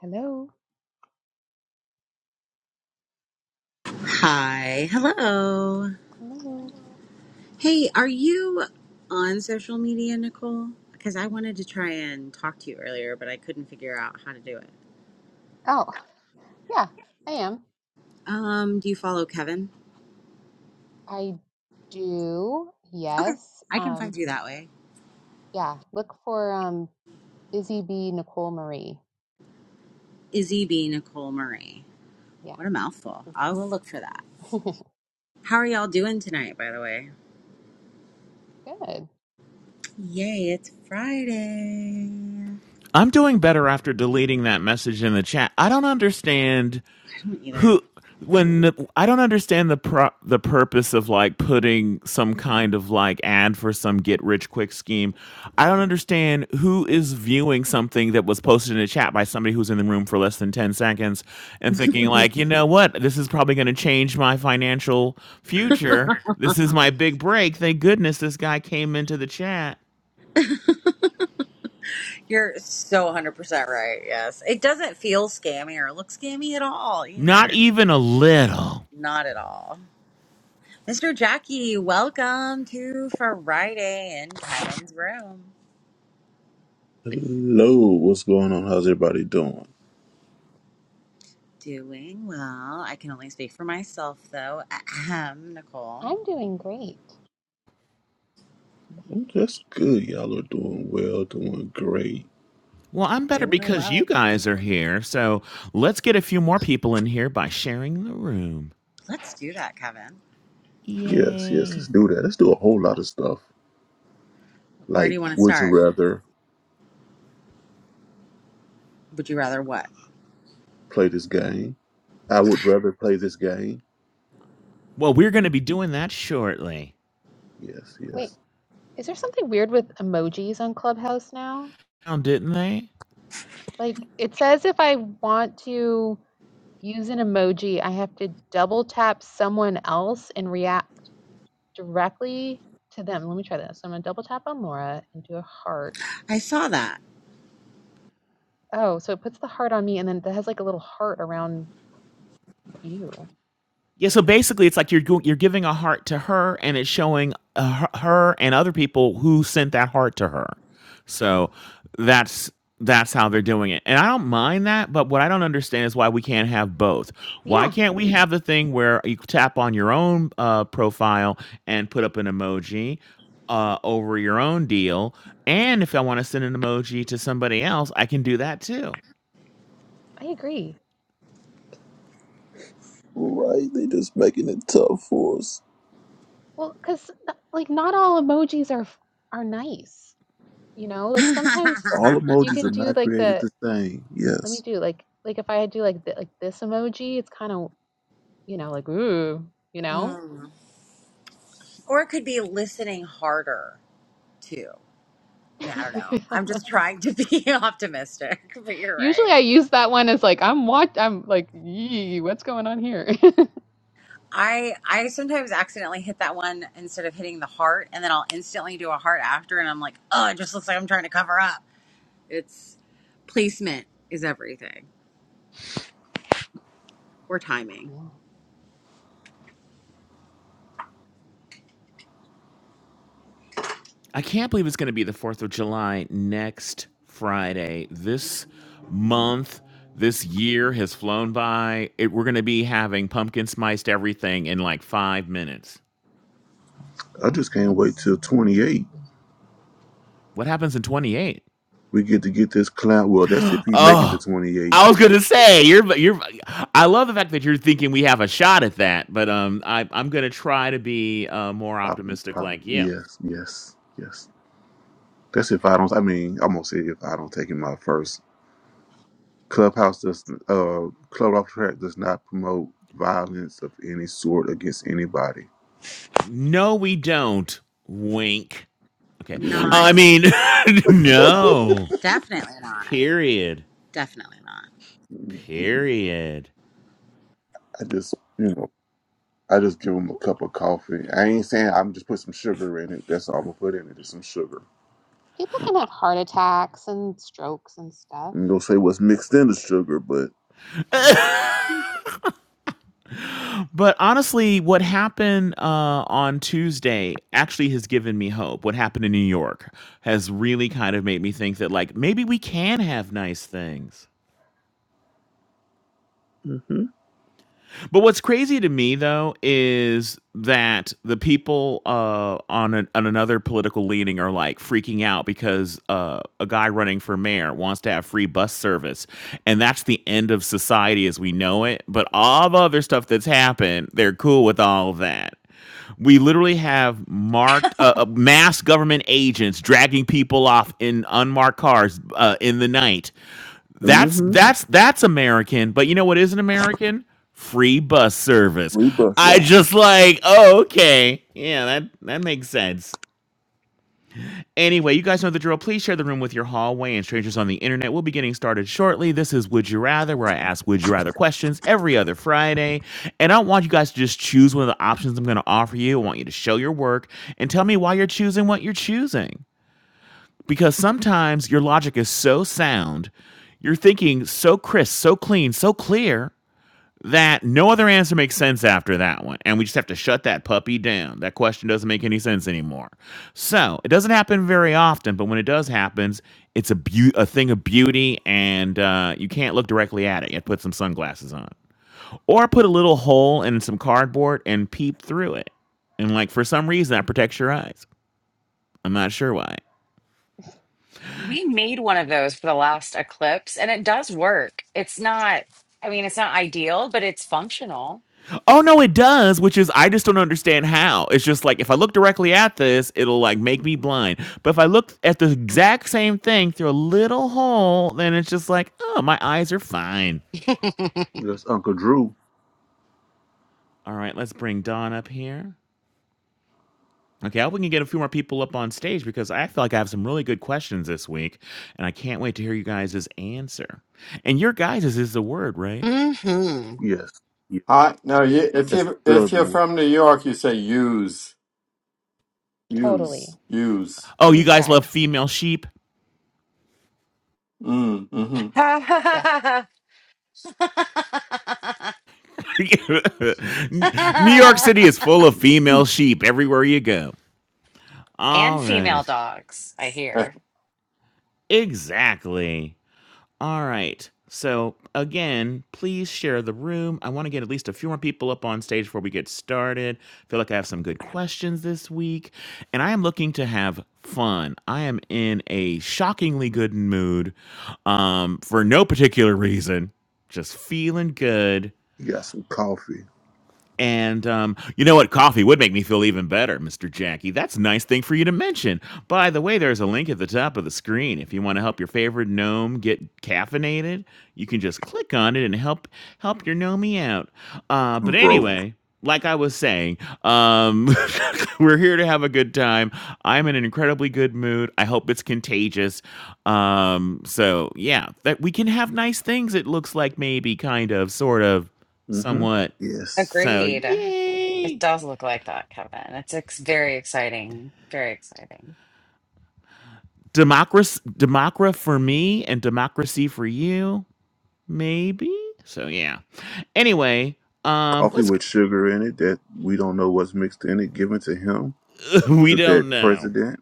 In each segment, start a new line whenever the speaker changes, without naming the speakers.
Hello.
Hi, hello.
Hello.
Hey, are you on social media, Nicole? Because I wanted to try and talk to you earlier, but I couldn't figure out how to do it.
Oh, yeah, I am.
Um, do you follow Kevin?
I do.
Okay,
Yes.
I can
Um,
find you that way.
yeah, look for um Izzy B. Nicole Marie.
Izzy B. Nicole Marie.
Yeah.
What a mouthful. I will look for that. How are y'all doing tonight, by the way?
Good.
Yay, it's Friday.
I'm doing better after deleting that message in the chat. I don't understand
I don't either.
who when the- I don't understand the pro, the purpose of like putting some kind of like ad for some get rich quick scheme. I don't understand who is viewing something that was posted in a chat by somebody who's in the room for less than 10 seconds and thinking like, "You know what? This is probably going to change my financial future. This is my big break. Thank goodness this guy came into the chat."
You're so 100% right, yes. It doesn't feel scammy or look scammy at all
Not
either.
even a little.
Not at all. Mr. Jackie, welcome to Friday in Kevin's room.
Hello, what's going on? How's everybody doing?
Doing well. I can only speak for myself though. Ahem, Nicole.
I'm doing great.
Oh, That's good. Y'all are doing well, doing great.
Well, I'm better
Doing
because you
well. Doing
guys are
well.
here. So let's get a few more people in here by sharing the room.
Let's do that, Kevin.
Yes, yes, let's
Yay.
do that. Let's do a whole lot of stuff.
Where do
Like,
you want to
would you
start?
rather
Would you rather what?
play this game? I would rather play this game.
Well, we're going to be doing that shortly.
Yes,
Wait,
yes.
is there something weird with emojis on Clubhouse now?
Now, didn't they?
Like it says if I want to use an emoji, I have to double tap someone else and react directly to them. Let me try this. I'm gonna double tap on Laura and do a heart.
I saw that.
Oh, so it puts the heart on me, and then that has, like, a little heart around you. It's
Yeah, so
weird.
basically, it's like you're go- you're giving a heart to her, and it's showing uh, her her and other people who sent that heart to her. So that's that's how they're doing it, and I don't mind that. But what I don't understand is why we can't have both. Why
Yeah,
can't we have the thing where you tap on your own uh, profile and put up an emoji uh, over your own deal, and if I want to send an emoji to somebody else, I can do that too.
I agree.
Right, they just making it tough for us.
Well, because like, not all emojis are f are nice, you know? Like, sometimes
All
you
emojis are
can do,
not
like,
created
the
the same.
let me
Yes.
do, like like, if I do, like, the like, this emoji, it's kinda, you know, like, "Ooh," you know?
Mm. Or it could be listening harder too. I mean, I don't know. I'm just trying to be optimistic, but you're right.
Usually, I use that one as, like, "I'm what I'm, like, yee, what's going on here?"
I I sometimes accidentally hit that one instead of hitting the heart, and then I'll instantly do a heart after, and I'm like, oh, it just looks like I'm trying to cover up. It's placement is everything, or timing.
Yeah.
I can't believe it's going to be the 4th of July next Friday. This month, this year has flown by. It, we're going to be having pumpkin spiced everything in like five minutes.
I just can't wait
It's
till 28.
What happens in 28?
We get to get this clown. Well, that's if he make it to
Oh,
28.
I was going to say, you're, you're, I love the fact that you're thinking we have a shot at that, but um, I, I'm going to try to be uh, more
I,
optimistic
probably.
like you.
yes, yes, yes. That's if I don't. I mean, I'm gonna say if I don't take him out first. Clubhouse does. Uh, Club off track does not promote violence of any sort against anybody.
No, we don't. Wink. Okay.
When-
Not
I mean, no.
definitely not.
Period.
Definitely not.
I
Period.
just, you know, I just give him a cup of coffee. I ain't saying I'm just put some sugar in it. That's all I'm gonna put in it. Is some sugar.
people can have heart attacks and strokes and stuff.
And gonna say what's mixed in the sugar, but
but honestly, what happened uh, on Tuesday actually has given me hope. What happened in New York has really kind of made me think that, like, maybe we can have nice things.
mm-hmm,
But what's crazy to me though is that the people uh, on an, on another political leaning are like freaking out because uh, a guy running for mayor wants to have free bus service, and that's the end of society as we know it. But all the other stuff that's happened, they're cool with all of that we literally have marked uh, uh, mass government agents dragging people off in unmarked cars uh, in the night. That's
mm-hmm.
that's that's American. But you know what isn't American? Free bus service.
We bus
I
ride.
just like, oh, okay. Yeah, that that makes sense. Anyway, you guys know the drill. Please share the room with your hallway and strangers on the internet. We'll be getting started shortly. This is Would You Rather, where I ask Would You Rather questions every other Friday. And I want you guys to just choose one of the options I'm going to offer you. I want you to show your work and tell me why you're choosing what you're choosing. Because sometimes your logic is so sound, you're thinking so crisp, so clean, so clear that no other answer makes sense after that one. And we just have to shut that puppy down. That question doesn't make any sense anymore. So it doesn't happen very often, but when it does happen, it's a, beau- a thing of beauty and uh, you can't look directly at it. You have to put some sunglasses on. Or put a little hole in some cardboard and peep through it. And like for some reason that protects your eyes. I'm not sure why.
We made one of those for the last eclipse and it does work. It's not, I mean, it's not ideal, but it's functional.
Oh no, it does, which is I just don't understand how. It's just like if I look directly at this, it'll like make me blind. But if I look at the exact same thing through a little hole, then it's just like, oh, my eyes are fine.
That's Uncle Drew.
All right, let's bring Dawn up here. Okay, I hope we can get a few more people up on stage because I feel like I have some really good questions this week, and I can't wait to hear you guys' answer. And your guys' is the word, right?
mm
Yes, yes.
I no. You, if
That's a
you if you're
southern.
from New York, you say use, use,
Totally.
use.
Oh, you
Views,
guys love
guys.
female sheep?
Mm, mm-hmm.
Yeah.
Hmm.
New York City is full of
one.
female
Mhm.
sheep everywhere you go.
and
All
female
right.
dogs, I
Eh.
hear.
Exactly. All right. So, again, please share the room. I want to get at least a few more people up on stage before we get started. feel like I have some good questions this week. And I am looking to have fun. I am in a shockingly good mood um, for no particular reason. Just feeling good
You got some coffee,
And um, you know what? Coffee would make me feel even better, Mr. Jackie. That's a nice thing for you to mention. By the way, there's a link at the top of the screen. If you want to help your favorite gnome get caffeinated, you can just click on it and help help your gnomey out. Uh, but
bro.
anyway, like I was saying, um, we're here to have a good time. I'm in an incredibly good mood. I hope it's contagious. Um, so yeah, that we can have nice things. It looks like maybe kind of, sort of,
Mm-hmm.
somewhat.
Yes.
So
Agreed. It
yay!
does look like that, Kevin. It's ex very exciting. Very exciting.
Democracy, democra for me, and democracy for you, maybe. So yeah. Anyway, um,
Coffee
let's.
with sugar in it that we don't know what's mixed in it, given to him,
We
to
don't
that
know.
president.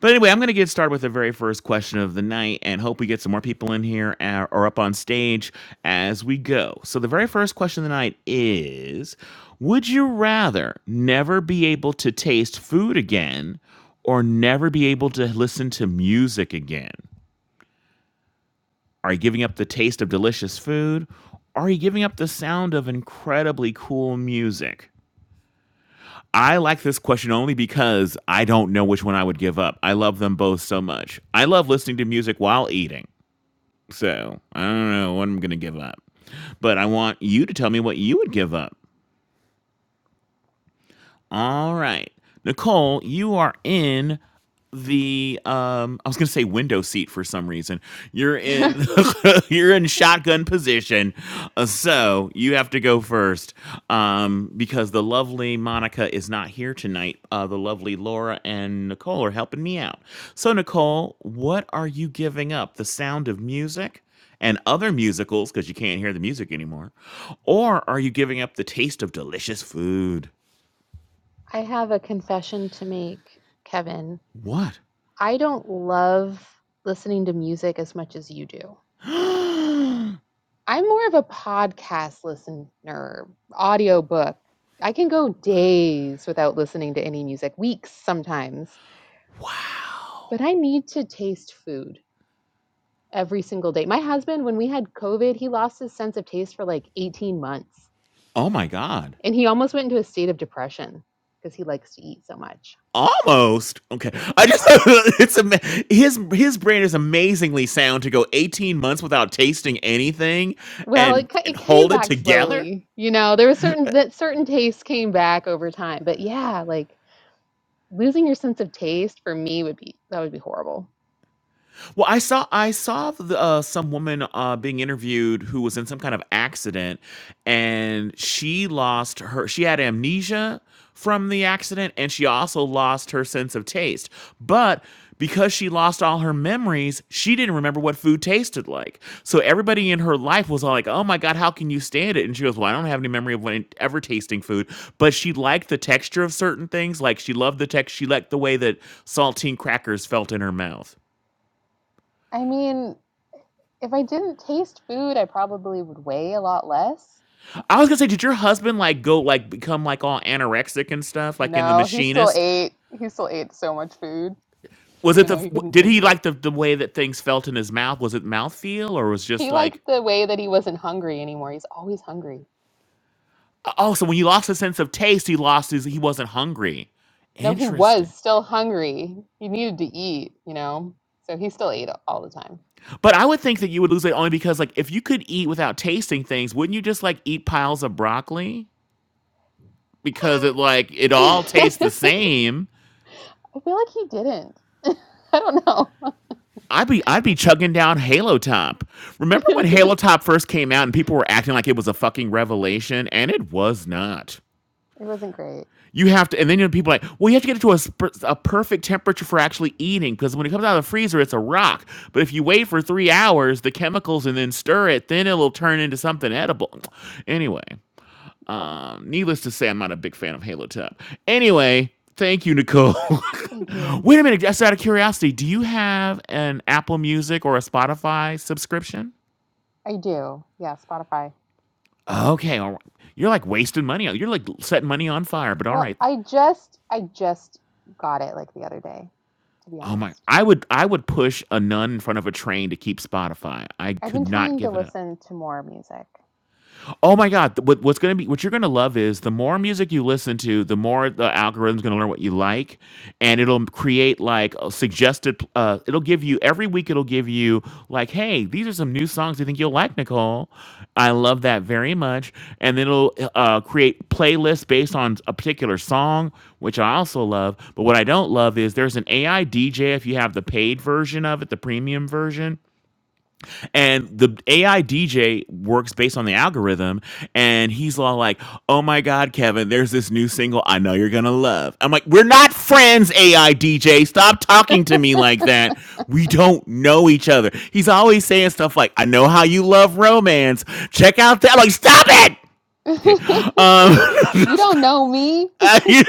But anyway, I'm going to get started with the very first question of the night, and hope we get some more people in here uh, or up on stage as we go. So the very first question of the night is: Would you rather never be able to taste food again, or never be able to listen to music again? Are you giving up the taste of delicious food? Are you giving up the sound of incredibly cool music? I like this question only because I don't know which one I would give up. I love them both so much. I love listening to music while eating. So I don't know what I'm going to give up. But I want you to tell me what you would give up. All right. Nicole, you are in the um I was going to say window seat for some reason. You're in you're in shotgun position. Uh, so, you have to go first. Um because the lovely Monica is not here tonight. Uh the lovely Laura and Nicole are helping me out. So, Nicole, what are you giving up? The sound of music? and other musicals because you can't hear the music anymore? Or are you giving up the taste of delicious food?
I have a confession to make, Kevin.
What?
I don't love listening to music as much as you do. I'm more of a podcast listener, audiobook. I can go days without listening to any music, weeks sometimes, but I need to taste food. every single day. My husband, when we had COVID, he lost his sense of taste for like 18 months
Oh my god.
and he almost went into a state of depression because he likes to eat so much.
Almost. Okay. I just it's ama- his his brain is amazingly sound to go 18 months without tasting anything
Well,
and
it,
and
it came
hold it
back
together.
slowly. You know, there was certain that certain tastes came back over time. But yeah, like losing your sense of taste for me would be that would be horrible.
Well, I saw I saw the, uh, some woman uh, being interviewed who was in some kind of accident, and she lost her. She had amnesia from the accident, and she also lost her sense of taste. But because she lost all her memories, she didn't remember what food tasted like. So everybody in her life was all like, "Oh my god, how can you stand it?" And she goes, "Well, I don't have any memory of when ever tasting food, but she liked the texture of certain things. Like she loved the text. She liked the way that saltine crackers felt in her mouth."
I mean, if I didn't taste food, I probably would weigh a lot less.
I was gonna say, did your husband like go like become like all anorexic and stuff, like in The
No, he still
Machinist?
ate. He still ate so much food
Was it
even
the
though he
w-
couldn't
did
taste
he
it.
like the the way that things felt in his mouth? Was it mouth feel or was just
He liked
like
the way that he wasn't hungry anymore. He's always hungry.
oh? So when he lost his sense of taste, he lost his he wasn't hungry.
No, he
Interesting.
was still hungry. He needed to eat, you know? So he still ate all the time.
But I would think that you would lose it only because like if you could eat without tasting things, wouldn't you just like eat piles of broccoli because it like it all
I
tastes the same?
feel like he didn't. I don't know.
I'd be I'd be chugging down Halo Top. Remember when
it
Halo Top first came out and people were acting like it was a fucking revelation, and it was not.
wasn't great.
You have to, and then you know, people are like, well, you have to get it to a, sp- a perfect temperature for actually eating because when it comes out of the freezer, it's a rock. But if you wait for three hours, the chemicals, and then stir it, then it'll turn into something edible. Anyway,
Oh,
um, needless to say, I'm not a big fan of Halo Top. Anyway, thank you, Nicole.
thank you.
Wait a minute, just out of curiosity, do you have an Apple Music or a Spotify subscription?
I do. Yeah, Spotify.
Okay, all right. You're like wasting money. You're like setting money on fire. But all
Well,
right.
I just I just got it like the other day, to be
Oh my!
honest.
I would I would push a nun in front of a train to keep Spotify. I
I've been
could not
trying to
give it up.
listen to more music.
Oh my god, th- what, what's going to be what you're going to love is the more music you listen to, the more the algorithm's going to learn what you like and it'll create like a suggested pl- uh it'll give you every week it'll give you like, "Hey, these are some new songs you think you'll like, Nicole." I love that very much. And then it'll uh create playlists based on a particular song, which I also love. But what I don't love is there's an AI DJ if you have the paid version of it, the premium version and the AI DJ works based on the algorithm, and he's all like, "Oh my God, Kevin, there's this new single I know you're gonna love." I'm like, "We're not friends, AI DJ. Stop talking to me like that. We don't know each other." He's always saying stuff like, "I know how you love romance. Check out that." I'm like, "Stop it." Okay. Um.
you don't know me.
you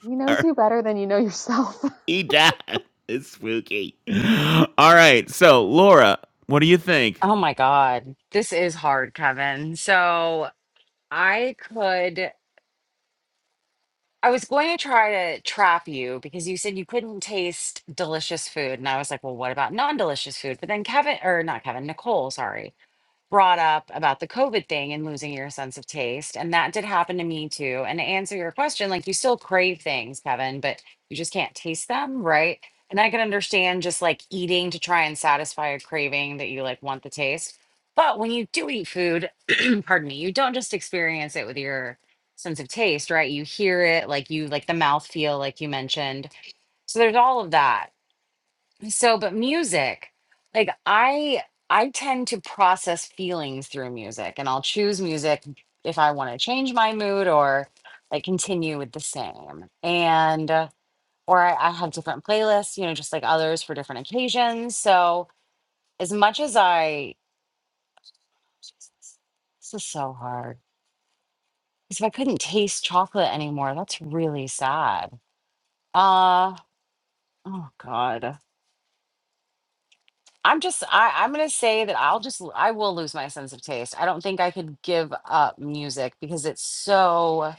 He
know-
knows you better than you know yourself.
All right. So, Laura, what do you think?
Oh my God. This is hard, Kevin. So I could, I was going to try to trap you because you said you couldn't taste delicious food. And I was like, well, what about non-delicious food? But then Kevin, or not Kevin, Nicole, sorry. brought up about the COVID thing and losing your sense of taste. And that did happen to me too. And to answer your question, like you still crave things, Kevin, but you just can't taste them, right? And I can understand just like eating to try and satisfy a craving that you like want the taste. But when you do eat food, pardon me, you don't just experience it with your sense of taste, right? You hear it, like you like the mouth feel, like you mentioned. So there's all of that. So, but music, like I I tend to process feelings through music and I'll choose music if I want to change my mood or like continue with the same. And uh, or I, I have different playlists, you know, just like others for different occasions. So as much as I this is so hard. Because if I couldn't taste chocolate anymore, that's really sad. Uh oh god. I'm just I, I'm gonna say that I'll just l- I will lose my sense of taste. I don't think I could give up music because it's so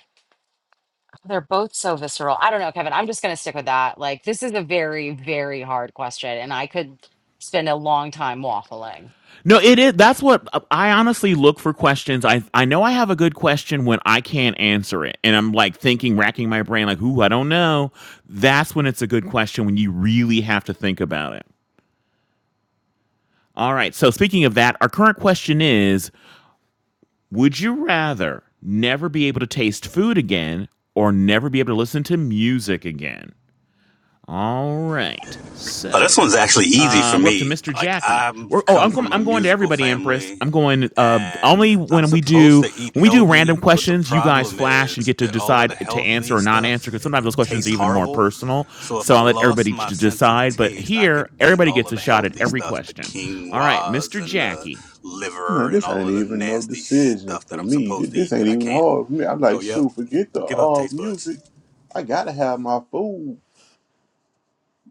they're both so visceral. I don't know, Kevin. I'm just gonna stick with that. Like this is a very, very hard question, and I could spend a long time waffling.
No, it is. That's what I honestly look for questions. I I know I have a good question when I can't answer it, and I'm like thinking, racking my brain, like, "Ooh, I don't know." That's when it's a good question when you really have to think about it. All right. So speaking of that, our current question is: Would you rather never be able to taste food again, or never be able to listen to music again? All right.
Uh, this
So
one's actually easy
uh,
for
we're up to
me.
Mr.
Like
Jackie. We're
I've
oh, I'm
come
going.
from a
I'm going to
musical
everybody, Empress.
family,
I'm going. Uh,
and
only
I'm
when we
supposed
do
to eat
when we do random
healthy, but the
questions, you guys
problem is
flash and get to
that all of
decide
the
to answer
healthy
or not
stuff
answer. Because
it,
sometimes those
it
questions are
tastes
even more
horrible.
personal.
So if
So
I
I'll let
lost
everybody ch-
my sense of
decide. But
taste, I
here,
could eat
everybody
all
gets a
of the
shot at
healthy
every
stuff, the
question. All right, Mr.
quinoas and the
Jackie.
liver
Man,
and
this
all
ain't
of the
even no
nasty
decision
stuff that
for
I'm
me. Th-
supposed to
This
eat
ain't
that I
even
can't.
hard for me. I'm
So
like,
yep,
shoot, forget the
give up
uh,
taste
music.
buds.
I gotta have my food.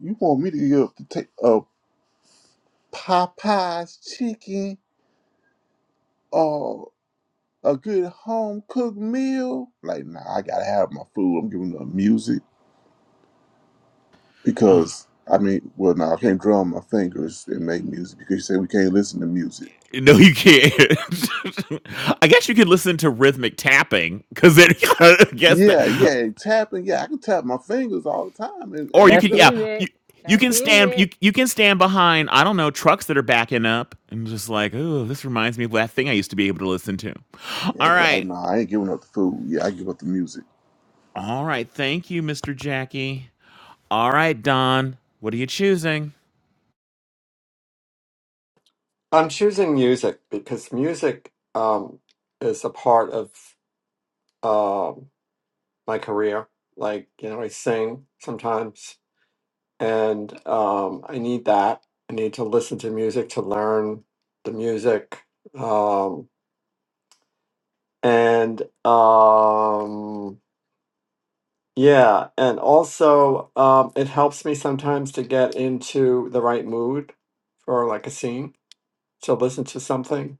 You want me to give up to take a Popeye's chicken or a good home cooked meal? Like, nah, I gotta have my food. I'm giving up music.
Oh,
because I mean, well, no, I can't draw on my fingers and make music because you say we can't listen to music.
no, you can't. I guess you could listen to rhythmic tapping because I guess
Yeah,
that.
yeah, tapping. Yeah, I can tap my fingers all the time and,
Or
and
you
do
That's
could,
that.
yeah, you
music.
you
That's
can stand you
music.
you can stand behind I don't know trucks that are backing up and just like, oh, this reminds me of that thing I used to be able to listen to. All
Yeah, but I,
right,
no, I ain't giving up the food. Yeah, I give up the music.
all right, thank you, Mister Jackie. All right, Don, what are you choosing?
I'm choosing music because music um, is a part of um my career. Like, you know, I sing sometimes, and um, I need that. I need to listen to music to learn the music. Um, and um, Yeah, and also um, it helps me sometimes to get into the right mood for like a scene to listen to something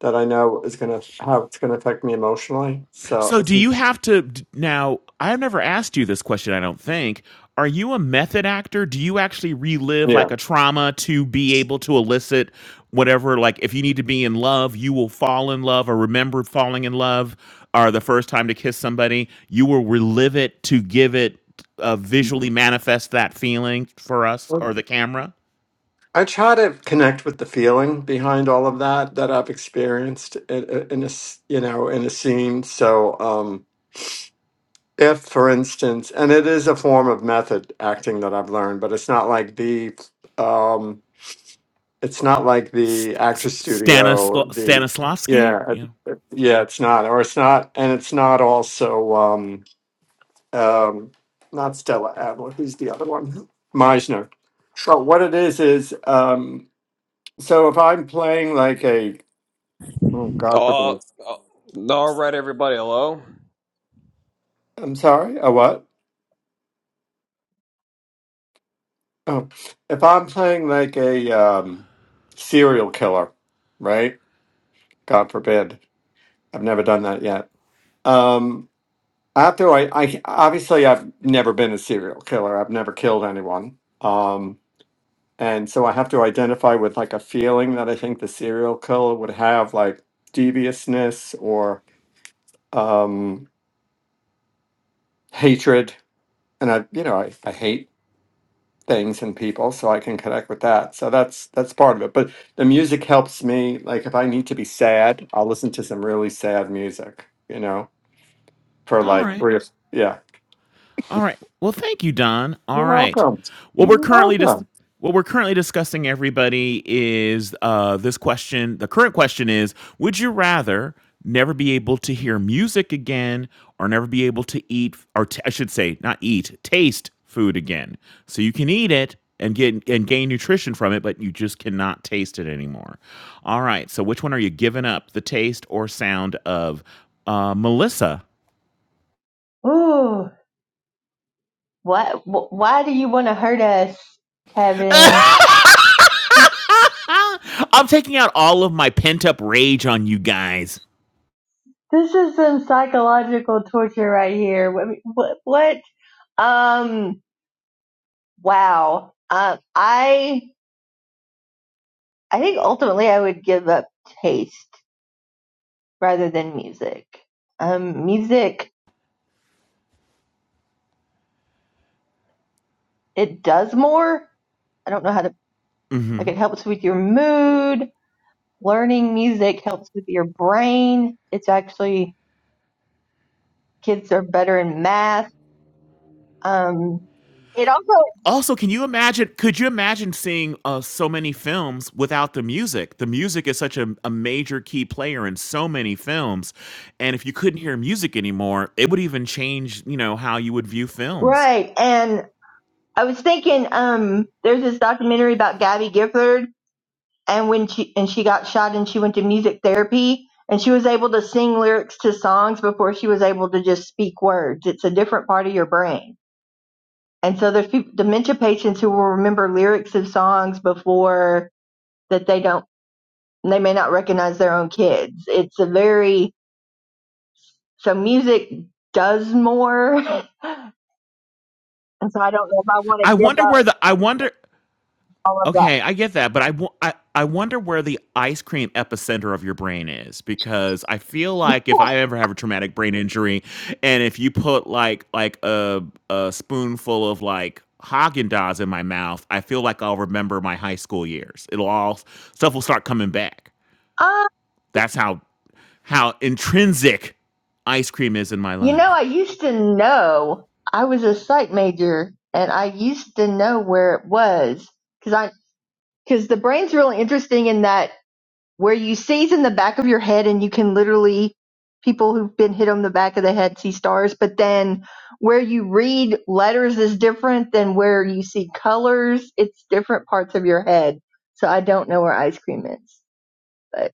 that I know is gonna how it's gonna affect me emotionally. So
So,
I
do
think-
you have to now? I've never asked you this question, I don't think. Are you a method actor? Do you actually relive like
yeah,
a trauma to be able to elicit whatever? Like, if you need to be in love, you will fall in love or remember falling in love, or the first time to kiss somebody, you will relive it to give it uh, visually manifest that feeling for us
Um,
or the camera.
I try to connect with the feeling behind all of that that I've experienced in, in a s- you know in a scene. So um, if, for instance, and it is a form of method acting that I've learned, but it's not like the um it's not like the
St-
actress studio the
Stanislavski?
yeah
Yeah.
it- it- yeah it's not or it's not and it's not also um um not stella adler who's the other one meisner but what it is is um so if i'm playing like a oh god forbid
Oh, all right, everybody. Hello.
i'm sorry a what oh if i'm playing like a um serial killer right god forbid i've never done that yet Um, I have to. I, I obviously I've never been a serial killer. I've never killed anyone. Um, and so I have to identify with like a feeling that I think the serial killer would have, like deviousness or um, hatred. And I, you know, I, I hate things and people, so I can connect with that. So that's that's part of it. But the music helps me. Like if I need to be sad, I'll listen to some really sad music. You know, for
All
like
right.
three or- yeah.
All right. Well, thank you, Don. All
You're
right.
welcome.
What we're
You're
currently
welcome.
just what we're currently discussing, everybody, is uh, this question. The current question is: Would you rather never be able to hear music again, or never be able to eat, or t- I should say, not eat, taste food again? So you can eat it and get and gain nutrition from it, but you just cannot taste it anymore. All right. So which one are you giving up? The taste or sound of uh, Melissa?
Ooh, what? wh- Why do you want to hurt us, Kevin?
I'm taking out all of my pent up rage on you guys.
This is some psychological torture right here. What? What? what? Um. Wow. Um. I. I think ultimately I would give up taste rather than music. Um. Music. It does more. I don't know how to. Like
hmm
it helps with your mood. Learning music helps with your brain. It's actually kids are better in math. Um. It also
Also, can you imagine? Could you imagine seeing uh, so many films without the music? The music is such a, a major key player in so many films, and if you couldn't hear music anymore, it would even change, you know, how you would view films.
Right. And I was thinking, um, there's this documentary about Gabby Gifford and when she and she got shot and she went to music therapy and she was able to sing lyrics to songs before she was able to just speak words. It's a different part of your brain. And so there's people, dementia patients who will remember lyrics of songs before that they don't they may not recognize their own kids. It's a very so music does more. And so I don't know if I want to
I
give
wonder
up
where the I wonder
all of
Okay, I get that, but I, wo- I I wonder where the ice cream epicenter of your brain is because I feel like if I ever have a traumatic brain injury, and if you put like like a a spoonful of like Haagen Dazs in my mouth, I feel like I'll remember my high school years. It'll all stuff will start coming back.
that.
That's how how intrinsic ice cream is in my
You know,
life.
I used to know I was a psych major and I used to know where it was because I, because the brain's really interesting in that where you see's in the back of your head and you can literally, people who've been hit on the back of the head see stars, but then where you read letters is different than where you see colors. It's different parts of your head. So I don't know where ice cream is, but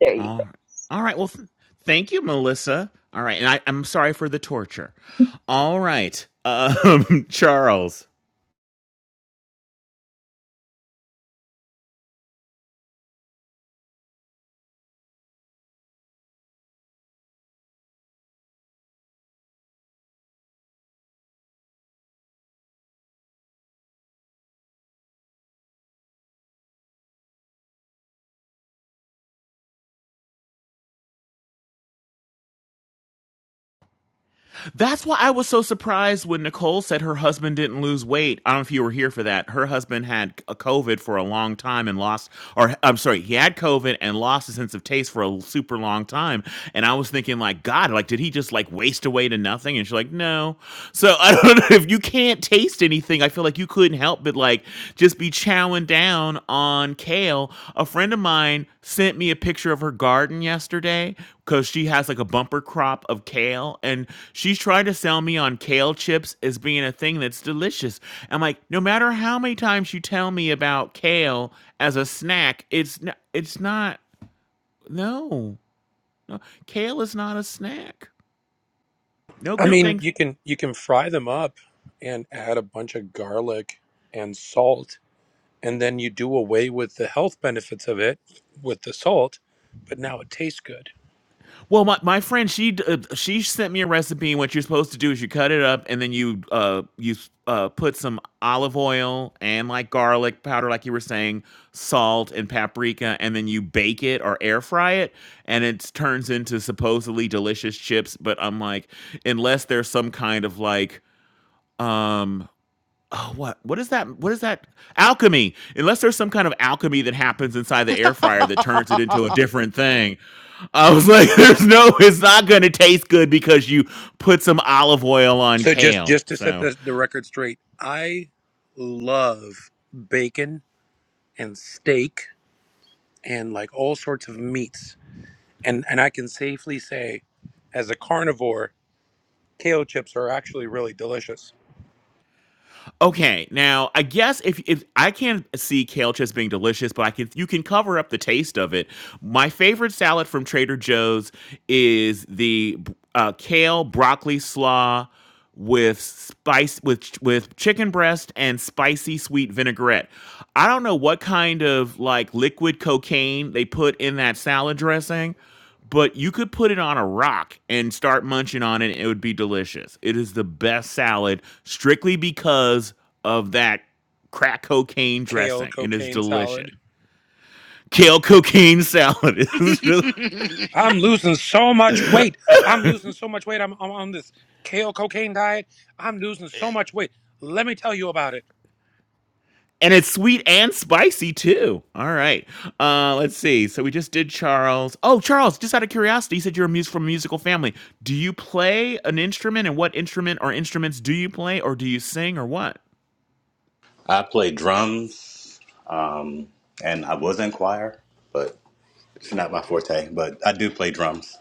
there you
All
go.
right. All right. Well, th- thank you, Melissa. All right. And I, I'm sorry for the torture. All right. Um, Charles. That's why I was so surprised when Nicole said her husband didn't lose weight. I don't know if you were here for that. Her husband had a COVID for a long time and lost, or I'm sorry, he had COVID and lost a sense of taste for a super long time. And I was thinking, like, God, like, did he just like waste away to nothing? And she's like, no. So I don't know if you can't taste anything. I feel like you couldn't help but like just be chowing down on kale. A friend of mine sent me a picture of her garden yesterday because she has like a bumper crop of kale and she's trying to sell me on kale chips as being a thing that's delicious. I'm like, no matter how many times you tell me about kale as a snack, it's not, it's not, no, no, kale is not a snack. No
I
good
mean,
things.
you can you can fry them up and add a bunch of garlic and salt, and then you do away with the health benefits of it with the salt, but now it tastes good.
Well, my, my friend, she uh, she sent me a recipe. And what you're supposed to do is you cut it up, and then you uh you s- uh put some olive oil and like garlic powder, like you were saying, salt and paprika, and then you bake it or air fry it, and it turns into supposedly delicious chips. But I'm like, unless there's some kind of like um Oh, what what is that what is that? Alchemy. Unless there's some kind of alchemy that happens inside the air fryer that turns it into a different thing. I was like, there's no, it's not going to taste good because you put some olive oil on
So just
kale.
just to set
So
the, the record straight, I love bacon and steak and like all sorts of meats. And and I can safely say as a carnivore, kale chips are actually really delicious.
Okay, now I guess if if I can see kale chips being delicious, but I can you can cover up the taste of it. My favorite salad from Trader Joe's is the b- uh, kale broccoli slaw with spice with ch- with chicken breast and spicy sweet vinaigrette. I don't know what kind of like liquid cocaine they put in that salad dressing, but you could put it on a rock and start munching on it. It would be delicious. It is the best salad strictly because of that crack cocaine
Kale,
dressing. It is
cocaine salad.
delicious. Kale cocaine salad is del-
I'm losing so much weight. I'm losing so much weight. I'm, I'm on this kale cocaine diet. I'm losing so much weight. Let me tell you about it.
and it's sweet and spicy too. All right. Uh let's see. So we just did Charles. Oh, Charles, just out of curiosity, you said you're a mus- from a musical family. Do you play an instrument and what instrument or instruments do you play or do you sing or what?
I play drums, um, and I was in choir, but It's not my forte, but I do play drums.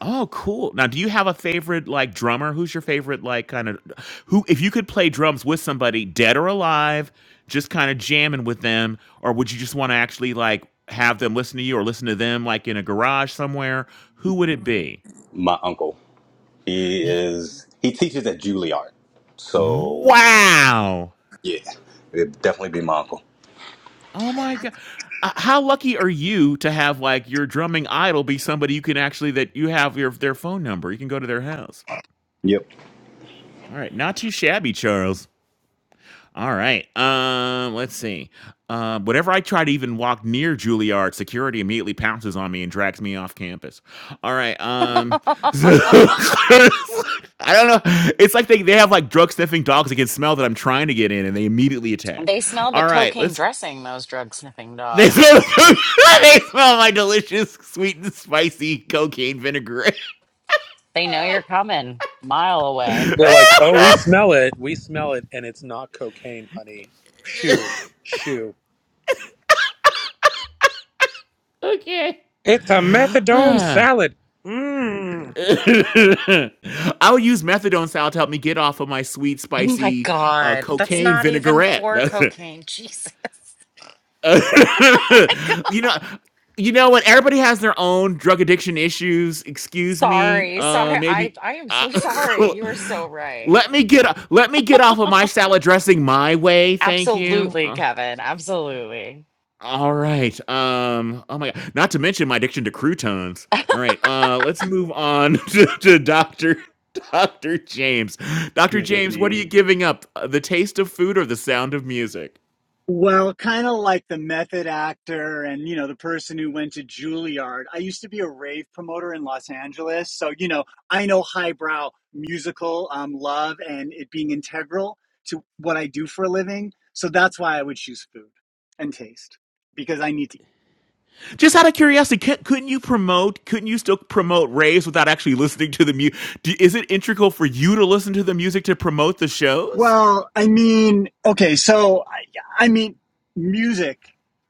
Oh, cool. Now, do you have a favorite like drummer? Who's your favorite like kind of who if you could play drums with somebody dead or alive, just kind of jamming with them or would you just want to actually like have them listen to you or listen to them like in a garage somewhere? Who would it be?
My uncle, he
Y-
is he teaches at Juilliard, so
Wow.
yeah, it'd definitely be my uncle.
Oh my god. Uh, How lucky are you to have like your drumming idol be somebody you can actually that you have your their phone number. You can go to their house.
Yep.
All right, not too shabby, Charles. All right. Um, let's see. Uh, whenever I try to even walk near Juilliard, security immediately pounces on me and drags me off campus. All right. Um, so I don't know. It's like they, they have like drug sniffing dogs that can smell that I'm trying to get in, and they immediately attack.
they smell the
All right.
cocaine
Let's.
dressing, those drug sniffing
They
dogs.
smell, they smell my delicious, sweet and spicy cocaine vinaigrette.
They know you're coming a mile away.
They're like, oh, we smell it. We smell it. And it's not cocaine, honey. Shoo, shoo. It's a methadone salad. Mmm.
I would use methadone style to help me get off of my sweet,
Oh my
spicy uh,
god. That's
cocaine
not even
vinaigrette.
for
That's it.
cocaine. Jesus. Oh my god.
you know, you know what? Everybody has their own drug addiction issues. Excuse me.
Sorry,
Uh,
sorry. I
maybe.
I am
Uh,
so sorry. You are so right.
let me get let me get off of my salad dressing my way. Thank you.
Absolutely,
Uh,
Kevin. Absolutely.
All right. Um. Oh my god. Not to mention my addiction to croutons. All right. Uh. Let's move on to, to Doctor Doctor James. Doctor
Good
James, what are you
evening.
giving up? Uh, The taste of food or the sound of music?
Well, kind of like the method actor and, you know, the person who went to Juilliard. I used to be a rave promoter in Los Angeles. So, you know, I know highbrow musical um, love and it being integral to what I do for a living. So that's why I would choose food and taste because I need to eat.
Just out of curiosity, cou- couldn't you promote? Couldn't you still promote raves without actually listening to the music? Is it integral for you to listen to the music to promote the shows?
Well, I mean, okay, so I, I mean, music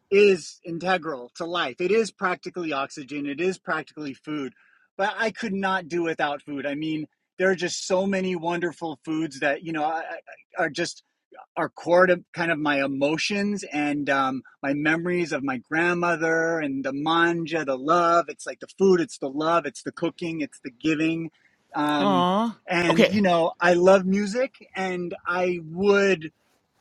is integral to life. It is practically oxygen, it is practically food, but I could not do without food. I mean, there are just so many wonderful foods that, you know, I- I- are just are core to kind of my emotions and um, my memories of my grandmother and the manja, the love. It's like the food, it's the love, it's the cooking, it's the giving. Um,
Aw.
and,
Okay.
you know, I love music and I would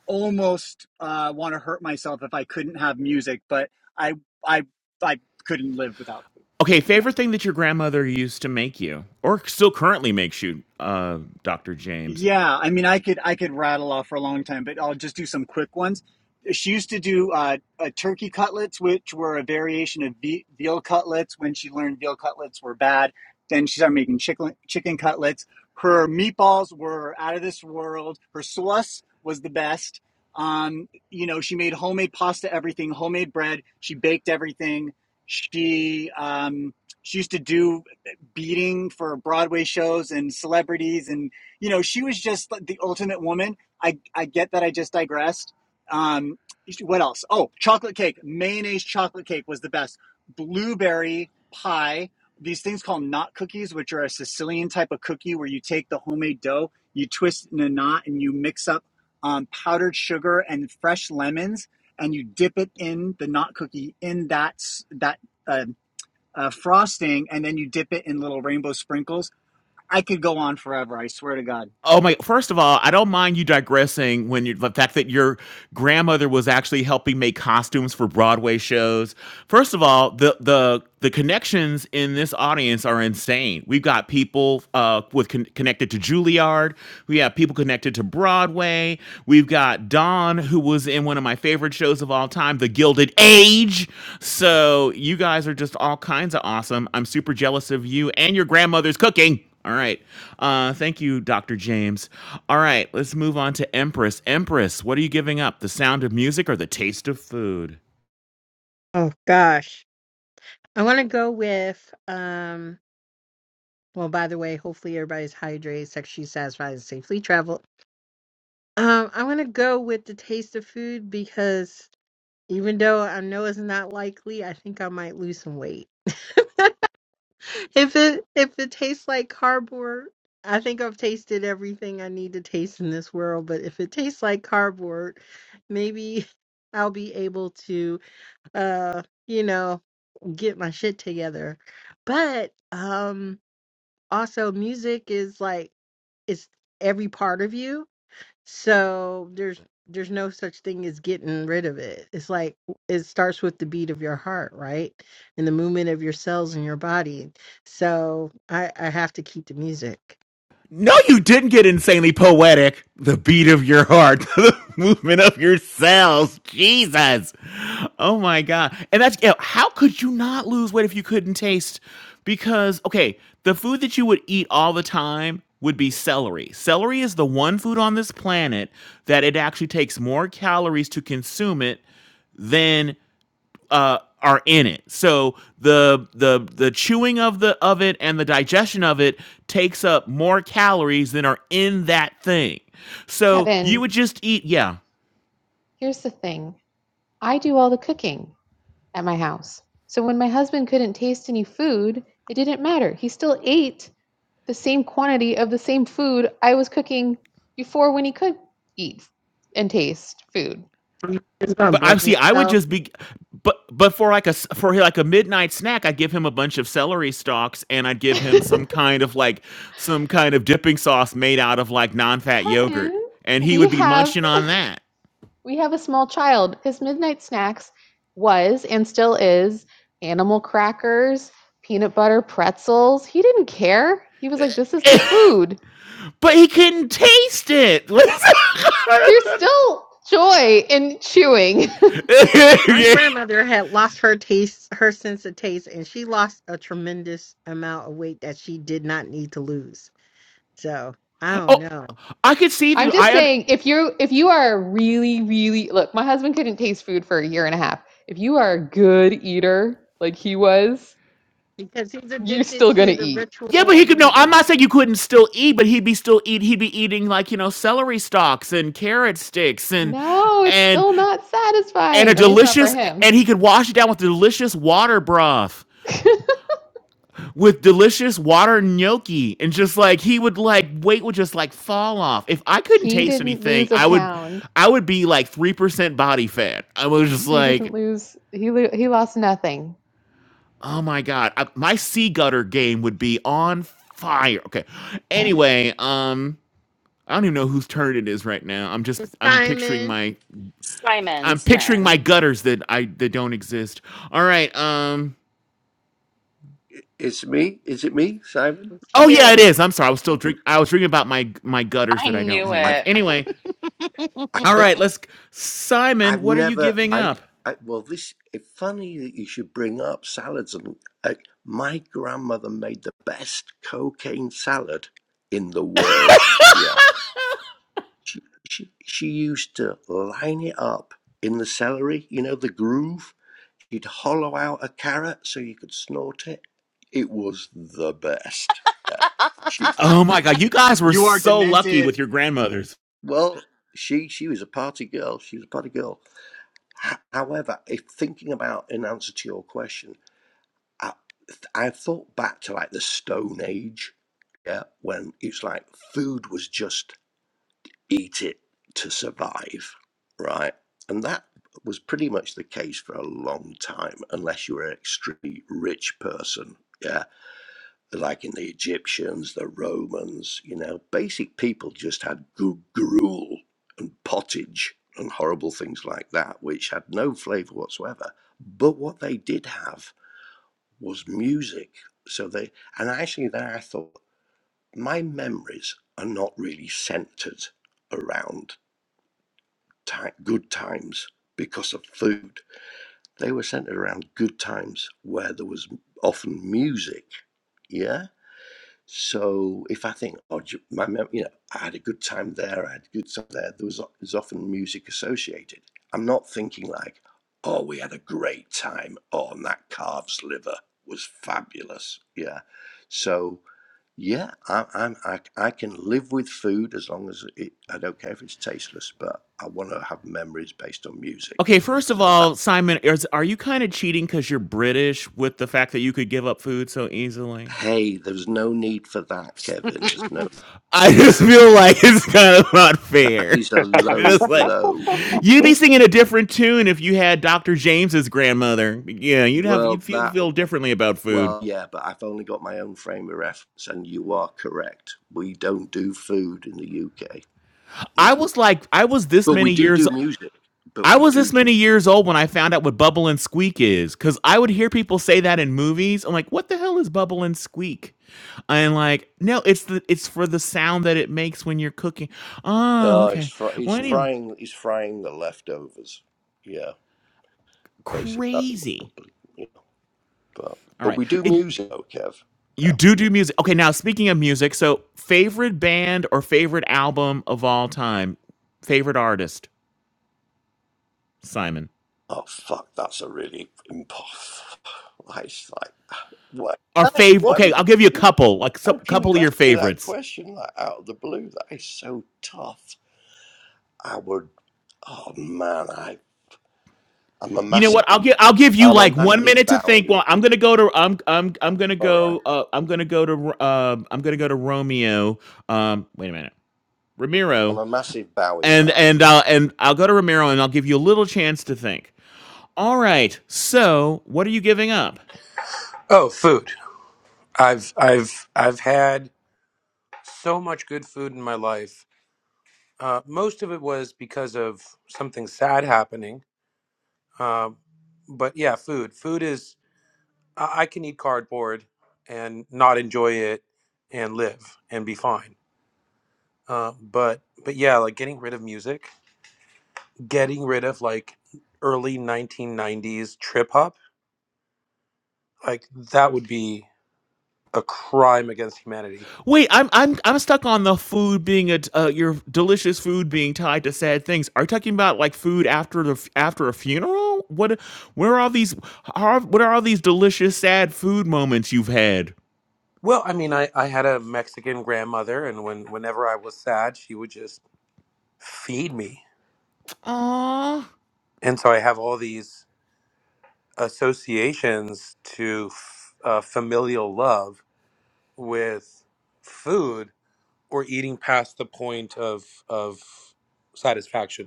almost uh, want to hurt myself if I couldn't have music, but I, I, I couldn't live without food.
Okay.
Yeah.
Favorite thing that your grandmother used to make you, or still currently makes you, uh, Doctor James.
Yeah, I mean, I could I could rattle off for a long time, but I'll just do some quick ones. She used to do uh, uh, turkey cutlets, which were a variation of ve- veal cutlets. When she learned veal cutlets were bad, then she started making chicken chicken cutlets. Her meatballs were out of this world. Her sauce was the best. Um, you know, she made homemade pasta, everything, homemade bread. She baked everything. She um, she used to do beating for Broadway shows and celebrities and you know, she was just like the ultimate woman. I I get that I just digressed. Um, what else? Oh, chocolate cake, mayonnaise chocolate cake was the best. Blueberry pie. These things called knot cookies, which are a Sicilian type of cookie where you take the homemade dough, you twist it in a knot, and you mix up um, powdered sugar and fresh lemons, and you dip it in the knot cookie in that that uh, uh, frosting, and then you dip it in little rainbow sprinkles. I could go on forever. I swear to God.
Oh my! First of all, I don't mind you digressing when you the fact that your grandmother was actually helping make costumes for Broadway shows. First of all, the the the connections in this audience are insane. We've got people uh, with con- connected to Juilliard. We have people connected to Broadway. We've got Don, who was in one of my favorite shows of all time, The Gilded Age. So you guys are just all kinds of awesome. I'm super jealous of you and your grandmother's cooking. All right. Uh, thank you, Dr. James. All right, let's move on to Empress. Empress, what are you giving up? The sound of music or the taste of food?
Oh gosh. I want to go with um well by the way, hopefully everybody's hydrated, sexually satisfied, and safely traveled. Um I want to go with the taste of food because even though I know it's not likely, I think I might lose some weight. if it if it tastes like cardboard, I think I've tasted everything I need to taste in this world, but if it tastes like cardboard, maybe I'll be able to uh you know get my shit together. But um also music is like it's every part of you. So there's there's no such thing as getting rid of it. It's like it starts with the beat of your heart, right? And the movement of your cells in your body. So I, I have to keep the music.
No, you didn't get insanely poetic. The beat of your heart, the movement of your cells. Jesus. Oh my God. And that's yeah, how could you not lose weight if you couldn't taste? Because, okay, the food that you would eat all the time would be celery. Celery is the one food on this planet that it actually takes more calories to consume it than uh, are in it. So the the the chewing of the of it and the digestion of it takes up more calories than are in that thing. So you
Kevin,
would just eat, yeah.
here's the thing. I do all the cooking at my house. So when my husband couldn't taste any food, it didn't matter. He still ate the same quantity of the same food I was cooking before when he could eat and taste food.
i just gonna
But I
blame
see. I would
yourself.
just be, but but for like a s- for like a midnight snack, I'd give him a bunch of celery stalks, and I'd give him some kind of like some kind of dipping sauce made out of like non-fat yogurt,
Kevin,
and he
we
would be
have
munching on that.
We have a small child because midnight snacks was and still is animal crackers, peanut butter pretzels. He didn't care. He was like, this is the food.
But he couldn't taste it.
There's
Listen.
still joy in chewing.
My grandmother had lost her taste, her sense of taste, and she lost a tremendous amount of weight that she did not need to lose So I
Oh,
don't know
I could see
I'm
that.
just
I
saying if you if you are really really look, my husband couldn't taste food for a year and a half. If you are a good eater like he was,
because he's
you're
addicted
still going to
to the
eat.
yeah,
ritual
but he
of
could. No, I'm
eating.
not saying you couldn't still eat, but he'd be still eat. He'd be eating like you know celery stalks and carrot sticks and
No, it's
and
still not
and a
satisfying, at least not for
delicious.
him.
And he could wash it down with delicious water broth with delicious water gnocchi, and just like he would like weight would just like fall off. If I couldn't
he
taste
didn't
anything,
lose a
I would
pound.
I would be like three percent body fat. I was just
He didn't
like.
lose. He lo- he lost nothing.
Oh my god, I, my sea gutter game would be on fire. Okay. Anyway, um, I don't even know whose turn it is right now. I'm
It's
just I'm picturing
Simon,
my I'm
Simon's
picturing my
turn.
gutters that I that don't exist. All right. Um.
It's me. Is it me, Simon?
it's
Oh yeah, it
you.
is. I'm sorry. I was still drink. I was dreaming about my my gutters
I
that I don't
knew
I've
have.
it.
Anyway.
I,
All
have
right. Let's.
i
Simon,
have
what are you
never.
giving
I,
up?
I well, this. It's funny that you should bring up salads. And uh, my grandmother made the best cocaine salad in the world. Yeah, she she she used to line it up in the celery. You know the groove. She'd hollow out a carrot so you could snort it. It was the best. Yeah. She
Oh my god, you guys were
You are
so lucky
demented.
with your grandmothers.
well, she she was a party girl. She was a party girl. However, if thinking about in answer to your question, I, I thought back to like the Stone Age, yeah, when it's like food was just eat it to survive, right? And that was pretty much the case for a long time, unless you were an extremely rich person, yeah like in the Egyptians, the Romans, you know, basic people just had good gruel and pottage and horrible things like that, which had no flavor whatsoever. But what they did have was music. So they, and actually, then I thought, my memories are not really centered around ti good times because of food. They were centered around good times where there was often music. Yeah So if I think, oh, my, you know, I had a good time there, I had a good time there, there was o- there's often music associated. I'm not thinking like, oh, we had a great time. Oh, and that calf's liver was fabulous. Yeah. So yeah, I, I'm I, I can live with food as long as it. I don't care if it's tasteless, but I want to have memories based on music.
Okay, first of
So that
all, Simon, is are you kinda cheating because 'cause you're British with the fact that you could give up food so easily?
hey, there's no need for that, Kevin. There's no
I just feel like it's kind of not
that
fair.
is a low
Just like
blow.
you'd be singing a different tune if you had Doctor James's grandmother. Yeah, you'd have
Well,
you'd feel
that
feel differently about food.
Well, yeah, but I've only got my own frame of reference, and you are correct. We don't do food in the UK,
I
no.
was like I was this
But we
many
do
years
do music. But
I
we
was
do.
this
do
many years old when I found out what bubble and squeak is because I would hear people say that in movies. I'm like, what the hell is bubble and squeak? And like, no, it's the it's for the sound that it makes when you're cooking. Oh,
oh, it's
okay.
fr-
Well,
he's
anyway,
frying. He's frying the leftovers. Yeah, basically that's what
crazy.
probably. You know, but
All
but
right,
we do
it,
music, though, Kev.
you
Yeah.
do do music. Okay, now speaking of music, so favorite band or favorite album of all time, favorite artist, Simon.
Oh fuck, that's a really impossible. It's like what?
Our
That,
favorite.
what are you?
Okay, I'll give you a
thinking?
couple, like some
How can
couple of
you
your
ask me that
favorites.
question like out of the blue? That is so tough. I would. Oh man, I I'm a
You know
massive
what? I'll give I'll give you
I'm a
like one
massive
minute to think.
Bowie.
Well, I'm gonna go to I'm I'm I'm gonna
All right,
go uh, I'm gonna go to uh, I'm gonna go to Romeo. Um, wait a minute,
I'm
Ramiro,
a massive Bowie
and
fan.
and I'll and I'll go to Ramiro and I'll give you a little chance to think. All right. So, what are you giving up?
Oh, food. I've, I've, I've had so much good food in my life. Uh, most of it was because of something sad happening. Um, but yeah, food. Food is I I can eat cardboard and not enjoy it and live and be fine. Uh, but but yeah, like getting rid of music, getting rid of like early 1990s trip hop, like that would be a crime against humanity.
Wait, I'm I'm I'm stuck on the food being a t- uh, your delicious food being tied to sad things. Are you talking about like food after the after a funeral? What where are all these how, what are all these delicious sad food moments you've had?
Well, I mean, I, I had a Mexican grandmother, and when whenever I was sad, she would just feed me,
Aw.
and so I have all these associations to f- uh, familial love with food or eating past the point of of satisfaction.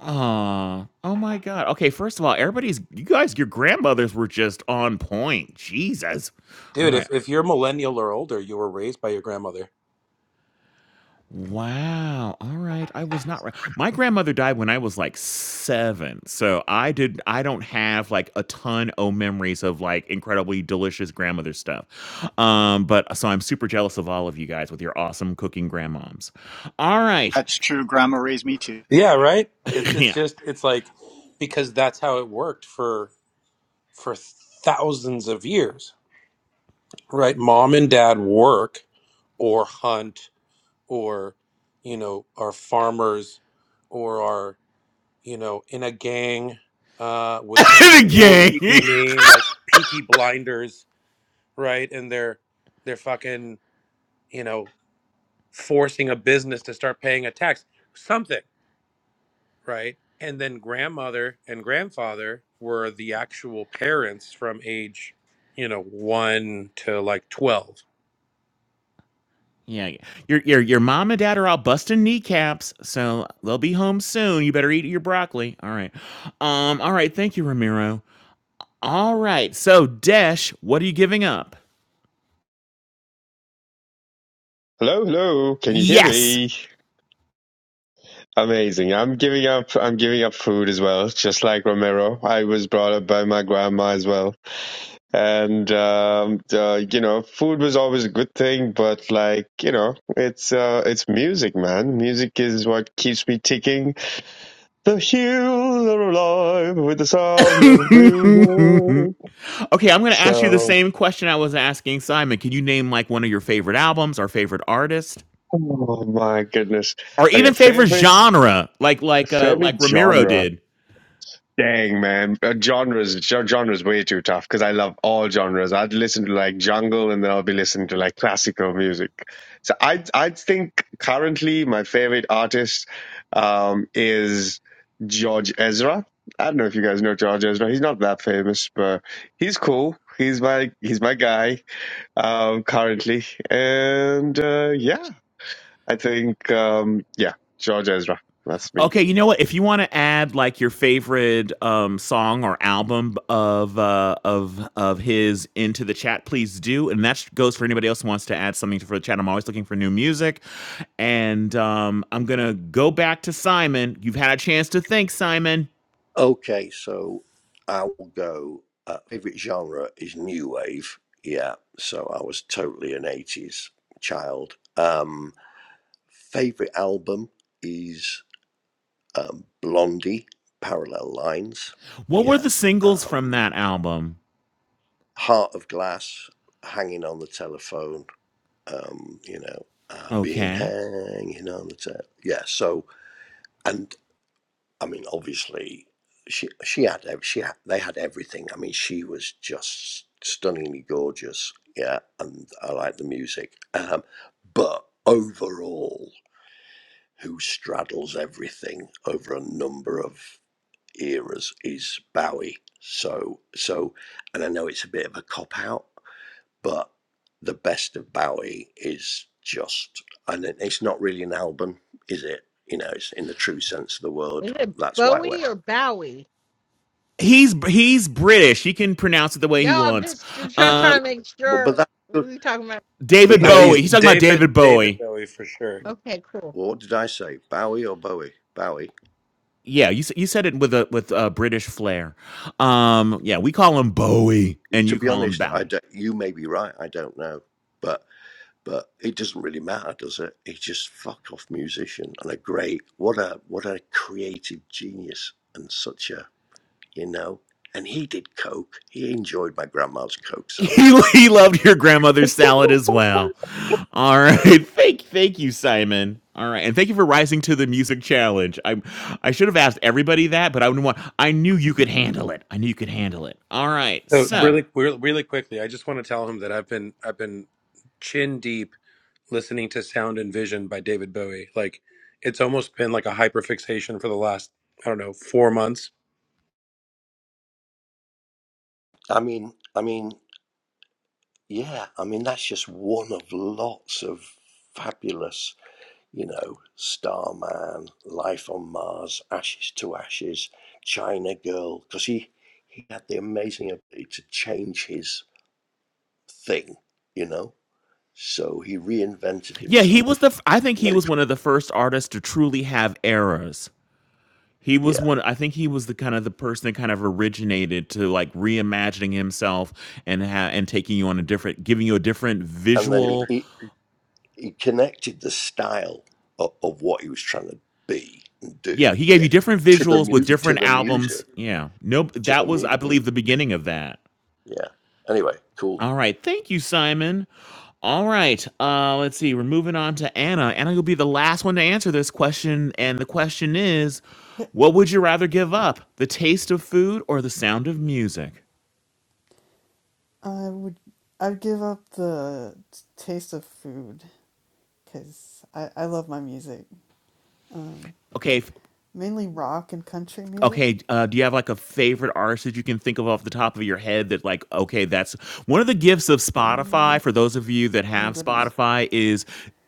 Aw. Oh my god. Okay, first of all, everybody's you guys, your grandmothers were just on point. Jesus. All
Dude,
right.
if, if you're millennial or older, you were raised by your grandmother.
Wow. All right. I was not right. My grandmother died when I was like 7. So I did I don't have like a ton of memories of like incredibly delicious grandmother stuff. Um but so I'm super jealous of all of you guys with your awesome cooking grandmoms. All right.
That's true. Grandma raised me too.
Yeah, right? It's it's
yeah.
just it's like because that's how it worked for for thousands of years. Right? Mom and dad work or hunt or you know, are farmers or are, you know, in a gang uh with some cool
Again.
cheeky name like Peaky Blinders, right? And they're they're fucking you know, forcing a business to start paying a tax, something, right? And then grandmother and grandfather were the actual parents from age, you know, one to like 12.
Yeah, y- your your your mom and dad are all busting kneecaps, so they'll be home soon. You better eat your broccoli. All right, um, all right. Thank you, Ramiro. All right, so Desh, what are you giving up?
Hello, hello. Can you hear
Yes.
me? Amazing. I'm giving up. I'm giving up food as well, just like Romero. I was brought up by my grandma as well, and um, uh, you know, food was always a good thing. But like, you know, it's uh, it's music, man. Music is what keeps me ticking. The hills are alive with the sound of music.
Okay, I'm going to ask you the
So,
same question I was asking Simon. Can you name like one of your favorite albums, or favorite artist,
oh my goodness.
or
Okay,
even favorite
favorite
genre, like like uh
favorite
like Ramiro
genre.
did?
Dang man, Uh, genres gen- genres way too tough because I love all genres. I'd listen to like jungle and then I'll be listening to like classical music. So I I think currently my favorite artist um, is George Ezra. I don't know if you guys know George Ezra. He's not that famous, but he's cool. He's my he's my guy um, currently, and uh, yeah, I think um, yeah, George Ezra. That's me.
Okay, you know what? If you want to add like your favorite um, song or album b- of uh, of of his into the chat, please do. And that sh- goes for anybody else who wants to add something for the chat. I'm always looking for new music, and um, I'm gonna go back to Simon. You've had a chance to think, Simon.
Okay, so I will go. Uh, favorite genre is new wave. Yeah, so I was totally an '80s child. Um, favorite album is um, Blondie, Parallel Lines.
What were
Yeah,
the singles from
um,
that album?
Heart of Glass, Hanging on the Telephone, um, you know, I've been
Okay,
hanging on the tail. Yeah. So, and I mean, obviously, she she had ev- she had, they had everything. I mean, she was just stunningly gorgeous. Yeah, and I like the music. Um, but overall, who straddles everything over a number of eras is Bowie. So so, and I know it's a bit of a cop out but the best of Bowie is just, and it's not really an album, is it? You know, it's in the true sense of the word.
Is it
That's why I went.
Bowie or Bowie?
he's he's British. He can pronounce it the way he
No, I'm
wants.
just just
Uh,
Yeah,
trying to make
but but
sure
that
we're talking about.
but
David
that
No, he's
Bowie. He's talking about David
David, David
Bowie.
Bowie for sure.
Okay, cool.
what did I say? Bowie or Bowie? Bowie.
Yeah, you s- you said it with a with a British flair. Um, yeah, we call him Bowie, and
To
you
be
call him
honest, I
Bowie.
don't, you may be right. I don't know, but but it doesn't really matter, does it? He's just fuck off musician and a great what a what a creative genius and such a you know. And he did coke. He enjoyed my grandma's coke salad
He, he loved your grandmother's salad as well. All right, thank thank you, Simon. All right, and thank you for rising to the music challenge. I I should have asked everybody that, but I wouldn't want. I knew you could handle it. I knew you could handle it. All right,
So
so
really, really really quickly, I just want to tell him that I've been, I've been chin deep listening to Sound and Vision by David Bowie. Like it's almost been like a hyperfixation for the last, I don't know, four months
I mean, I mean, yeah. I mean, that's just one of lots of fabulous, you know, Starman, Life on Mars, Ashes to Ashes, China Girl, because he he had the amazing ability to change his thing, you know. So he reinvented
yeah, he was the.
himself,
f- I think
and
he
then
was one of the first artists to truly have eras. He was
yeah,
one I think he was the kind of the person that kind of originated to like reimagining himself and ha- and taking you on a different giving you a different
and then he
visual
he, he connected the style of, of what he was trying to be and
yeah,
do,
he gave
yeah,
you different
to the
visuals with
mu- to
different
the
albums.
music,
Yeah. Nope.
to
That
the
was, I
music.
believe, the beginning of that.
Yeah. Anyway, cool.
All right. Thank you, Simon. All right. Uh, let's see. We're moving on to Anna. Anna, will be the last one to answer this question. And the question is
Yeah,
what would you rather give up? The taste of food or the sound of music?
I would. I'd give up the taste of food because I, I love my music. Um,
Okay. f-
mainly rock and country music.
Okay, uh, do you have, like, a favorite artist that you can think of off the top of your head that, like, okay, that's one of the gifts of Spotify,
Mm,
for those of you that
oh
have
goodness,
Spotify, is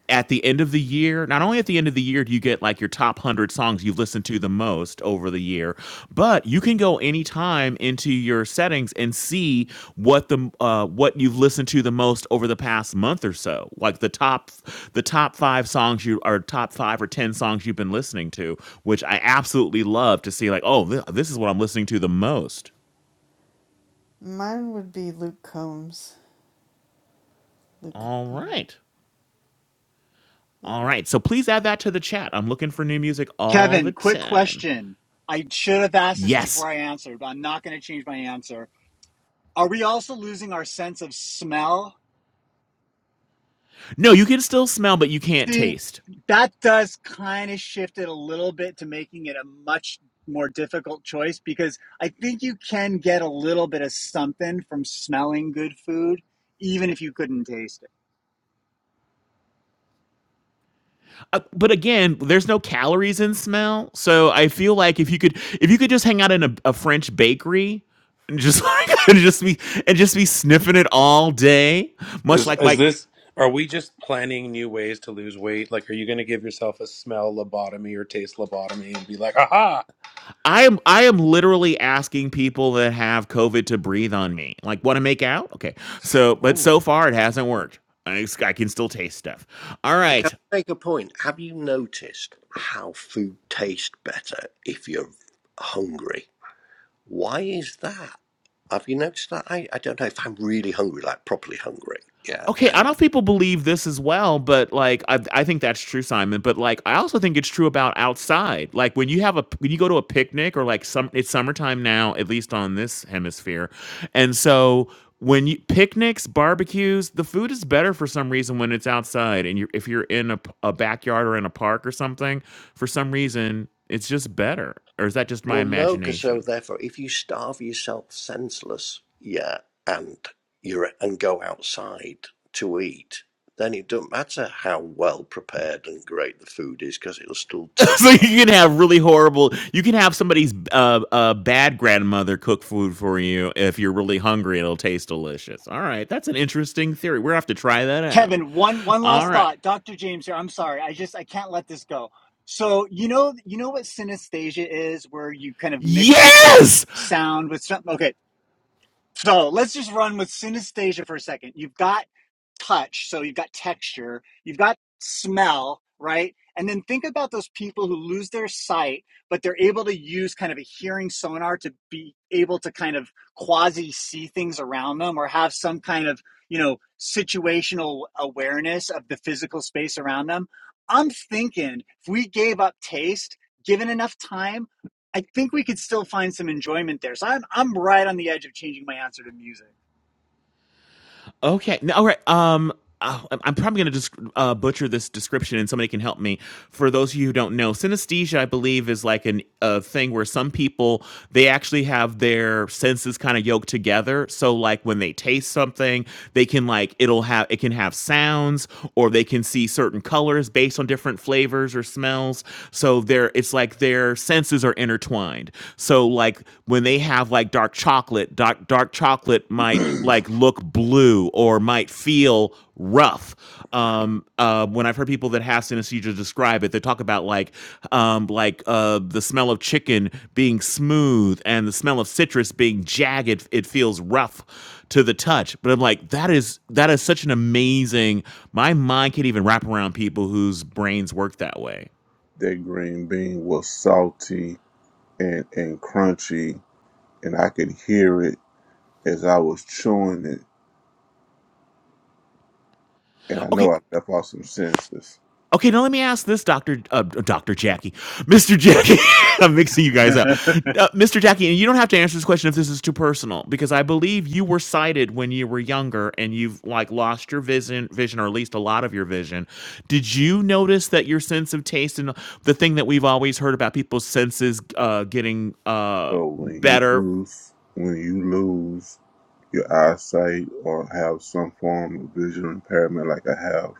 at the end of the year, not only at the end of the year do you get, like, your top 100 songs you've listened to the most over the year, but you can can go anytime into your settings and see what the uh, what you've listened to the most over the past month or so, like the top the top five songs you or top five or ten songs you've been listening to, which I absolutely love to see. Like, oh, th- this is what I'm listening to the most.
mine would be Luke Combs. Luke,
All right,
yeah.
all right. So please add that to the chat. I'm looking for new music all the
Kevin, quick
time.
question. I should have asked this
Yes.
before I answered, but I'm not going to change my answer. Are we also losing our sense of smell?
No, you can still smell, but you can't
See,
taste.
that does kind of shift it a little bit to making it a much more difficult choice because I think you can get a little bit of something from smelling good food, even if you couldn't taste it.
Uh, but again, there's no calories in smell, so I feel like if you could, if you could just hang out in a, a French bakery and just like and just be and just be sniffing it all day, much
Is
like
is
Mike.
this? Are we just planning new ways to lose weight? Like, are you going to give yourself a smell lobotomy or taste lobotomy and be like, "Aha!"
I am I am literally asking people that have COVID to breathe on me. Like, want to make out? Okay. So, but
Mm.
so far it hasn't worked. I, I can still taste stuff. All
I Can
right.
I make a point? Have you noticed how food tastes better if you're hungry? Why is that? Have you noticed that? I, I don't know if I'm really hungry, like properly hungry. Yeah.
Okay, I
And
don't know if people believe this as well, but like I I think that's true, Simon. But like I also think it's true about outside. Like when you have a p- when you go to a picnic or like some it's summertime now, at least on this hemisphere. And so when you picnics, barbecues, the food is better for some reason when it's outside and you are if you're in a, p- a backyard or in a park or something, for some reason it's just better. Or is that just my
well, no, because
imagination?
so therefore, if you starve yourself senseless, yeah, and you're and go outside to eat, then it doesn't matter how well prepared and great the food is, because it'll still taste
so you can
fabulous.
have really horrible. You can have somebody's uh, uh, bad grandmother cook food for you if you're really hungry. It'll taste delicious. All right, that's an interesting theory. We're gonna have to try that out.
Kevin, one one
All
last
right.
thought. Dr. James here. I'm sorry. I just I can't let this go. So you know you know what synesthesia is, where you kind of mix up this
Yes,
sound with something. Okay, so let's just run with synesthesia for a second. You've got touch, so you've got texture, you've got smell, right? And then think about those people who lose their sight, but they're able to use kind of a hearing sonar to be able to kind of quasi see things around them or have some kind of, you know, situational awareness of the physical space around them. I'm thinking if we gave up taste, given enough time, I think we could still find some enjoyment there. So I'm I'm right on the edge of changing my answer to music.
Okay. No, all right. Um, oh, I'm probably going to just uh, butcher this description, and somebody can help me. For those of you who don't know, synesthesia, I believe, is like an a thing where some people they actually have their senses kind of yoked together. So, like when they taste something, they can like it'll have it can have sounds, or they can see certain colors based on different flavors or smells. So they're it's like their senses are intertwined. So like when they have like dark chocolate, dark dark chocolate might
that
like look blue or might feel rough. Um, uh, when I've heard people that have synesthesia describe it, they talk about like um, like uh, the smell of chicken being smooth and the smell of citrus being jagged. It feels rough to the touch. But I'm like, that is that is such an amazing. My mind can't even wrap around people whose brains work that way.
green bean was salty and and crunchy, and I could hear it as I was chewing it. And I know
Okay,
I left off some senses.
Okay, now let me ask this, Doctor uh, Doctor Jackie, Mister Jackie. I'm mixing you guys up, uh, Mister Jackie. And you don't have to answer this question if this is too personal, because I believe you were sighted when you were younger, and you've like lost your vision, vision, or at least a lot of your vision. Did you notice that your sense of taste and the thing that we've always heard about people's senses uh, getting uh,
So when you
better
lose, when you lose your eyesight or have some form of visual impairment like I have,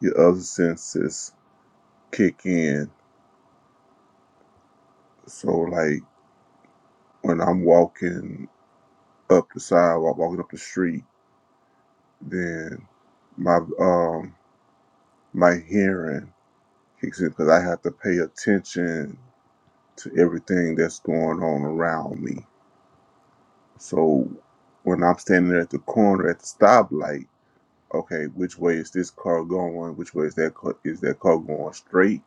your other senses kick in. So like when I'm walking up the sidewalk, walking up the street, then my um my hearing kicks in because I have to pay attention to everything that's going on around me. So when I'm standing at the corner at the stoplight, okay, which way is this car going? Which way is that car, is that car going straight?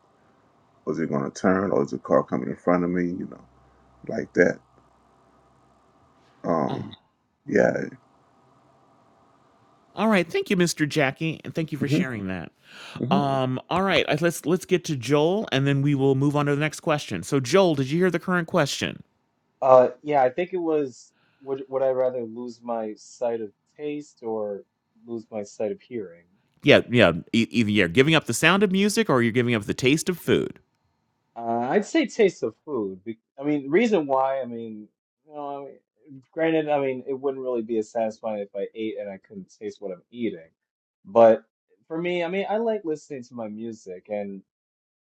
was it going to turn or is the car coming in front of me you know like that um yeah
All right, thank you, Mr. Jackie, and thank you for
hmm
sharing that.
hmm
Um, all right, I- let's let's get to Joel, and then we will move on to the next question. So, Joel, did you hear the current question?
Uh, yeah, I think it was would would I rather lose my sight of taste or lose my sight of hearing?
Yeah, yeah. e- Either you're giving up the sound of music, or you're giving up the taste of food.
Uh, I'd say taste of food. Be I mean, reason why, I mean, you know, I mean, granted, I mean, it wouldn't really be as satisfying if I ate and I couldn't taste what I'm eating. But for me, I mean, I like listening to my music and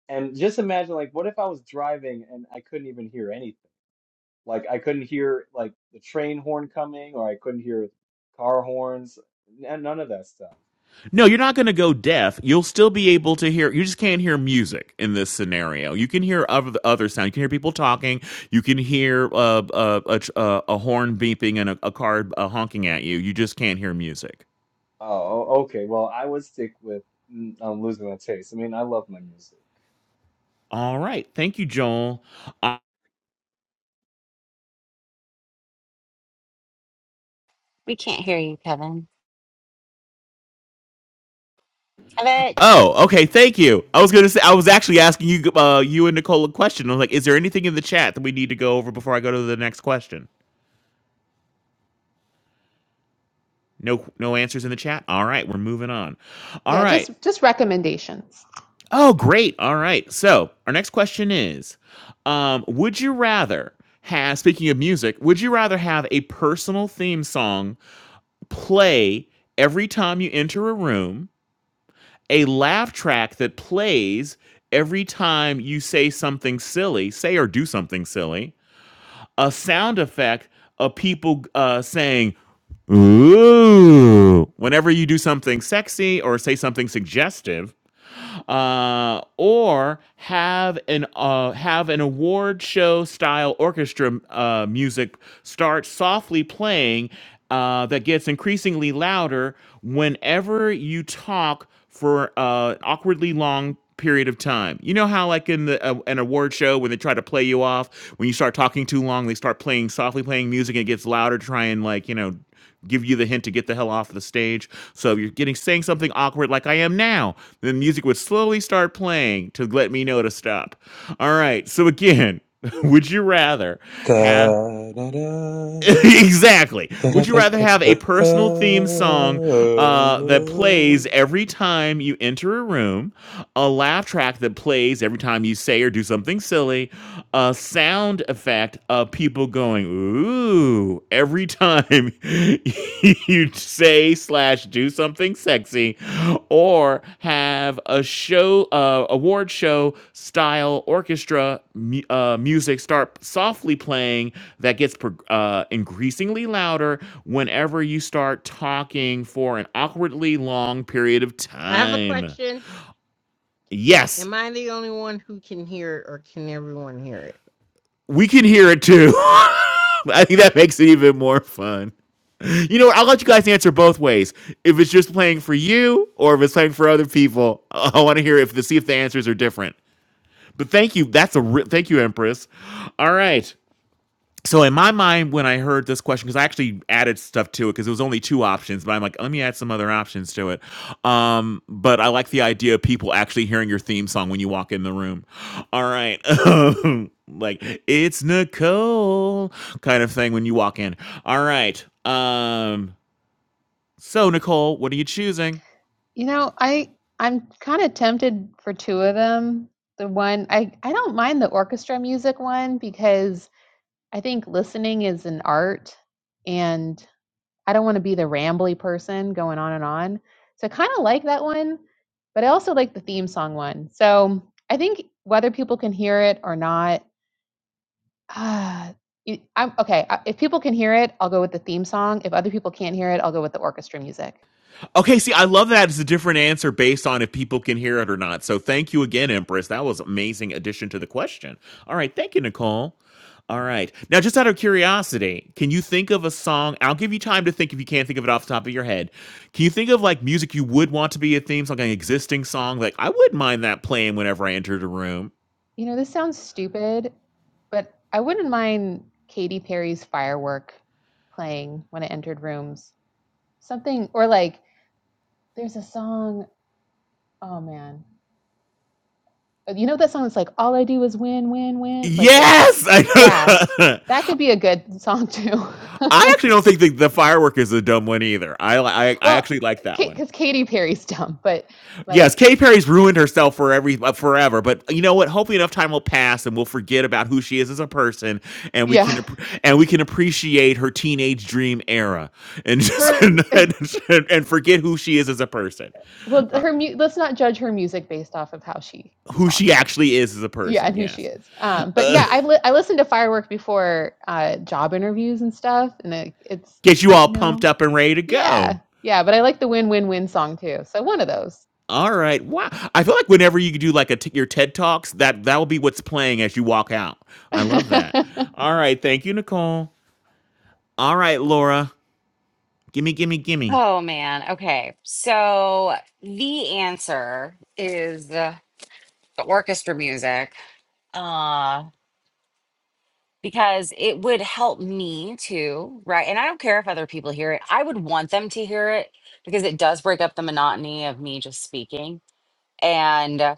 and just imagine like what if I was driving and I couldn't even hear anything? Like I couldn't hear like the train horn coming, or I couldn't hear car horns, and none of that stuff.
No, you're not going to go deaf. You'll still be able to hear. You just can't hear music in this scenario. You can hear other other sound. You can hear people talking. You can hear uh, uh, a, tr- uh, a horn beeping and a, a car uh, honking at you. You just can't hear music.
Oh, o- okay. Well, I would stick with mm, I'm losing my taste. I mean, I love my music.
All right, thank you, Joel.
we can't hear you, Kevin. Kevin.
Oh, okay. Thank you. I was gonna say I was actually asking you, uh, you and Nicole a question. I was like, "Is there anything in the chat that we need to go over before I go to the next question?" No, no answers in the chat. All right, we're moving on. All
Yeah,
right.
just just recommendations.
Oh, great. All right. So our next question is, um, would you rather have? Speaking of music, would you rather have a personal theme song play every time you enter a room? a laugh track that plays every time you say something silly, say or do something silly, a sound effect of people uh, saying, ooh, whenever you do something sexy or say something suggestive, uh, or have an uh, have an award show style orchestra uh, music start softly playing uh, that gets increasingly louder whenever you talk for uh, an awkwardly long period of time. You know how like in the uh, an award show when they try to play you off when you start talking too long, they start playing softly playing music and it gets louder to try and like, you know, give you the hint to get the hell off the stage. So if you're getting saying something awkward like I am now, then music would slowly start playing to let me know to stop. All right. So again, would you rather have
Da-da-da,
exactly. Would you rather have a
da-da-da-da-da-da.
personal theme song uh, that plays every time you enter a room, a laugh track that plays every time you say or do something silly, a sound effect of people going ooh every time you say slash do something sexy, or have a show, uh, award show style orchestra mu- uh, music start softly playing that gets prog- uh, increasingly louder whenever you start talking for an awkwardly long period of
I have a
time.
question.
Yes,
Am I the only one who can hear it, or can everyone hear it?
we can hear it too.
Come on.
I think that makes it even more fun. You know, what, I'll let you guys answer both ways. If it's just playing for you or if it's playing for other people, I want to hear if to see if the answers are different. But thank you. That's a re- thank you, Empress. All right. So in my mind, when I heard this question, because I actually added stuff to it, because it was only two options, but I'm like, let me add some other options to it. Um, but I like the idea of people actually hearing your theme song when you walk in the room. All right, like it's Nicole kind of thing when you walk in. All right. Um, so Nicole, what are you choosing?
You know, I I'm kind of tempted for two of them. The one I I don't mind the orchestra music one because I think listening is an art, and I don't want to be the rambly person going on and on. So I kind of like that one, but I also like the theme song one. So I think whether people can hear it or not, Ah, you I'm okay, I if people can hear it, I'll go with the theme song. If other people can't hear it, I'll go with the orchestra music.
Okay, see, I love that it's a different answer based on if people can hear it or not. So thank you again, Empress. That was an amazing addition to the question. All right, thank you, Nicole. All right. Now, just out of curiosity, can you think of a song? I'll give you time to think if you can't think of it off the top of your head. Can you think of like music you would want to be a theme song, like an existing song? Like, I wouldn't mind that playing whenever I entered a room.
You know, this sounds stupid, but I wouldn't mind Katy Perry's Firework playing when I entered rooms. Something or like there's a song, oh man. Uh, You know that song that's like all I do is win, win, win, like that.
Yes, I,
Yeah,
know that.
that could be a good song too.
I actually don't think the, the firework is a dumb one either. I, li- I I
well,
actually like that one.
because Katy Perry's dumb, but
Yes,
like,
Katy Perry's ruined herself for every uh, forever. But you know what? Hopefully, enough time will pass, and we'll forget about who she is as a person, and we
yeah,
can appr- and we can appreciate her teenage dream era, and just
her.
and, and, forget who she is as a person,
well
Uh,
her mu- let's not judge her music based off of how she
who she
talks
actually is as a
yeah and
person.
who she
Yes,
is um but
uh,
yeah i've li- i listened to firework before uh job interviews and stuff and it, it's
get you all
you
pumped
know
up and ready to
yeah
go.
yeah but i like the win-win-win song too so one of those
All right. Wow. I feel like whenever you do like a t- your TED talks, that that will be what's playing as you walk out. I love that. All right. Thank you, Nicole. All right, Laura. Gimme, gimme, gimme.
Oh man. Okay. So the answer is uh, the orchestra music. Uh because it would help me too, right? And I don't care if other people hear it. I would want them to hear it because it does break up the monotony of me just speaking and uh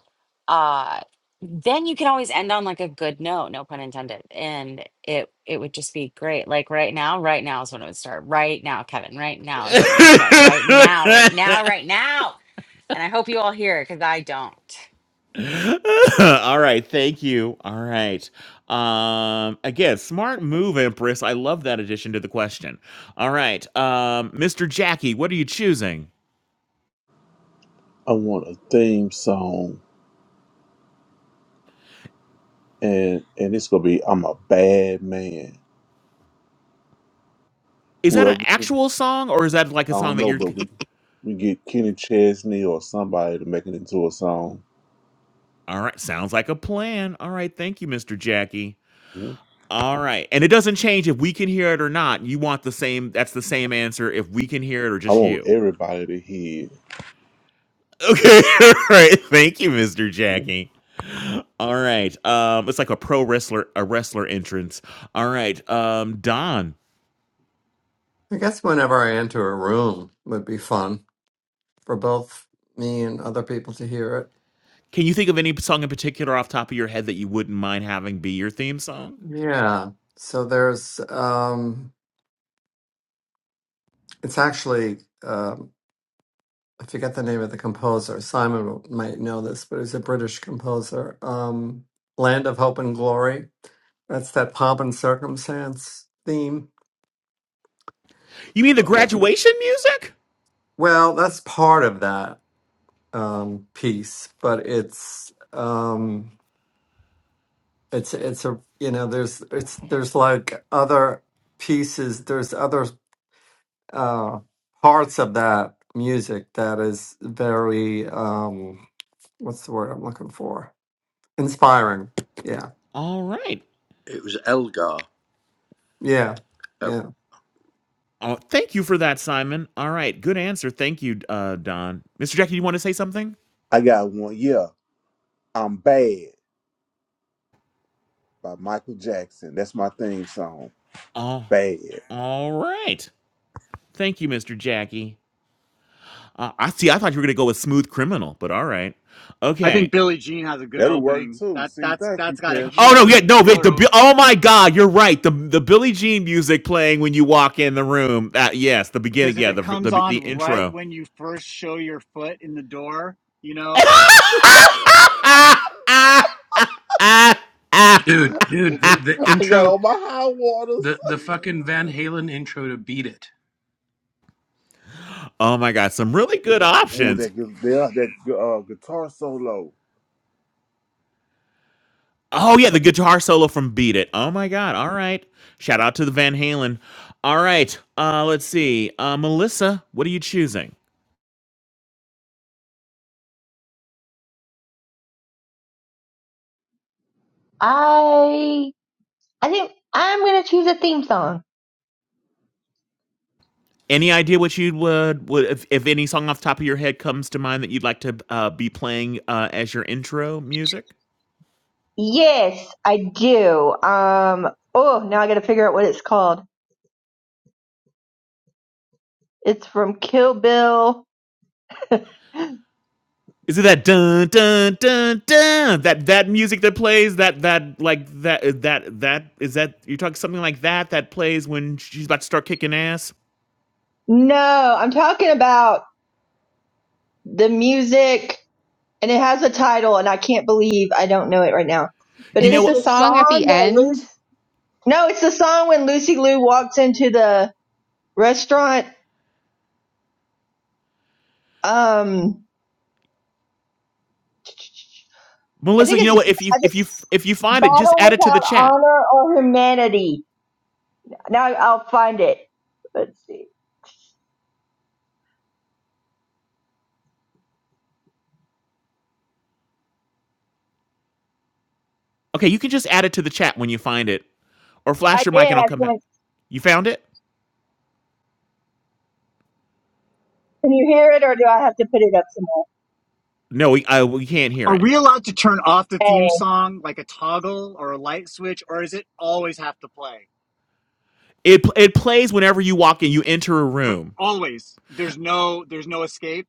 uh, then you can always end on like a good note no pun intended and it it would just be great like right now right now is when it would start right now kevin right now is when it would start right
All
now right now right now and i hope you all hear it because i don't
right, thank you. All right. Um, again, smart move, Empress. I love that addition to the question. All right, um, Mr. Jackie, what are you choosing?
I want a theme song, and and it's gonna be "I'm a Bad Man."
Is that an
Whoever I
actual song, or is that like a song
don't
that
know,
you're?
but we we get Kenny Chesney or somebody to make it into a song.
All right, sounds like a plan. All right, thank you, Mr. Jackie.
Mhm.
All right, and it doesn't change if we can hear it or not. You want the same? That's the same answer if we can hear it or
I
just
want
you.
everybody to hear.
Okay. All right. Thank you, Mr.
Mhm.
Jackie. All right. Um, it's like a pro wrestler, a wrestler entrance. All right. Um, Don,
I guess whenever I enter a room would be fun for both me and other people to hear it.
can you think of any song in particular off top of your head that you wouldn't mind having be your theme song?
Yeah. So there's, um, it's actually, um, I forget the name of the composer. Simon will- might know this, but he's a British composer. Um, Land of Hope and Glory. That's that pomp and circumstance theme.
You mean the
Oh,
graduation music?
Well, that's part of that um, piece, but it's. Um, it's it's a you know there's it's there's like other pieces there's other uh parts of that music that is very um what's the word i'm looking for inspiring yeah
All right.
it was Elgar.
yeah yeah
Oh, thank you for that, Simon. All right. Good answer. Thank you, uh, Don. Mr. Jackie, you want to say something?
I got one. Yeah, "I'm Bad" by Michael Jackson. That's my theme song.
Oh,
Bad.
all right. Thank you, Mr. Jackie. Uh, I see. I thought you were going to go with Smooth Criminal, but all right.
I
Okay.
think Billie Jean has a good
That'll work
opening.
too.
That
See,
that's
thank you,
that's got a
Kevin.
Oh no, yeah,
killer
no, wait,
killer
the
opening.
oh my god, you're right. The the Billie Jean music playing when you walk in the room. Uh, yes, the
because
beginning,
if
yeah,
it
the
comes
the,
on
the
right
intro.
when you first show your foot in the door, you know,
Ah, ah.
Dude, dude, the, the
I got
intro.
all my high waters.
The the fucking Van Halen intro to Beat It.
Oh my god, some really good
Ooh,
options.
that gu- yeah, that uh, guitar solo.
Oh yeah, the guitar solo from Beat It. Oh my god. All right. Shout out to the Van Halen. All right. Uh let's see. Uh Melissa, what are you choosing?
I, I think I'm going to choose a theme song.
Any idea what you would would if, if any song off the top of your head comes to mind that you'd like to uh, be playing uh, as your intro music?
Yes, I do. Um, oh, now I gotta figure out what it's called. It's from Kill Bill.
Is it that dun dun dun dun that that music that plays that that like that that that is that you're talking something like that that plays when she's about to start kicking ass?
No, I'm talking about the music and it has a title and I can't believe I don't know it right now. But
You
Is
know
it
it's
the
what,
the
song at
song
the
that
end?
Lucy, no, it's the song when Lucy Liu walks into the restaurant. Um, I
Melissa?
think
You know
it's, I think
what? If you if you
it's
if you find it, just
Battle
add it to the
Without
chat.
Honor or Humanity. Now I'll find it. Let's see.
Okay, you can just add it to the chat when you find it, or flash
I
your
did.
mic and I'll
I
come
found
back. You found it?
Can you hear it, or do I have to put it up somewhere?
No, we I, we can't hear
are
it.
we allowed to turn off the theme
Hey,
song like a toggle or a light switch, or is it always have to play?
It it plays whenever you walk in. You enter a
But
room.
always, there's no there's no escape.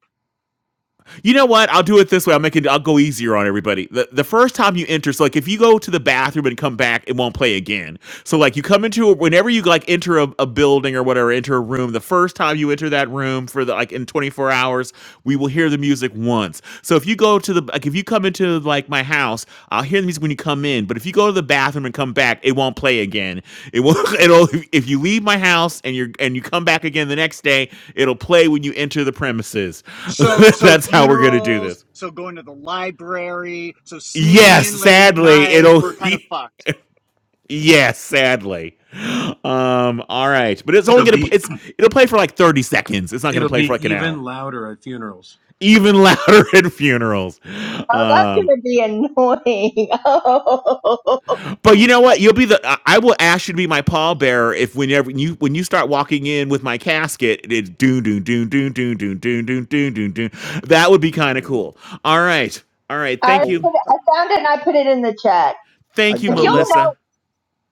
you know what? I'll do it this way. I'll make it. I'll go easier on everybody. The the first time you enter, so like if you go to the bathroom and come back, it won't play again. So like you come into a, whenever you like enter a, a building or whatever, enter a room. The first time you enter that room for the like in 24 hours, we will hear the music once. So if you go to the like if you come into like my house, I'll hear the music when you come in. But if you go to the bathroom and come back, it won't play again. It will it'll if you leave my house and you're and you come back again the next day, it'll play when you enter the premises.
So so
That's how we're gonna do
funerals,
this.
so going to the library, so sneaking
Yes,
in late at
sadly,
night,
it'll
we're kind of fucked.
yes, sadly. Um, all right. But it's only
It'll
gonna
be
it's it'll play for like 30 seconds. It's not gonna
it'll
play for
be
like an
even
hour
louder at funerals.
even louder at funerals.
oh, that's
Um,
gonna be annoying.
But you know what? You'll be the I I will ask you to be my pallbearer if whenever you when you start walking in with my casket, it's doon doon doon doon doon doon doon doon doon doon doon. That would be kind of
hmm
cool. All right. All right.
Oh, I,
Thank
Oh,
you.
I,
I found it and I put it in the chat.
I
Thank you,
got
Like you'll
another.
know,
Melissa.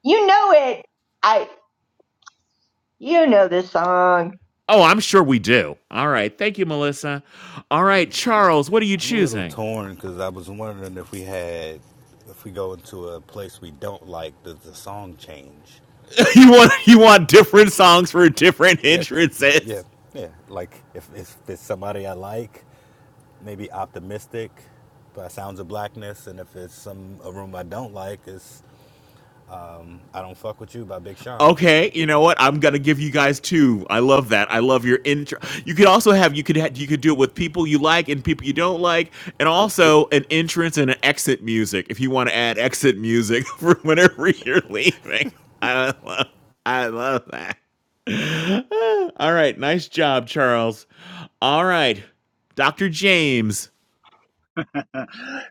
you know it. I, you know this song.
Oh, I'm sure we do. All right. Thank you, Melissa. All right, Charles, what are you
I'm a little
choosing?
torn because I was wondering if we had, if we go into a place we don't like, does the song change?
you want you want different songs for different
Yeah,
entrances.
yeah, yeah. Like if, if it's somebody I like, maybe optimistic by Sounds of Blackness, and if it's some a room I don't like, it's I don't fuck with you by Big Sean.
Okay, you know what? I'm gonna
Yeah.
give you guys two. I love that. I love your intro. You could also have you could ha- you could do it with people you like and people you don't like, and
Good.
also an entrance and an exit music if you want to add exit music for whenever you're leaving. I love I love that. All right, nice job, Charles. All right, Doctor James.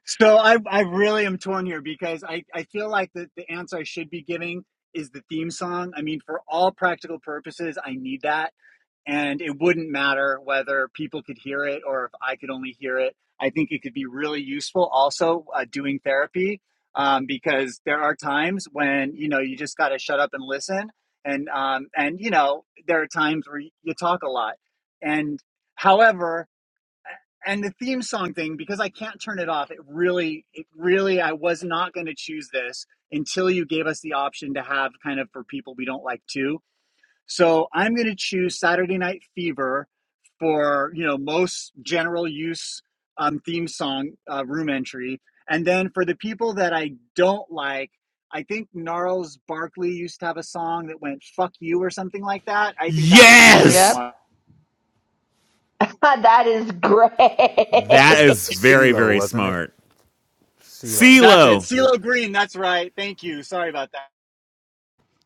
so I I really am torn here because I, I feel like the, the answer I should be giving is the theme song. I mean, for all practical purposes, I need that. and it wouldn't matter whether people could hear it or if I could only hear it. I think it could be really useful also uh, doing therapy um, because there are times when you know you just got to shut up and listen, and um, and you know there are times where you talk a lot, and however. And the theme song thing, because I can't turn it off. It really, it really, I was not going to choose this until you gave us the option to have kind of for people we don't like too so I'm going to choose Saturday Night Fever for you know most general use um, theme song uh, room entry, and then for the people that I don't like, I think Gnarls Barkley used to have a song that went "fuck you" or something like that. I think that would be a great
yep
Yes,
one.
that is great.
That
that
was
is very
CeeLo,
very
wasn't it?
smart.
CeeLo.
That's it,
CeeLo.
Yep.
CeeLo Green. That's right. Thank you. Sorry about that.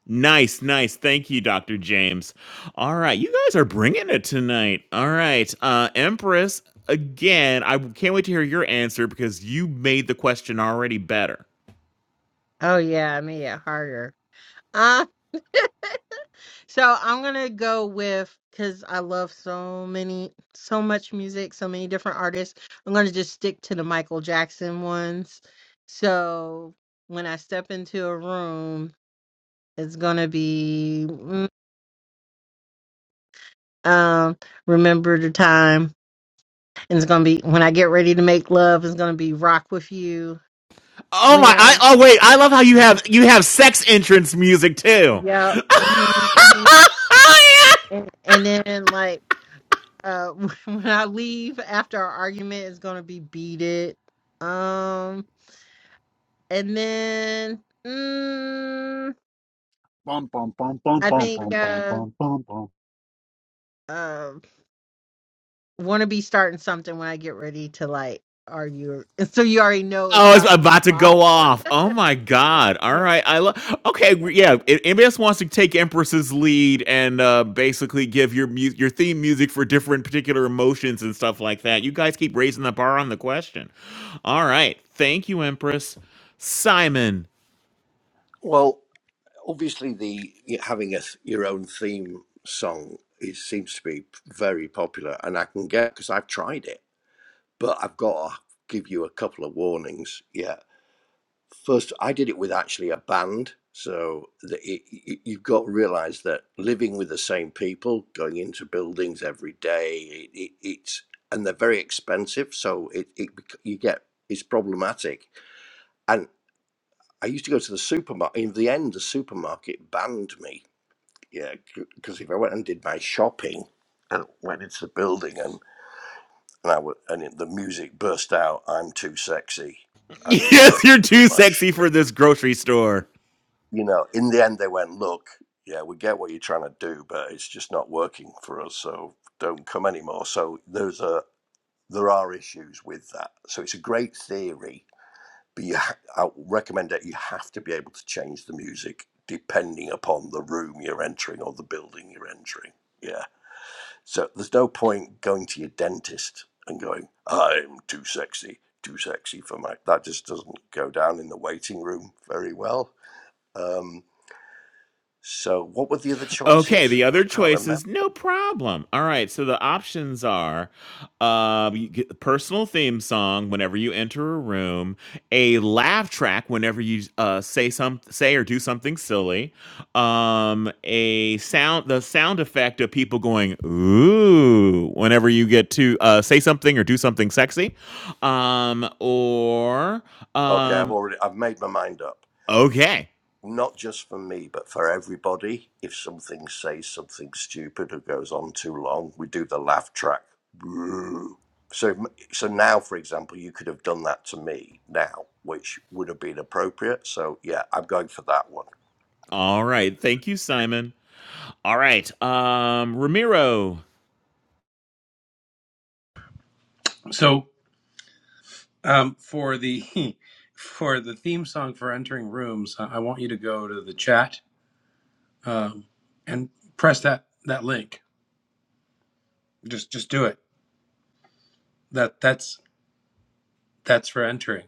Nice, nice. Thank you, Dr. James. All right, you guys are bringing it tonight. All right, uh, Empress, again, I can't wait to hear your answer because you made the question already better.
Oh yeah, I made it harder. Uh, so I'm gonna go with because I love so many, so much music, so many different artists. I'm gonna just stick to the Michael Jackson ones. So when I step into a room, it's gonna be mm, um, remember the time, and it's gonna be when I get ready to make love. It's gonna be rock with you.
Oh
When
my!
I,
I oh wait, I love how you have you have sex entrance music too.
yep, mhm, mhm. and, and then like. Uh, when I leave after our argument is gonna be beat it. Um, and then mm,
Bum bum bum bum
I
bum
think
bum bum
uh,
bum bum bum.
uh, want to be starting something when I get ready to like argue. So you already know it's
Oh, it's
about to
about
pop
to
off.
go off. Oh my god. All
Yep,
right. I love Okay,
but
we-
I'm
yeah,
done.
if anybody else wants to take Empress's lead and uh basically give your mu- your theme music for different particular emotions and stuff like that. You guys keep raising the bar on the question. All right. Thank you, Empress. Simon.
Well, obviously, the having a th- your own theme song it seems to be very popular, and I can get because I've tried it, but I've got to give you a couple of warnings. Yeah, first, I did it with actually a band, so the, it, it- you've got to realise that living with the same people, going into buildings every day, it, it, it's and they're very expensive, so it, it bec- you get it's problematic. And I used to go to the supermarket. In the end, the supermarket banned me yeah, because if I went and did my shopping and went into the building and and I w- and it, the music burst out, I'm too sexy, I'm too
Yes, you're
sexy for
too
my sh-.
sexy for this grocery store.
You know, in the end they went, look, yeah, we get what you're trying to do, but it's just not working for us, so don't come anymore. So there's a there are issues with that. So it's a great theory, but you ha- I recommend that you have to be able to change the music depending upon the room you're entering or the building you're entering. Yeah. So there's no point going to your dentist and going, I'm too sexy, too sexy for my. That just doesn't go down in the waiting room very well. Um, so what were the other
Okay,
choices?
the
I
other
can't remember.
choices, no problem. All right, so the options are uh, you get a personal theme song whenever you enter a room, a laugh track whenever you uh, say some say or do something silly, um, a sound the sound effect of people going ooh whenever you get to uh, say something or do something sexy, um, or
Okay, I've
um,
already I've made my mind up.
okay,
not just for me, but for everybody. If something says something stupid or goes on too long, we do the laugh track. So, so now, for example, you could have done that to me now, which would have been appropriate. So, yeah, I'm going for that one.
all right, thank you, Simon. All right, um, Ramiro.
So um, for the for the theme song for entering rooms, I I want you to go to the chat um, and press that that link. Just just do it. that that's that's for entering.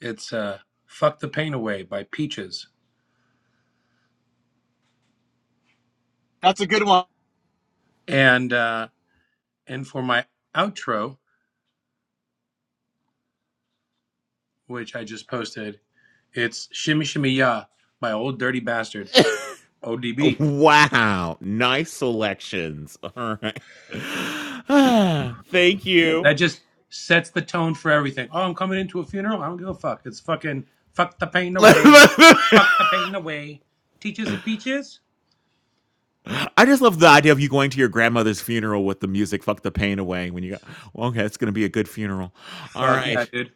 It's uh, "Fuck the Pain Away" by Peaches,
That's a good one.
and uh, and for my outro, which I just posted, it's "Shimmy Shimmy Ya" by Old Dirty Bastard (ODB).
Wow. Nice selections. All right. Thank you.
That just sets the tone for everything. Oh, I'm coming into a funeral. I don't give a fuck. It's fucking "Fuck the Pain Away," "Fuck the Pain Away." Teaches of peaches.
I just love the idea of you going to your grandmother's funeral with the music Fuck the Pain Away when you go, well, okay, it's going to be a good funeral. All
Fuck yeah,
right.
dude.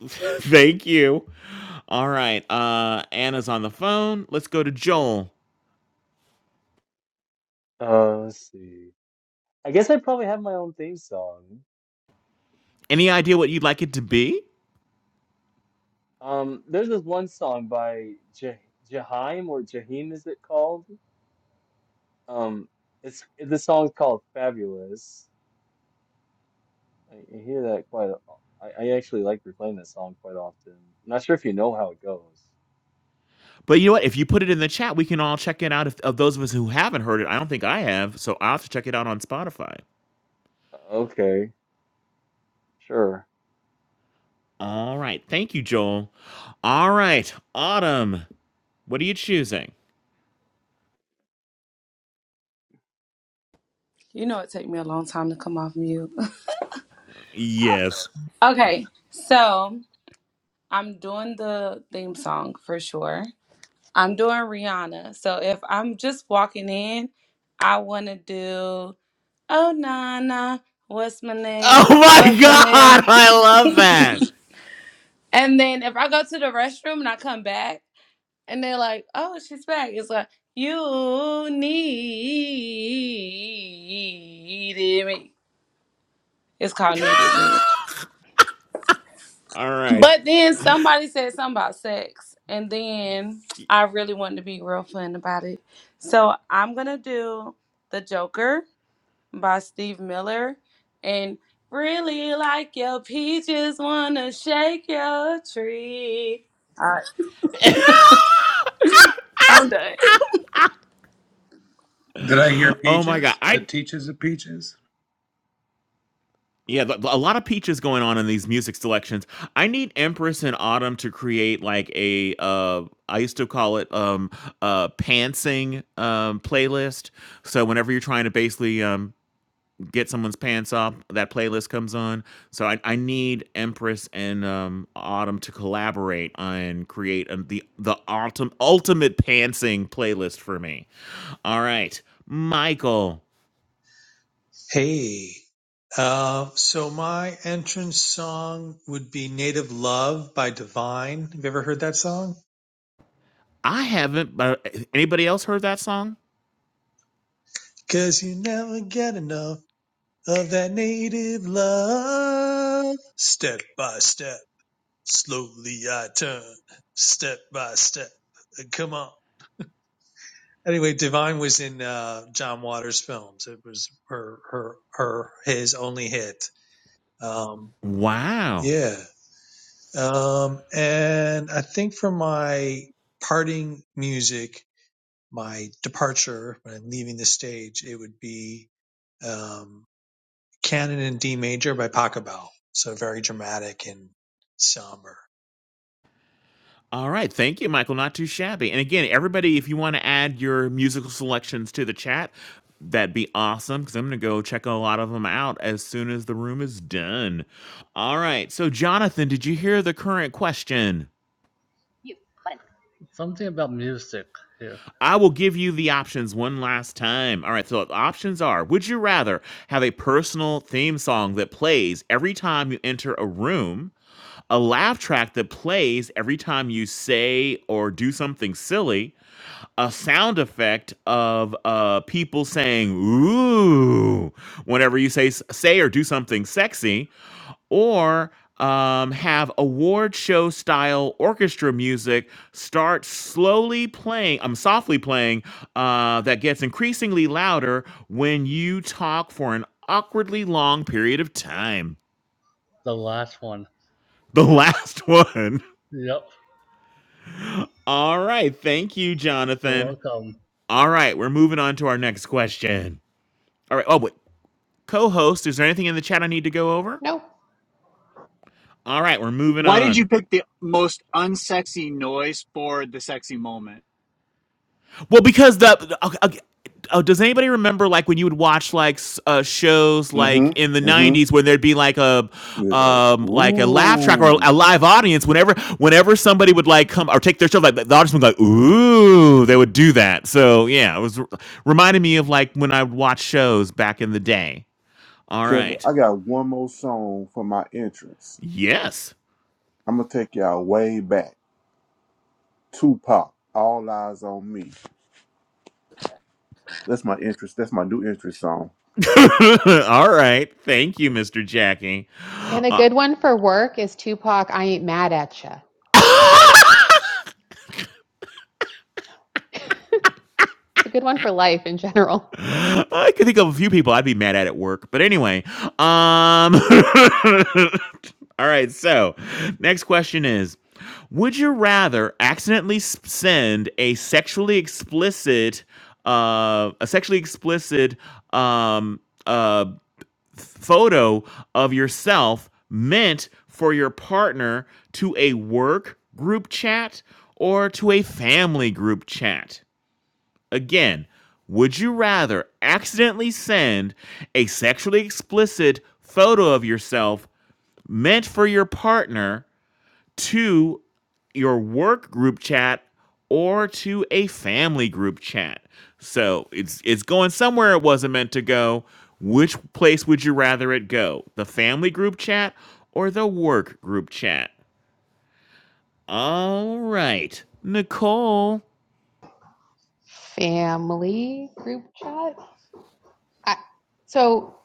Thank you. All right. Uh Anna's on the phone. Let's go to Joel.
Uh, let's see. I guess I probably have my own theme song.
Any idea what you'd like it to be?
Um, there's this one song by Jah Jaheim or Jaheim, is it called? Um, it's the song's called Fabulous. I, I hear that quite. a- I, I actually like replaying that song quite often. I'm not sure if you know how it goes.
But you know what? If you put it in the chat, we can all check it out. If, of those of us who haven't heard it, I don't think I have. So I'll have to check it out on Spotify.
Okay, sure.
All right. Thank you, Joel. All right. Autumn, what are you choosing?
You know it take me a long time to come off mute.
Yes.
okay, so I'm doing the theme song for sure. I'm doing Rihanna. So if I'm just walking in, I want to do Oh Nana, what's my name?
Oh my
What's my
god,
name?
I love that.
And then if I go to the restroom and I come back and they're like, "Oh, she's back." It's like, "You needed me." It's called needed me.
All right.
But then somebody said something about sex, and then I really wanted to be real fun about it. So I'm gonna do The Joker by Steve Miller and really like your peaches, wanna shake your tree. All right, I'm done.
Did I hear
oh my god.
peaches? The
I
teaches of peaches.
yeah, th- a lot of peaches going on in these music selections. I need Empress and Autumn to create like a uh I used to call it um uh pantsing um playlist. So whenever you're trying to basically um get someone's pants off, that playlist comes on. So I, I need Empress and um, Autumn to collaborate and create um the the ultim, ultimate pantsing playlist for me. All right, Michael.
Hey, uh, so my entrance song would be Native Love by Divine. Have you ever heard that song?
I haven't. But anybody else heard that song?
Cause you never get enough of that native love. Step by step, slowly I turn. Step by step, Uh, come on. Anyway, Divine was in uh, John Waters' films. It was her, her, her, his only hit. Um,
Wow.
yeah. Um, and I think for my parting music, my departure when I'm leaving the stage, it would be um, Canon in D major by Pachelbel. So very dramatic and somber.
All right. Thank you, Michael. Not too shabby. And again, everybody, if you want to add your musical selections to the chat, that'd be awesome because I'm going to go check a lot of them out as soon as the room is done. All right. So, Jonathan, did you hear the current question?
You fun. Something about music here.
I will give you the options one last time. All right. So, the options are Would you rather have a personal theme song that plays every time you enter a room, a laugh track that plays every time you say or do something silly? a sound effect of uh, people saying "ooh" whenever you say say or do something sexy, or um, have award show style orchestra music start slowly playing. I'm softly playing uh, that gets increasingly louder when you talk for an awkwardly long period of time.
The last one.
The last one.
Yep.
All right, thank you,
You're
Jonathan.
welcome.
All right, we're moving on to our next question. All right. Oh, wait. co host, is there anything in the chat I need to go over?
No.
All right, we're moving
Why did
on.
you pick the most unsexy noise for the sexy moment?
Well, because the. the- Okay, okay, Oh, does anybody remember like when you would watch like s- uh, shows like
hmm
in the
hmm
'90s when there'd be like a
Yeah. Like,
um, like a laugh track or
ooh,
a live audience? Whenever whenever somebody would like come or take their show, like the audience would go, like, "Ooh," they would do that. So yeah, it was reminded me of like when I would watch shows back in the day. All
Kevin,
right.
I got one more song for my entrance.
Yes.
I'm gonna take y'all way back. Tupac, All Eyes on Me. That's my interest. That's my new interest song.
All right. Thank you, Mr. Jackie.
And a
Uh,
good one for work is Tupac, I Ain't Mad at Ya. It's a good one for life in general.
I could think of a few people I'd be mad at at work. But anyway, um All right, so next question is would you rather accidentally send a sexually explicit uh a sexually explicit um uh photo of yourself meant for your partner to a work group chat or to a family group chat? Again, would you rather accidentally send a sexually explicit photo of yourself meant for your partner to your work group chat or to a family group chat? So it's it's going somewhere it wasn't meant to go. Which place would you rather it go? The family group chat or the work group chat? All right. Nicole.
Family group chat. I, so,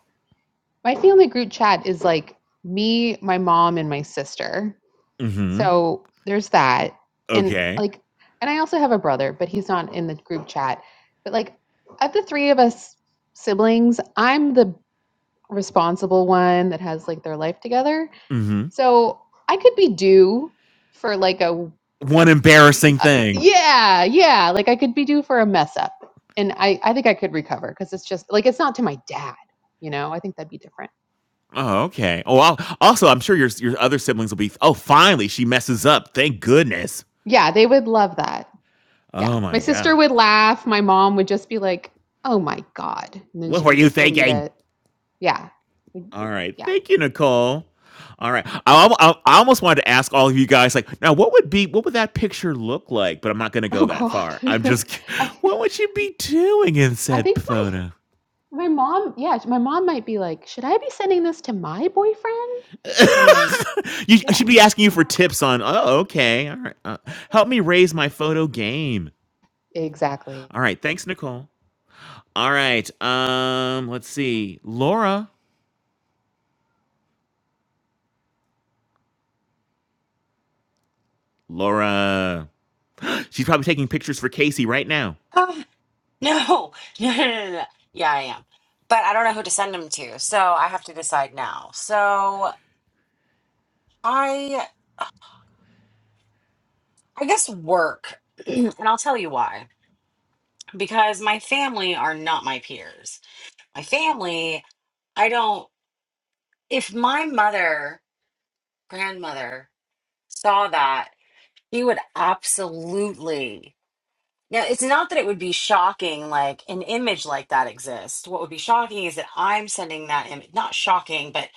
my family group chat is like me, my mom, and my sister.
Mm-hmm.
So there's that. And
Okay.
like, and I also have a brother, but he's not in the group chat. But like, of the three of us siblings, I'm the responsible one that has like their life together.
Mhm.
So I could be due for like a,
one embarrassing
uh,
thing.
yeah, yeah, like I could be due for a mess up. And I, I think I could recover because it's just like, it's not to my dad, you know, I think that'd be different.
Oh, okay. Oh, I'll, also, I'm sure your your other siblings will be. Oh, finally, she messes up. Thank goodness.
Yeah, they would love that. Yeah.
Oh
My
my
sister
god.
would laugh. My mom would just be like, oh my God. And then
What
she
were
would
you
just delete
thinking?
it. Yeah. Mm,
All right.
Yeah.
Thank you, Nicole. All right. I, I, I almost wanted to ask all of you guys, like, now what would be what would that picture look like? But I'm not going to go
Oh
that
God.
far. I'm just,
I,
what would you be doing in
I
said
think my,
photo?
my mom, yeah, my mom might be like, should I be sending this to my boyfriend? And then,
You, I
yeah,
should be asking you for tips on. Oh, okay. All right. Uh, help me raise my photo game.
exactly.
All right. Thanks, Nicole. All right. Um, let's see. Laura. Laura. She's probably taking pictures for Casey right now.
Ah, no. no no no no yeah i am but i don't know who to send them to so i have to decide now so i i guess work and i'll tell you why because my family are not my peers my family, I don't, if my mother, grandmother saw that, he would absolutely. Now, it's not that it would be shocking, like an image like that exists. What would be shocking is that I'm sending that image, not shocking, but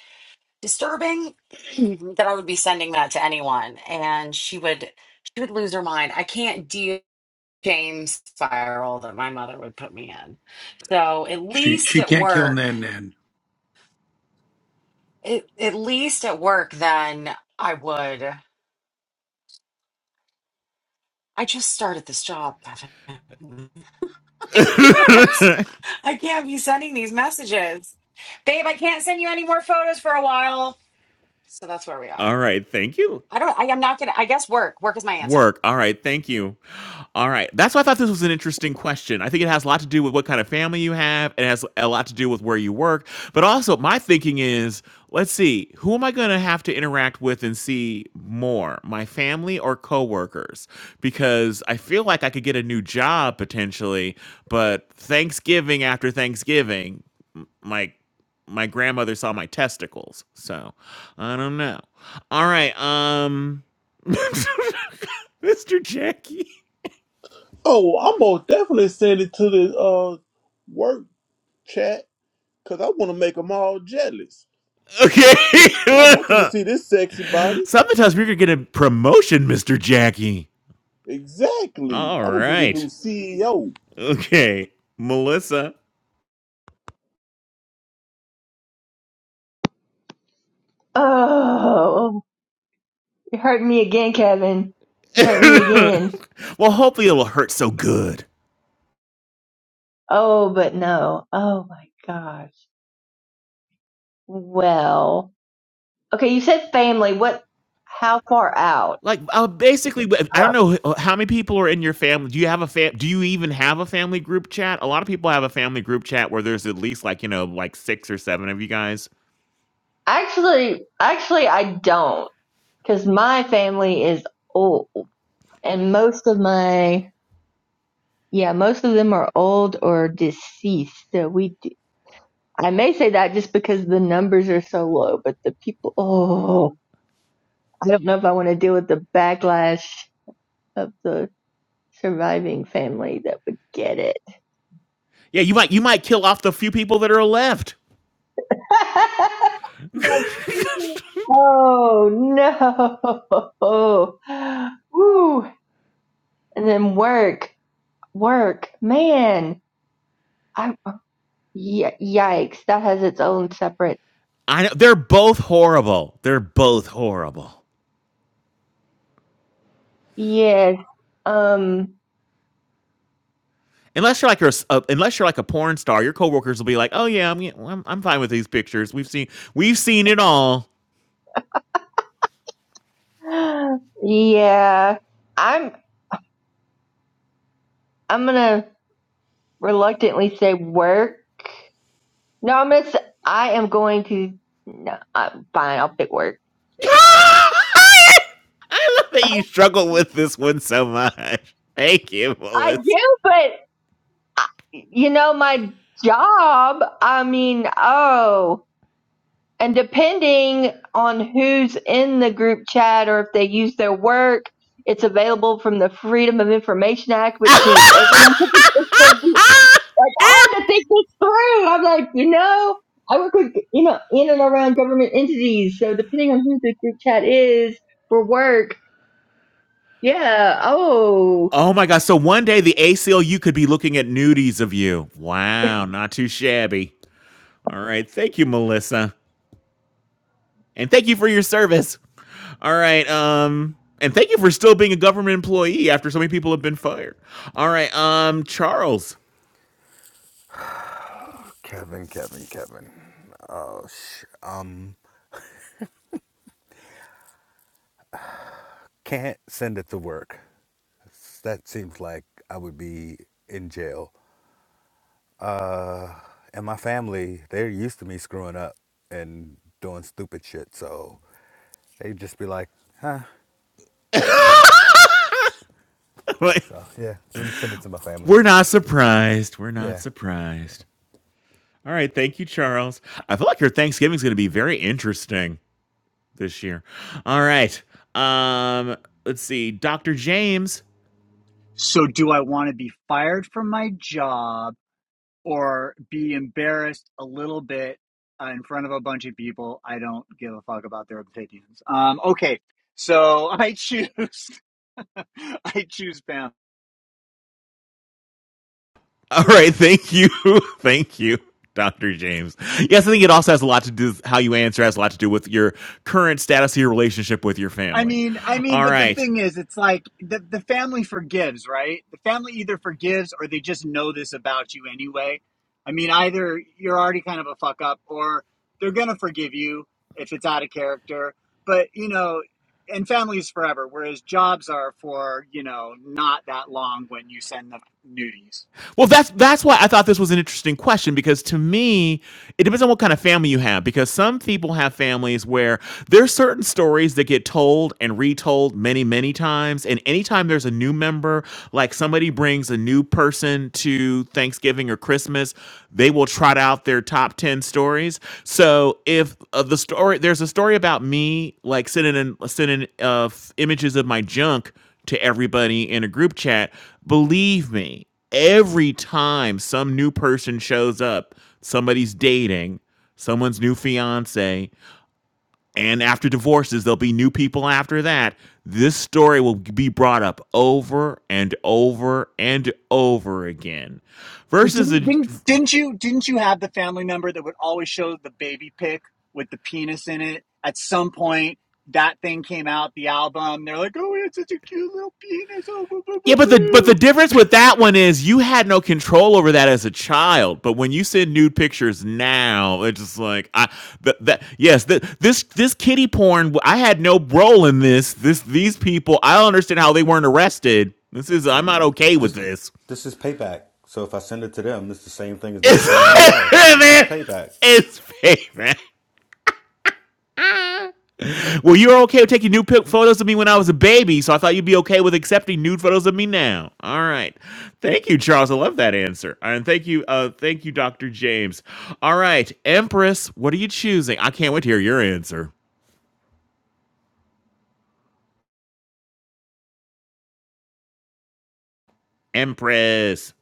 disturbing that I would be sending that to anyone. And she would, she would lose her mind. I can't deal with the shame spiral that my mother would put me in. So at
She
least
she
at
can't kill
work.
Nan Nan.
It, at least at work, then I would. I just started this job, Bevan. I can't. I can't be sending these messages, babe. I can't send you any more photos for a while. So that's where we are.
All right, thank you.
I don't. I am not gonna. I guess work. Work is my answer.
Work. All right. Thank you. All right. That's why I thought this was an interesting question. I think it has a lot to do with what kind of family you have. It has a lot to do with where you work. But also, my thinking is let's see, who am I going to have to interact with and see more, my family or coworkers? Because I feel like I could get a new job potentially, but Thanksgiving after Thanksgiving, m- my my grandmother saw my testicles. So I don't know. All right. Um, Mr. Jackie.
Oh, I'm gonna definitely send it to the uh work chat because I want to make them all jealous.
Okay.
I want them to see this sexy body.
Sometimes we're gonna get a promotion, Mr. Jackie.
Exactly.
All
I'm gonna be the
right.
new CEO.
Okay. Melissa.
Oh, you hurt me again, Kevin. You hurt me again.
well, hopefully it'll hurt so good.
Oh, but no. Oh my gosh. Well, okay. You said family. What? How far out?
Like, uh, basically, I don't know how many people are in your family. Do you have a fam? Do you even have a family group chat? A lot of people have a family group chat where there's at least like you know like six or seven of you guys.
Actually, actually, I don't, because my family is old, and most of my yeah, most of them are old or deceased. So we, do, I may say that just because the numbers are so low, but the people, oh, I don't know if I want to deal with the backlash of the surviving family that would get it.
Yeah, you might you might kill off the few people that are left.
oh no! Woo! And then work. Work, man. I y- yikes, that has its own separate.
I know they're both horrible. They're both horrible.
Yes. Um.
Unless you're like a, a unless you're like a porn star, your coworkers will be like, "Oh yeah, I'm, yeah, well, I'm I'm fine with these pictures. We've seen we've seen it all."
Yeah. I'm. I'm gonna reluctantly say work. No, I'm gonna. Say, I am going to. No, uh, fine. I'll pick work.
I love that you struggle with this one so much. Thank you,
I
Willis.
do, but you know my job. I mean, oh. And depending on who's in the group chat or if they use their work, it's available from the Freedom of Information Act, which means everyone can participate. I had to think this through. I'm like, you know, I work with, you know, in and around government entities. So depending on who the group chat is for work, yeah. Oh,
oh my gosh. So one day the ACLU could be looking at nudies of you. Wow, not too shabby. All right. Thank you, Melissa. And thank you for your service. All right. Um, and thank you for still being a government employee after so many people have been fired. All right. Um, Charles.
Kevin, Kevin, Kevin. Oh, sh- um, can't send it to work. That seems like I would be in jail. Uh, and my family, they're used to me screwing up and doing stupid shit, so they'd just be like, huh. So yeah, let me send it to my family.
We're not surprised. We're not
Yeah.
surprised. All right. Thank you, Charles. I feel like your Thanksgiving's going to be very interesting this year. All right. Um, let's see. Dr. James.
So, do I want to be fired from my job or be embarrassed a little bit uh, in front of a bunch of people? I don't give a fuck about their opinions. Um, okay, so I choose. I choose Pam.
All right, thank you, thank you, Doctor James. Yes, I think it also has a lot to do with how you answer. Has a lot to do with your current status of your relationship with your
I
family.
mean, I mean,
All
but the
right,
thing is, it's like the the family forgives, right? The family either forgives or they just know this about you anyway. I mean, either you're already kind of a fuck up, or they're gonna forgive you if it's out of character. But you know, and family is forever, whereas jobs are for you know not that long when you send the nudies.
Well, that's that's why I thought this was an interesting question because to me, it depends on what kind of family you have. Because some people have families where there's certain stories that get told and retold many, many times. And anytime there's a new member, like somebody brings a new person to Thanksgiving or Christmas, they will trot out their top ten stories. So if uh, the story there's a story about me like sending in, sending uh, f- images of my junk to everybody in a group chat, believe me every time some new person shows up, somebody's dating, someone's new fiance, and after divorces, there'll be new people after that. This story will be brought up over and over and over again.
But
Versus a.
didn't, didn't didn't you didn't you have the family member that would always show the baby pic with the penis in it? At some point, that thing came out, the album. They're like, "Oh, it's such a cute little penis!" Oh, boo, boo, boo,
Yeah, but the but the
boo.
difference with that one is you had no control over that as a child. But when you send nude pictures now, it's just like I th- that yes, th- this this kitty porn. I had no role in this. This these people. I don't understand how they weren't arrested. This is I'm
And
not okay with
this
this.
this is payback. So if I send it to them, it's the same thing as them
It's,
showing me off. This is
man.
payback.
it's fake, man. Well, you were okay with taking nude pic- photos of me when I was a baby, so I thought you'd be okay with accepting nude photos of me now. All right. Thank you, Charles. I love that answer. Uh, And thank you, uh, thank you, Dr. James. All right, Empress, what are you choosing? I can't wait to hear your answer. Empress.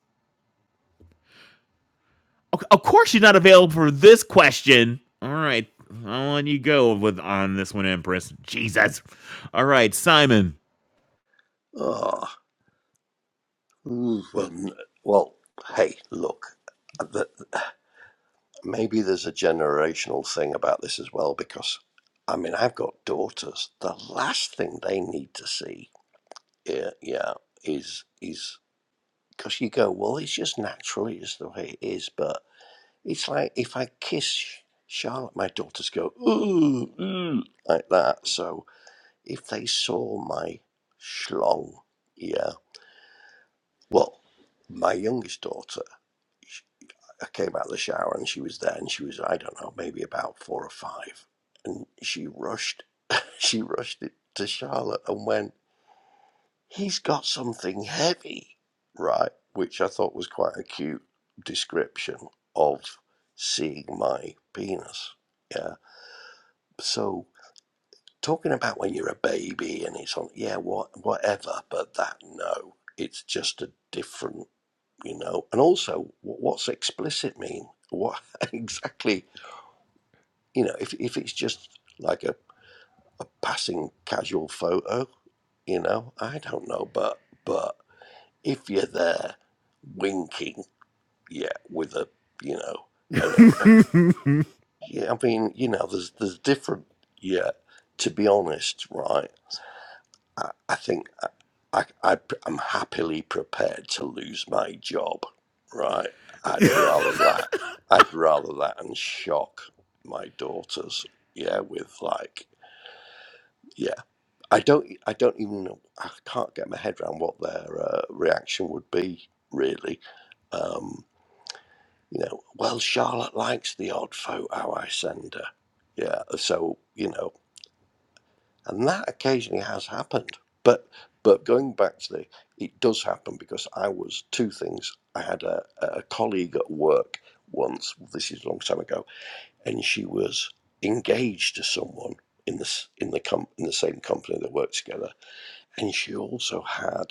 O- Of course you're not available for this question. All right. I'll let you go with on this one, Empress. Jesus. All right, Simon.
Ah, well, n- well, hey, look, uh, the, maybe there's a generational thing about this as well, because I mean, I've got daughters. The last thing they need to see, yeah, yeah is is because you go, well, it's just naturally it's the way it is. But it's like if I kiss Charlotte, my daughters go ooh, ooh like that. So if they saw my schlong, yeah, well, my youngest daughter, sh- I came out of the shower and she was there, and she was I don't know maybe about four or five, and she rushed, she rushed it to Charlotte and went. he's got something heavy, right? Which I thought was quite a cute description of seeing my penis. Yeah. So talking about when you're a baby and it's on, yeah, what, whatever, but that no, it's just a different, you know. And also, what's explicit mean? What exactly, you know? If if it's just like a, a passing casual photo, you know, I don't know, but but. if you're there winking, yeah, with a you know an erect, yeah, I mean you know there's there's different, yeah. To be honest, right, I, I think I, I I am happily prepared to lose my job, right. I'd rather that. I'd rather that and shock my daughters, yeah, with like. Yeah, I don't. I don't even. know- I can't get my head around what their uh, reaction would be, really. Um, You know, well, Charlotte likes the odd photo I send her. Yeah, so you know, and that occasionally has happened. But but going back to the, it does happen because I was two things. I had a, a colleague at work once. This is a long time ago, and she was engaged to someone in the in the com- in the same company that worked together, and she also had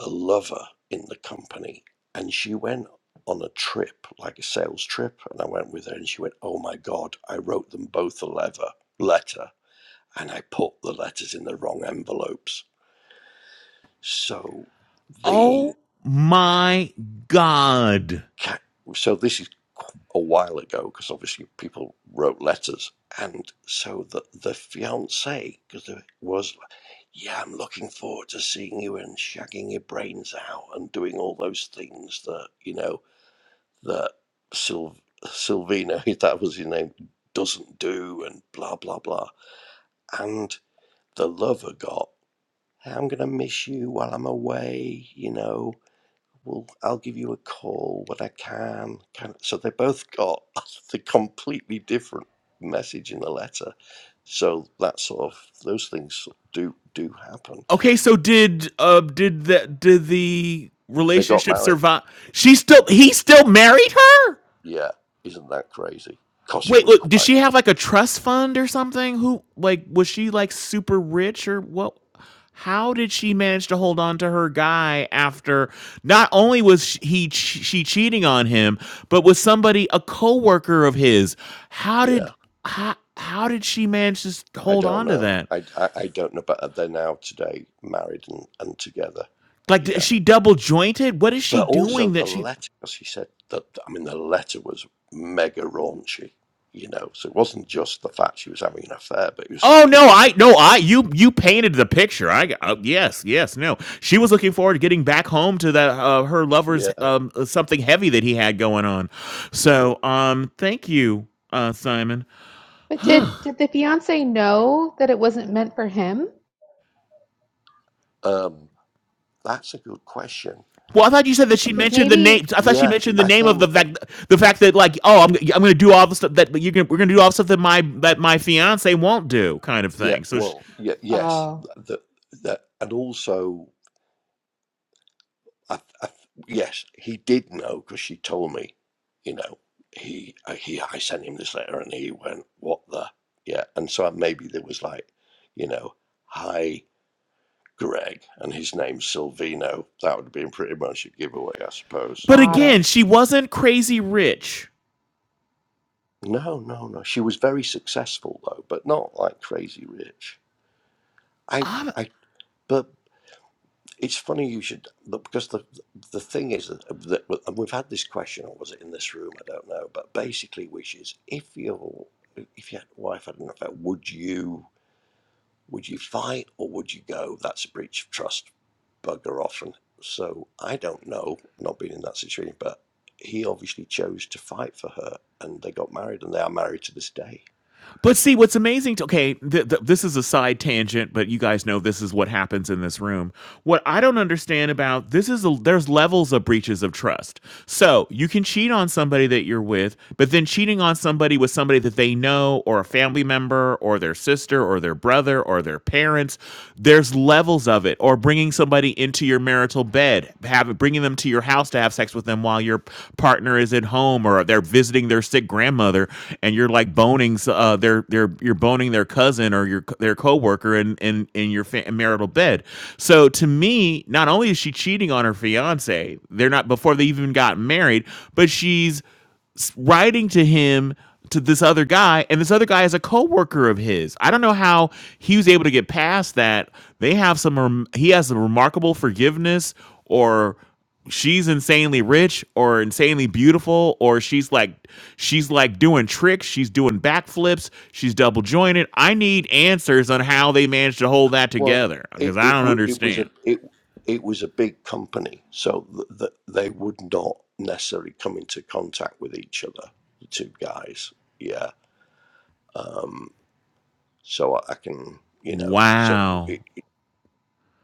a lover in the company and she went on a trip like a sales trip and i went with her and she went oh my god i wrote them both a lever, letter and i put the letters in the wrong envelopes so the
Oh my God.
so this is a while ago because obviously people wrote letters and so the the fiance because it was like, yeah i'm looking forward to seeing you and shagging your brains out and doing all those things that you know that Syl- Sylvina, that was his name, doesn't do and blah, blah, blah. And the lover got, hey, I'm going to miss you while I'm away, you know. Well, I'll give you a call when I can. can. So they both got the completely different message in the letter. So that sort of, those things do do happen.
Okay, so did uh did the did the
They got
relationship
married.
survive? She still he still married her?
Yeah. Isn't that crazy? Because it
Wait,
was
look, did
quite,
she have like a trust fund or something? Who like was she like super rich or what? How did she manage to hold on to her guy after not only was sh- he ch- she cheating on him, but was somebody a coworker of his? How
yeah.
did how, how did she manage to s-
I
hold
don't
on to
know.
that?
I, I, I don't know, but uh, they're now today married and, and together.
Like, d- is
Yeah.
she double jointed? What is she
But also
doing that
the
she?
letter, as he said, that I mean, the letter was mega raunchy, you know. So it wasn't just the fact she was having an affair, but it was,
Oh no, I no, I you you painted the picture. I uh, yes, yes, no. She was looking forward to getting back home to the uh, her lover's
yeah,
um uh, something heavy that he had going on.
yeah.
So, um thank you, uh Simon.
But did, did the fiance know that it wasn't meant for him?
Um, that's a good question.
Well, I thought you said that she
Because
mentioned the name.
maybe,
I thought she
Yeah,
mentioned the
I
name of the
think,
fact the fact that like, oh, I'm I'm going to do all the stuff that you are we're going to do all the stuff that my that my fiance won't do kind of
yeah,
thing. So, sh
well, yeah, yes,
oh,
that, that, and also. I, I, yes, he did know because she told me. You know, he uh, he I sent him this letter and he went, "What the?" Yeah, and so maybe there was like, you know, hi Greg, and his name's Silvino. That would have been pretty much a giveaway, I suppose.
but
got
Yeah.
it.
again, she wasn't crazy rich.
No, no, no. She was very successful though, but not like crazy rich. I
I
I but It's funny you should look because the the thing is that, that and we've had this question or was it in this room I don't know but basically which is if your if your wife had an affair would you would you fight or would you go that's a breach of trust bugger off and so I don't know not being in that situation but he obviously chose to fight for her and they got married and they are married to this day
But see, what's amazing? To, okay, th- th- this is a side tangent, but you guys know this is what happens in this room. What I don't understand about this is a, there's levels of breaches of trust. So you can cheat on somebody that you're with, but then cheating on somebody with somebody that they know, or a family member, or their sister, or their brother, or their parents, there's levels of it. Or bringing somebody into your marital marital bed, have bringing them to your house to have sex with them while your partner is at home or they're visiting their sick grandmother, and you're like boning uh, their their you're boning their cousin or your their coworker in in in your fa- marital bed. So to me, not only is she cheating on her fiance, they're not before they even got married, but she's s- writing to him to this other guy and this other guy is a coworker of his i don't know how he was able to get past that they have some rem- he has a remarkable forgiveness or she's insanely rich or insanely beautiful or she's like she's like doing tricks she's doing backflips she's double jointed i need answers on how they managed to hold that
Well,
together because
it
i
it,
don't
wa- it was
understand
a it it was a big company, so th- th- they would not necessarily come into contact with each other, the two guys. Yeah. Um, so I, I can, you know, so
wow
it, it-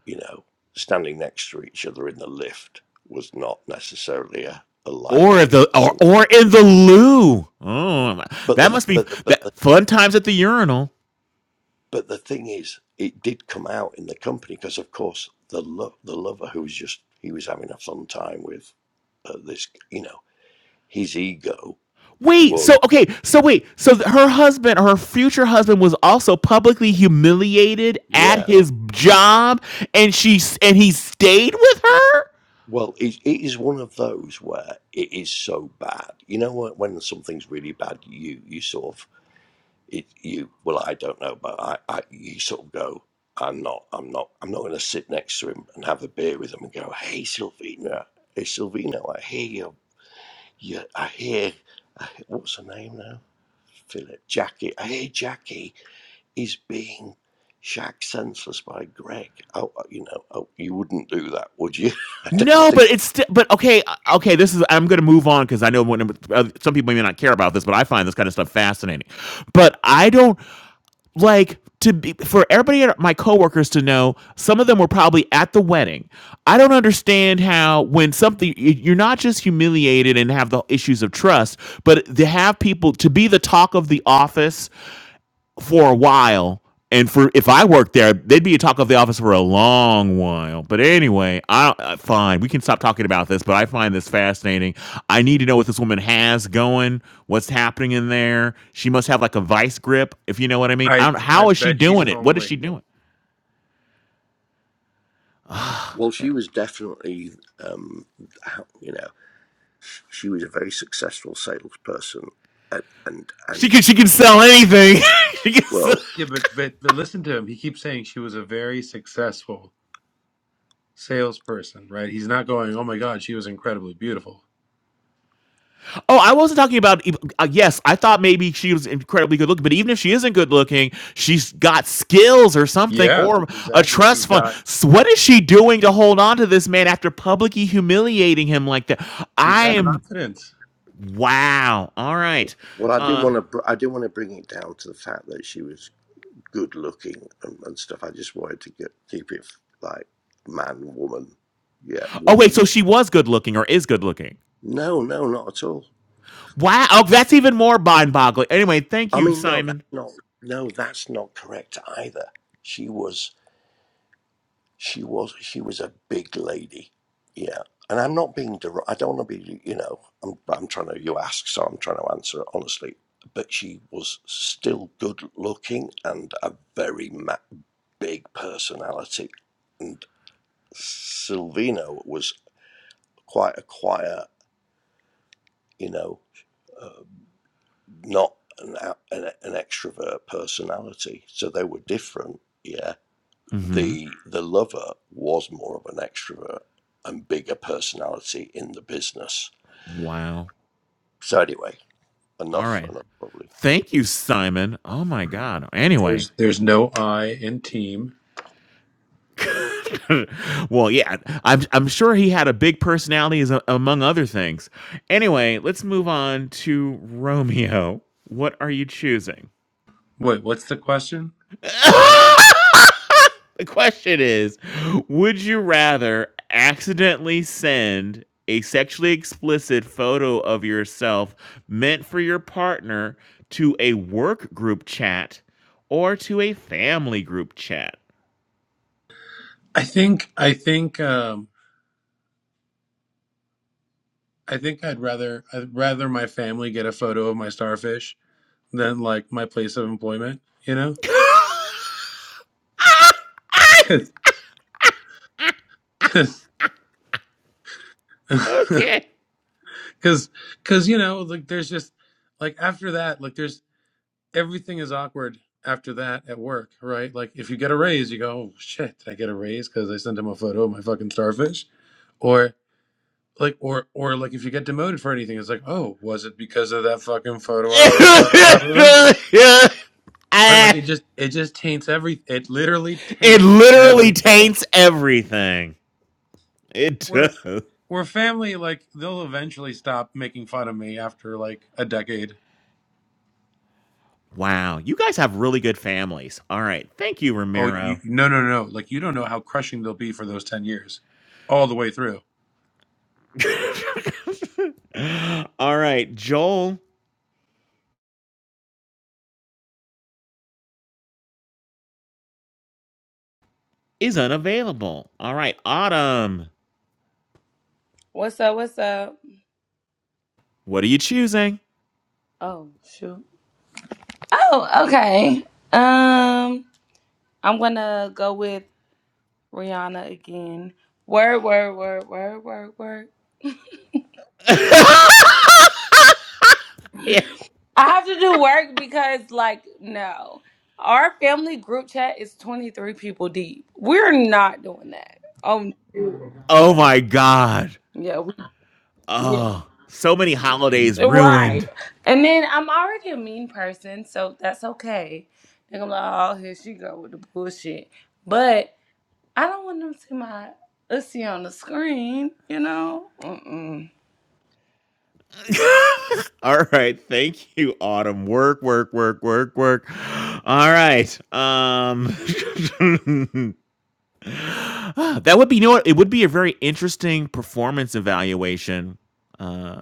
you know, standing next to each other in the lift was not necessarily a, a
Or if
likely
the or
scenario.
or in the loo. Oh,
But
that
the
must be
but the but
that fun times at the urinal.
But the thing is, it did come out in the company because, of course, the lo- the lover who was just he was having a fun time with uh, this, you know, his ego
Wait,
was
so okay, so wait, so her husband, her future husband, was also publicly humiliated at
yeah.
his job, and she and he stayed with her.
Well, it, it is one of those where it is so bad. You know, when, when something's really bad, you you sort of it you well, I don't know, but I, I you sort of go. I'm not. I'm not. I'm not going to sit next to him and have a beer with him and go, "Hey, Sylvina, hey, Sylvina, I hear you Yeah, I hear, I hear- what's her name now? Philip. Jackie. I hear Jackie is being shagged senseless by Greg. Oh, uh, you know, oh, you wouldn't do that, would you? I don't
No, but
think.
it's st- but okay, uh, okay. This is I'm gonna move on because I know what, uh, some people may not care about this, but I find this kind of stuff fascinating. But I don't. like to be for everybody my coworkers to know some of them were probably at the wedding i don't understand how when something you're not just humiliated and have the issues of trust but to have people to be the talk of the office for a while. And for if I worked there, they'd be a talk of the office for a long while. But anyway, I uh, fine. We can stop talking about this, but I find this fascinating. I need to know what this woman has going, what's happening in there. She must have like a vice grip, if you know what I mean. I
I
don't,
I
how is she
bet she's
doing it? What is she
homely.
doing?
Well, she was definitely, um, how- you know, she was a very successful salesperson, and and,
She
and
can she can sell anything. she can sell,
well,
Yeah, but, but but listen to him. He keeps saying she was a very successful salesperson, right? He's not going, "Oh my god, she was incredibly beautiful."
Oh, I wasn't talking about. e, Uh, yes, I thought maybe she was incredibly good looking, but even if she isn't good looking, she's got skills or something,
Yeah,
or a
exactly. She's
trust fund.
got
So what is she doing to hold on to this man after publicly humiliating him like that?
she's
I
got
am.
confidence.
Wow. All right.
well, I didn't
Uh,
want to, br- I didn't want to bring it down to the fact that she was good looking and, and stuff. I just wanted to get, keep it like man, woman, yeah,
oh wait,
woman
so she was good looking or is good looking?
No, no, not at all.
Wow. Oh, that's even more mind boggling. Anyway, thank
I
you,
mean, no, that's
Simon.
not. No, that's not correct either. She was, she was, she was a big lady. Yeah, and I'm not being. Der- I don't want to be. You know, I'm. I'm trying to. You ask, so I'm trying to answer it honestly. But she was still good looking and a very ma- big personality. And Silvino was quite a quiet, you know. uh, not an, an, an extrovert personality. So they were different. Yeah.
Mm-hmm.
The, the lover was more of an extrovert and bigger personality in the business.
Wow.
So anyway,
All
enough,
right.
enough probably.
Thank you, Simon. Oh my God. Anyway.
There's there's no I in team.
well, yeah, I'm I'm sure he had a big personality as a, among other things. Anyway, let's move on to Romeo. What are you choosing?
Wait, what's the question?
the question is, would you rather accidentally send a sexually explicit photo of yourself meant for your partner to a work group chat or to a family group chat?
I think I think um I think I'd rather I'd rather my family get a photo of my starfish than like my place of employment, you know? Cuz
okay.
because because you know like there's just like after that like there's everything is awkward after that at work right like if you get a raise you go oh, shit did i get a raise because i sent him a photo of my fucking starfish or like or or like if you get demoted for anything it's like oh was it because of that fucking photo i sent Him, blah, blah, blah, blah, blah.
it
right like it just it just taints every it literally taints
literally
everything
taints everything. It
we're
does.
we're family like they'll eventually stop making fun of me after like a decade
Wow, you guys have really good families. All right, thank you,
Oh, you,
Ramiro.
no, no, no. Like, you don't know how crushing they'll be for those 10 years, all the way through.
All right, Joel is unavailable. All right, Autumn,
What's up? What's up?
what are you choosing?
Oh, shoot. Oh, okay. Um, I'm gonna go with Rihanna again. Word, word, word, word, word, word.
yeah.
I have to do work because, like, no. Our family group chat is 23 people deep. We're not doing that. Oh,
Oh my God.
yeah. We, yeah.
Oh, so many holidays
Right.
ruined.
And then I'm already a mean person, so that's okay. And I'm like, oh, here she go with the bullshit. But I don't want them to see my ussy on the screen, you know? Mm-mm.
All right. Thank you, Autumn. Work, work, work, work, work. All right. Um that would be you know what? It would be a very interesting performance evaluation uh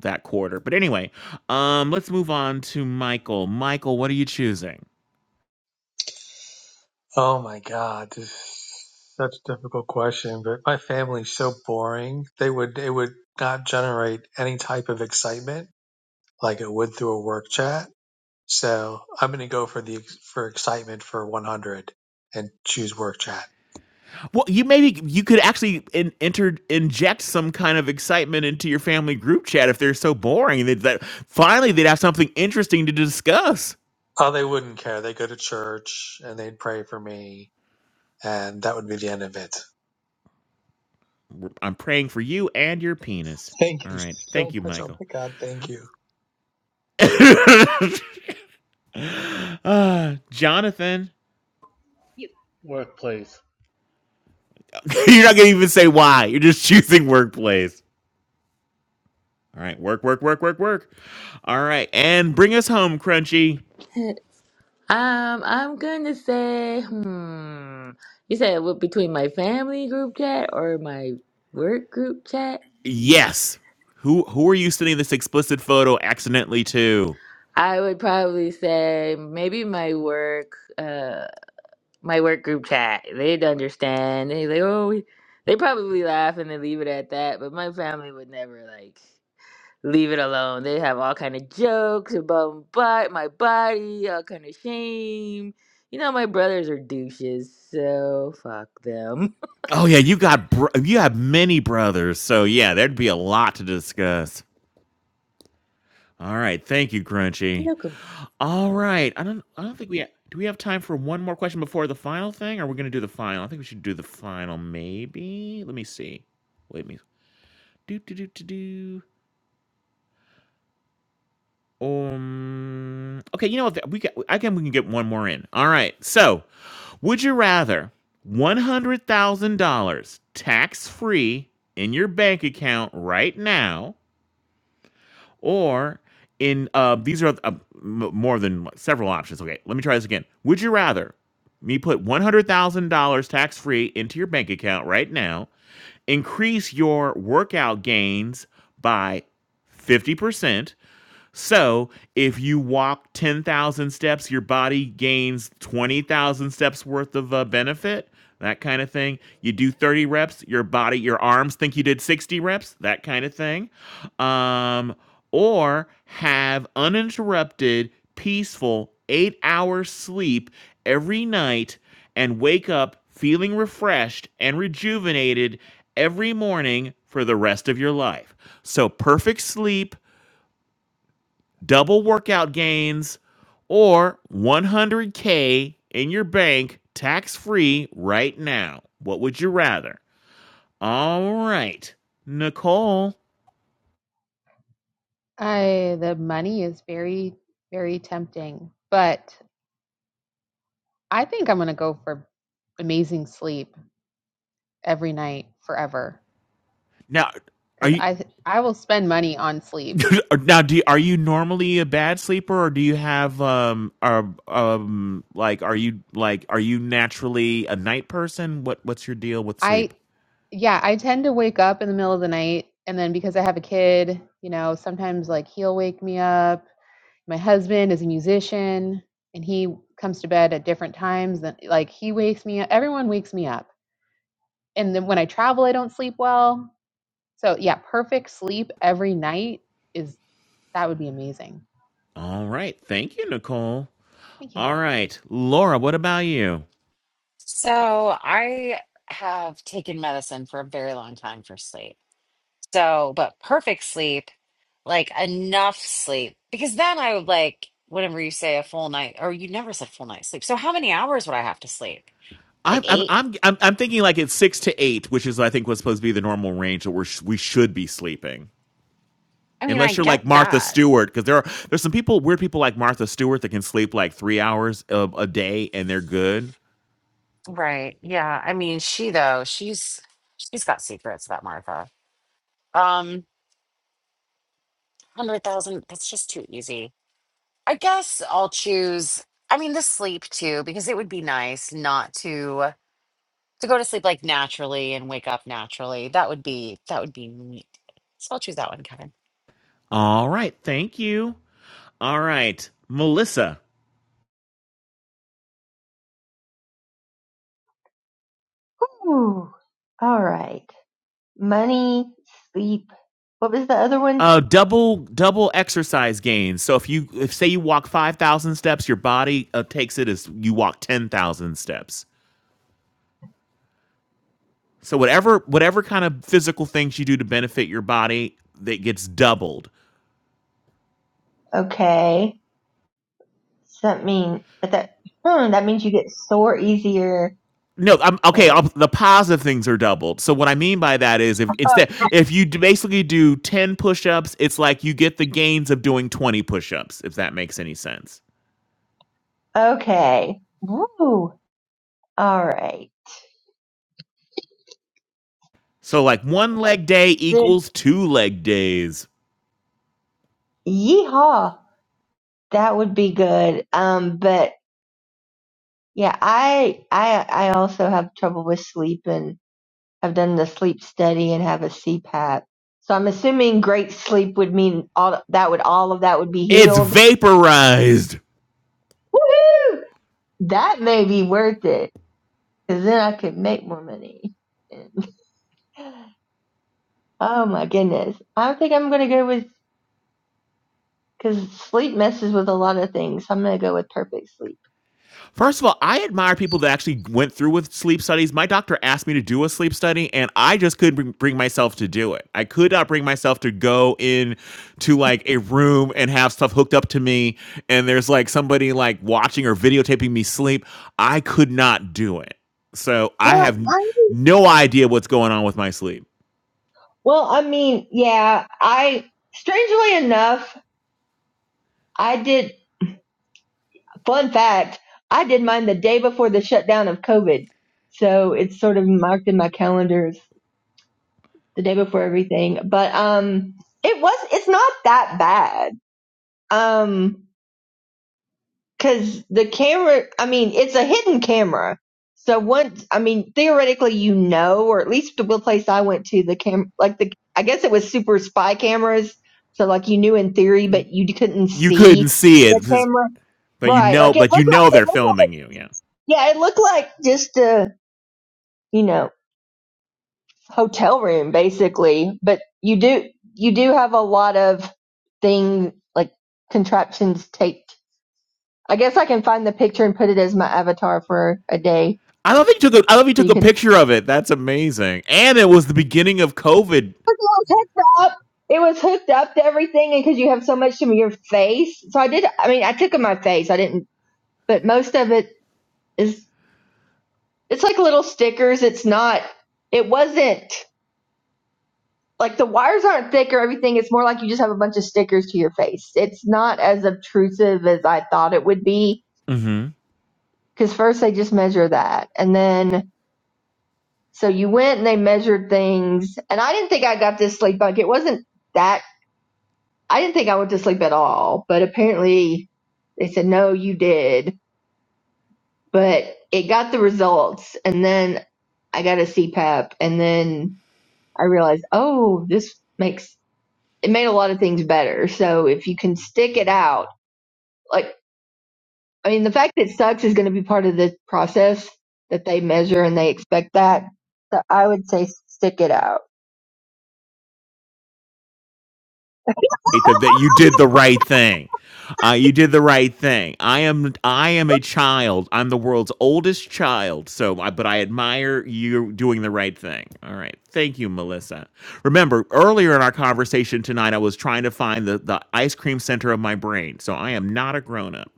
that quarter. But anyway, um let's move on to Michael. Michael, what are you choosing?
Oh my God, this is such a difficult question, but my family's so boring. They would it would not generate any type of excitement like it would through a work chat. So I'm going to go for the for excitement for 100 and choose work chat.
Well, you maybe you could actually in, enter inject some kind of excitement into your family group chat if they're so boring that, that finally they'd have something interesting to discuss.
Oh, they wouldn't care. They go to church and they'd pray for me, and that would be the end of it.
We're- I'm praying for you and your penis.
Thank
All
you
right. Thank
so
you,
much. Oh
Michael.
my God, thank you.
uh, Jonathan,
You Workplace.
you're not going to even say why. You're just choosing workplace. All right. Work, work, work, work, work. All right. And bring us home, Crunchy.
Um, I'm gonna say, hmm. You said what between my family group chat or my work group chat?
Yes. Who who are you sending this explicit photo accidentally to?
I would probably say maybe my work, uh, my work group chat. They'd understand. They like, oh, we, they probably laugh and they leave it at that. But my family would never like leave it alone. They have all kind of jokes about but my body, all kind of shame. You know, my brothers are douches, so fuck them.
Oh yeah, you got br- you have many brothers, so yeah, there'd be a lot to discuss. All right, thank you, Crunchy.
Welcome.
All right. I don't I don't think we ha- do we have time for one more question before the final thing? Or we are going to do the final? I think we should do the final maybe. Let me see. Wait me. Do do do do do. Um Okay, you know what? We got I can we can get one more in. All right. So, would you rather $100,000 tax-free in your bank account right now Or in uh, these are uh, m- more than like, several options. Okay, let me try this again. Would you rather me put one hundred thousand dollars tax free into your bank account right now, increase your workout gains by fifty percent, so if you walk 10,000 steps, your body gains 20,000 steps worth of uh, benefit, that kind of thing. You do 30 reps, your body, your arms think you did 60 reps, that kind of thing. Um, or have uninterrupted, peaceful, eight hours sleep every night and wake up feeling refreshed and rejuvenated every morning for the rest of your life. So, perfect sleep double workout gains, or 100K in your bank tax free right now. What would you rather? All right, Nicole.
I the money is very, very tempting, but I think I'm gonna go for amazing sleep every night forever
Now, are
because
you.
I th- I will spend money on sleep.
Now, do you, are you normally a bad sleeper, or do you have um, are, um, like are you like are you naturally a night person? What what's your deal with
I
sleep?
yeah, I tend to wake up in the middle of the night and then because I have a kid, you know, sometimes like he'll wake me up. My husband is a musician and he comes to bed at different times than like he wakes me up. Everyone wakes me up. And then when I travel, I don't sleep well So yeah, perfect sleep every night is that would be amazing.
All right, thank you, Nicole.
Thank you.
All right, Laura, what about you?
So I have taken medicine for a very long time for sleep. So, but perfect sleep, like enough sleep, because then I would like, whenever you say a full night, or you never said full night sleep. So, how many hours would I have to sleep?
I,
Like
am
eight?
I'm I'm I'm thinking like it's six to eight, which is I think was supposed to be the normal range that we we should be sleeping,
I mean, I
unless you're
get
like Martha
that.
Stewart, because there are there's some people weird people like Martha Stewart that can sleep like three hours of a day and they're good.
Right. Yeah. I mean, she though, she's she's got secrets, that Martha. Um, hundred thousand, that's just too easy. I guess I'll choose, I mean, the sleep too, because it would be nice not to. to go to sleep like naturally and wake up naturally. That would be that would be neat. So I'll choose that one, Kevin.
All right, thank you. All right, Melissa.
Ooh. all right. Money, sleep. What was the other one?
Uh, double double exercise gains. So if you if say you walk five thousand steps, your body uh, takes it as you walk ten thousand steps. So whatever whatever kind of physical things you do to benefit your body, that gets doubled.
Okay. Does that mean that that, hmm, that means you get sore easier?
No, I'm okay. i
Wait.
the positive things are doubled. So what I mean by that is, if
Oh,
instead, if you d- basically do ten push-ups, it's like you get the gains of doing twenty push-ups. If that makes any sense.
okay. Woo. All right.
So like one leg day
Then,
equals two leg days.
yeehaw. That would be good. Um, but yeah, I I I also have trouble with sleep and have done the sleep study and have a CPAP. So I'm assuming great sleep would mean all that would all of that would be
It's
healed.
vaporized.
Woohoo! That may be worth it because then I could make more money. Oh my goodness. I think I'm going to go with, because sleep messes with a lot of things. I'm going to go with perfect sleep.
First of all, I admire people that actually went through with sleep studies. My doctor asked me to do a sleep study, and I just couldn't bring, bring myself to do it. I could not bring myself to go in to like a room and have stuff hooked up to me, and there's like somebody like watching or videotaping me sleep. I could not do it. So I
Well,
have n-
I
no idea what's going on with my sleep.
Well, I mean, yeah, I, strangely enough, I did, fun fact, I did mine the day before the shutdown of COVID. So it's sort of marked in my calendars the day before everything. But, um, it was, it's not that bad. Um, Because the camera, I mean, it's a hidden camera. So once, I mean, theoretically, you know, or at least the place I went to, the cam, like the, I guess it was super spy cameras. So like you knew in theory, but you couldn't
You couldn't
see
see it,
the
'cause-
camera.
but you
Right.
know,
Like it looked
but you
like,
know
it
they're
looked like,
filming you. Yeah.
yeah, it looked like just a, you know, hotel room basically. But you do, you do have a lot of things like contraptions taped. I guess I can find the picture and put it as my avatar for a day.
I love that you took a I love you
So
took
you
a
could,
picture of it. That's amazing. And it was the beginning of COVID
it was hooked up. It was hooked up to everything, and because you have so much from your face, so I did. I mean, I took in my face. I didn't, but most of it is. It's like little stickers. It's not. It wasn't like the wires aren't thick or everything. It's more like you just have a bunch of stickers to your face. It's not as obtrusive as I thought it would be.
Mm-hmm.
Because first they just measure that, and then so you went and they measured things. And I didn't think I got this sleep bug. It wasn't that I didn't think I went to sleep at all, but apparently they said, no, you did. But it got the results. And then I got a CPAP. And then I realized, oh, this makes it made a lot of things better. So if you can stick it out, like, I mean, the fact that it sucks is going to be part of the process that they measure and they expect that. So I would say stick it out.
that you did the right thing. Uh, you did the right thing. I am I am a child. I'm the world's oldest child. So, I- but I admire you doing the right thing. All right, thank you, Melissa. Remember earlier in our conversation tonight, I was trying to find the the ice cream center of my brain. So I am not a grown up.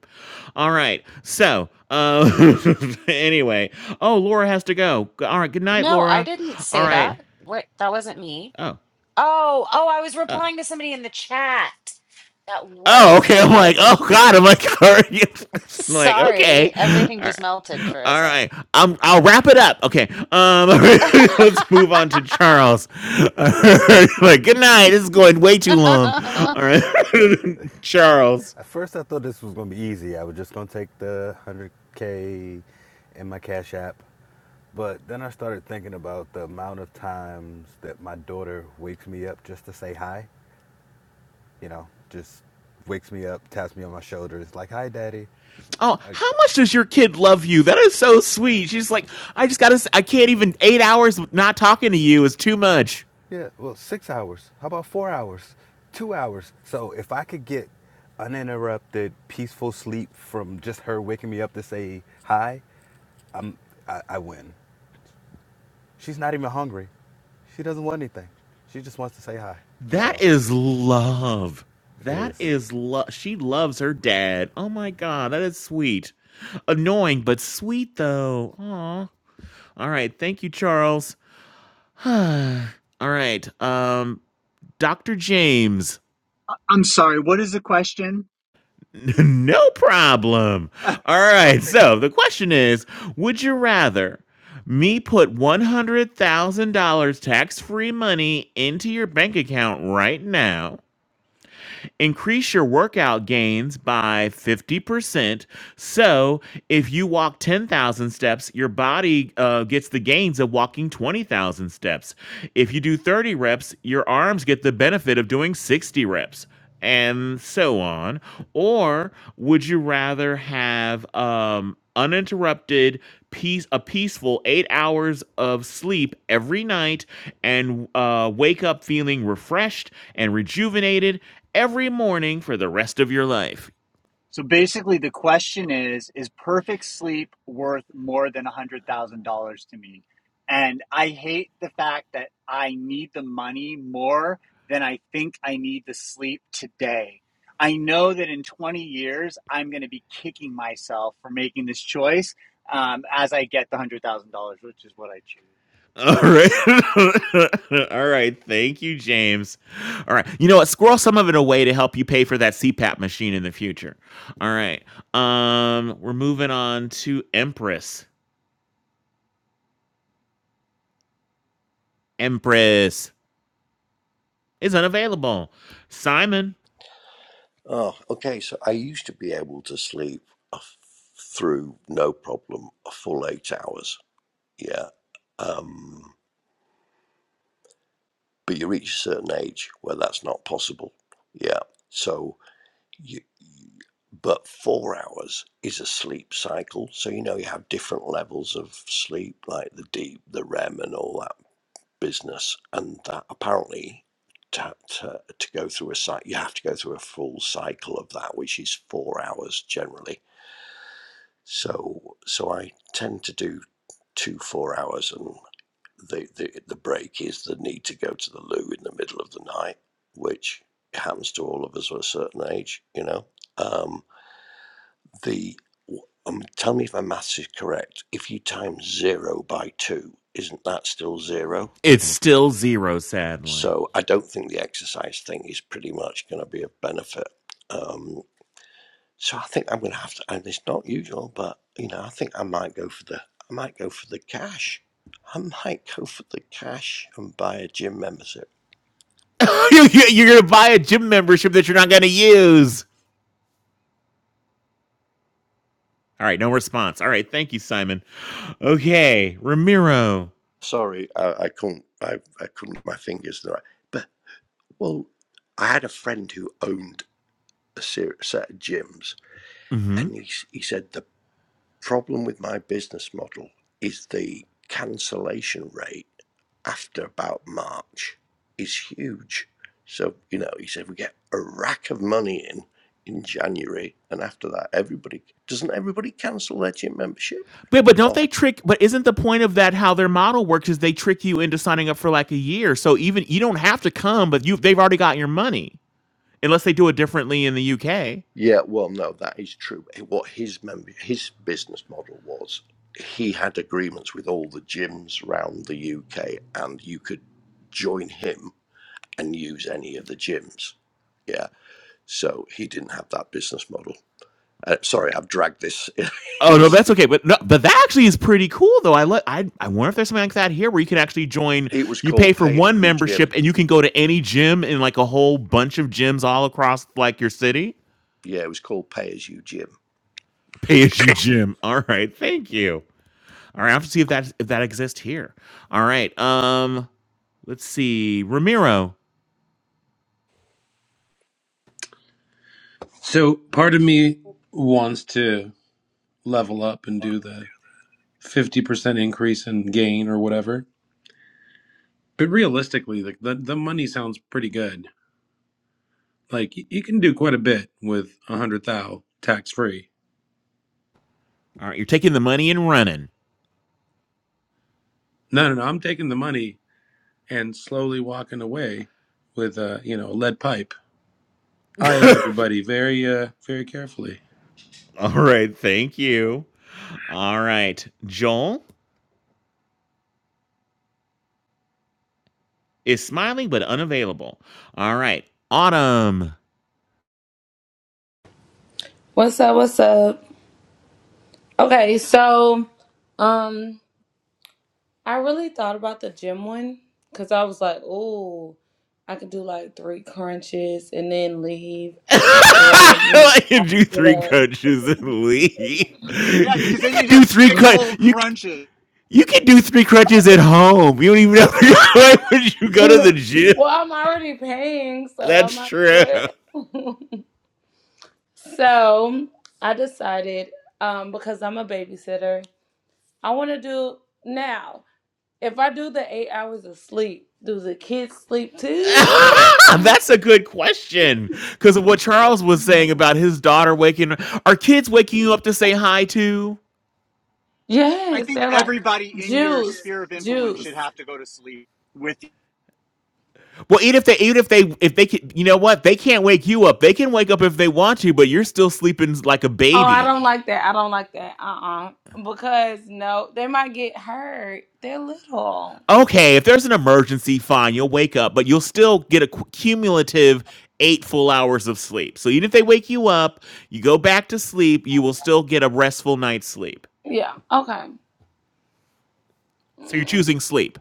All right. So, uh, anyway, oh, Laura has to go. All right. Good night,
No, I
Laura.
didn't
All
say
right.
that. What that wasn't me.
Oh.
Oh, oh, I was
uh,
replying to somebody in the chat. That
oh,
was
okay. I'm
me.
like, oh god. I'm like, all right. I'm like, okay.
Sorry, everything
All
just
right.
melted for a
All
sec.
right, I'm, I'll wrap it up. Okay, um, let's move on to Charles. Uh, like, good night. This is going way too long. All right, Charles.
At first, I thought this was going to be easy. I was just going to take the 100K in my Cash App. But then I started thinking about the amount of times that my daughter wakes me up just to say hi. You know, just wakes me up, taps me on my shoulder. It's like, hi, daddy.
Oh,
Like,
how much does your kid love you? That is so sweet. She's like, I just gotta. I I can't even. Eight hours not talking to you is too much.
yeah, well, six hours. How about four hours? Two hours. So if I could get uninterrupted, peaceful sleep from just her waking me up to say hi, I, I win. She's not even hungry. She doesn't want anything. She just wants to say hi.
That
So
is love.
it
That
is.
is love. She loves her dad. Oh my god, that is sweet. Annoying, but sweet though. Aw. All right, thank you, Charles. All right, um, Dr. James.
I- I'm sorry. What is the question?
no problem. All
sorry.
right, so the question is Would you rather me put $100,000 tax free money into your bank account right now? Increase your workout gains by 50%. So if you walk 10,000 steps, your body uh, gets the gains of walking 20,000 steps. If you do 30 reps, your arms get the benefit of doing 60 reps and so on? Or would you rather have um, uninterrupted peace a peaceful 8 hours of sleep every night and uh wake up feeling refreshed and rejuvenated every morning for the rest of your life.
So basically, the question is Is perfect sleep worth more than $100,000 to me? And I hate the fact that I need the money more than I think I need the sleep today. I know that in 20 years, I'm going to be kicking myself for making this choice um, as I get the $100,000, which is what I choose.
All right. All right. Thank you, James. All right. You know what? Squirrel some of it away to help you pay for that CPAP machine in the future. All right. Um, we're moving on to Empress. Empress is unavailable. Simon,
Oh, okay. So I used to be able to sleep a f- through no problem a full eight hours. Yeah. Um, but you reach a certain age where that's not possible. Yeah. So You, but four hours is a sleep cycle. So you know you have different levels of sleep, like the deep, the REM, and all that business. And that apparently, to, to, to go through a cycle, you have to go through a full cycle of that, which is four hours generally. So, so I tend to do two four hours, and the, the the break is the need to go to the loo in the middle of the night, which happens to all of us at a certain age, you know. Um, the um, tell me if my maths is correct. If you times zero by two, isn't that still zero?
it's still zero, sadly.
So I don't think the exercise thing is pretty much going to be of benefit. Um, so I think I'm going to have to, and it's not usual, but you know, I think I might go for the, I might go for the cash. I might go for the cash and buy a gym membership.
you're going to buy a gym membership that you're not going to use. All right, no response. All right, thank you, Simon. Okay, Ramiro.
Sorry, I, I couldn't, I, I couldn't, my fingers, the right. But well, I had a friend who owned a ser- set of gyms
Mm-hmm.
And he, he said, The problem with my business model is the cancellation rate after about March is huge. So, you know, he said, We get a rack of money in in January. And after that, everybody doesn't everybody cancel their gym membership?
But but don't
Oh,
they trick? But isn't the point of that how their model works is they trick you into signing up for like a year? So even you don't have to come, but you they've already got your money unless they do it differently in the UK.
yeah, well, no, that is true. What his member, his business model was, he had agreements with all the gyms around the UK, and you could join him and use any of the gyms. Yeah. So he didn't have that business model. Uh, sorry, I've dragged this.
Oh
In
no, that's
a,
okay. But no, but that actually is pretty cool though. I let I I wonder if there's something like that here where you can actually join.
it was
You pay
called
for
Pay As
one
You Gym.
membership and you can go to any gym in like a whole bunch of gyms all across like your city.
Yeah, it was called Pay As You Gym.
Pay as you gym. All right, thank you. All right, I have to see if that if that exists here. All right, um, let's see, Ramiro.
So, part of me wants to level up and do the 50% increase in gain or whatever. But realistically, like the, the money sounds pretty good. Like, y- you can do quite a bit with a 100 thou tax free.
All right, you're taking the money and running.
No, no, no. I'm taking the money and slowly walking away with a, you know, a lead pipe, eyeing everybody very, uh, very carefully.
All right, thank you. All right, Joel is smiling but unavailable. All right, Autumn.
What's up? What's up? Okay, so, um, I really thought about the gym one because I was like, oh, I could do like three crunches and then leave, or you know,
I can do three
uh,
crunches and leave.
Yeah,
You
because then
can
you'd
do
have
three
six
crunch.
whole
You
crunches.
you can do three crunches at home. You don't even know why would you go
you
to the
know.
gym.
Well, I'm already paying, so I
That's
might
true.
as well. so I decided, um, because I'm a babysitter, I want to do now. If I do the eight hours of sleep, do the kids sleep too, or?
That's a good question because of what Charles was saying about his daughter waking. Are kids waking you up to say hi to?
I
Yes,
think
they're like
everybody in your
juice,
sphere of influence
juice.
should have to go to sleep with
Well, even if they, even if they, if they can, you know what? They can't wake you up. They can wake up if they want to, but you're still sleeping like a
Oh, I
baby.
don't like that. I don't like that. Uh uh Because no, they might get hurt. They're little.
Okay, if there's an emergency, fine, you'll wake up, but you'll still get a cu- cumulative eight full hours of sleep. So even if they wake you up, you go back to sleep, you will still get a restful night's sleep.
Yeah. Okay.
So you're
Mm,
choosing sleep.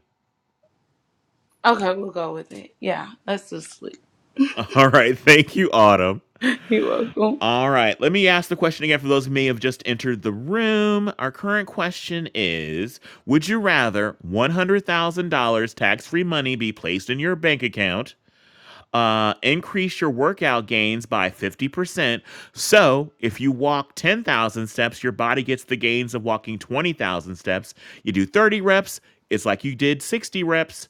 Okay, we'll go with it. Yeah. Let's just sleep.
All right, thank you, Autumn.
You're welcome.
All right, let me ask the question again for those who may have just entered the room. Our current question is Would you rather $100,000 tax free money be placed in your bank account Uh, increase your workout gains by 50%. So if you walk 10,000 steps, your body gets the gains of walking 20,000 steps. You do 30 reps, it's like you did 60 reps.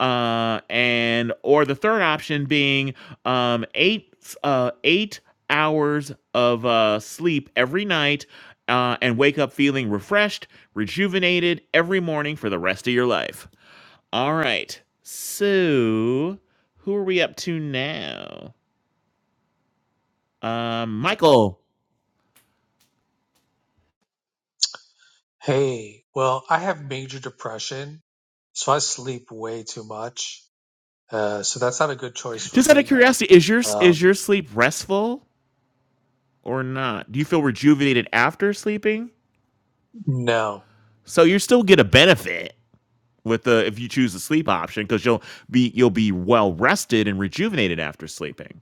Uh, and or the third option being um, eight uh, eight hours of uh, sleep every night uh, and wake up feeling refreshed, rejuvenated every morning for the rest of your life. All right. So, who are we up to now? Um, Michael.
Hey, well, I have major depression, so I sleep way too much. Uh, so that's not a good choice for
Just out of
me.
curiosity, is your is
Um,
your sleep restful or not? Do you feel rejuvenated after sleeping?
no,
So you still get a benefit with the if you choose the sleep option because you'll be you'll be well rested and rejuvenated after sleeping.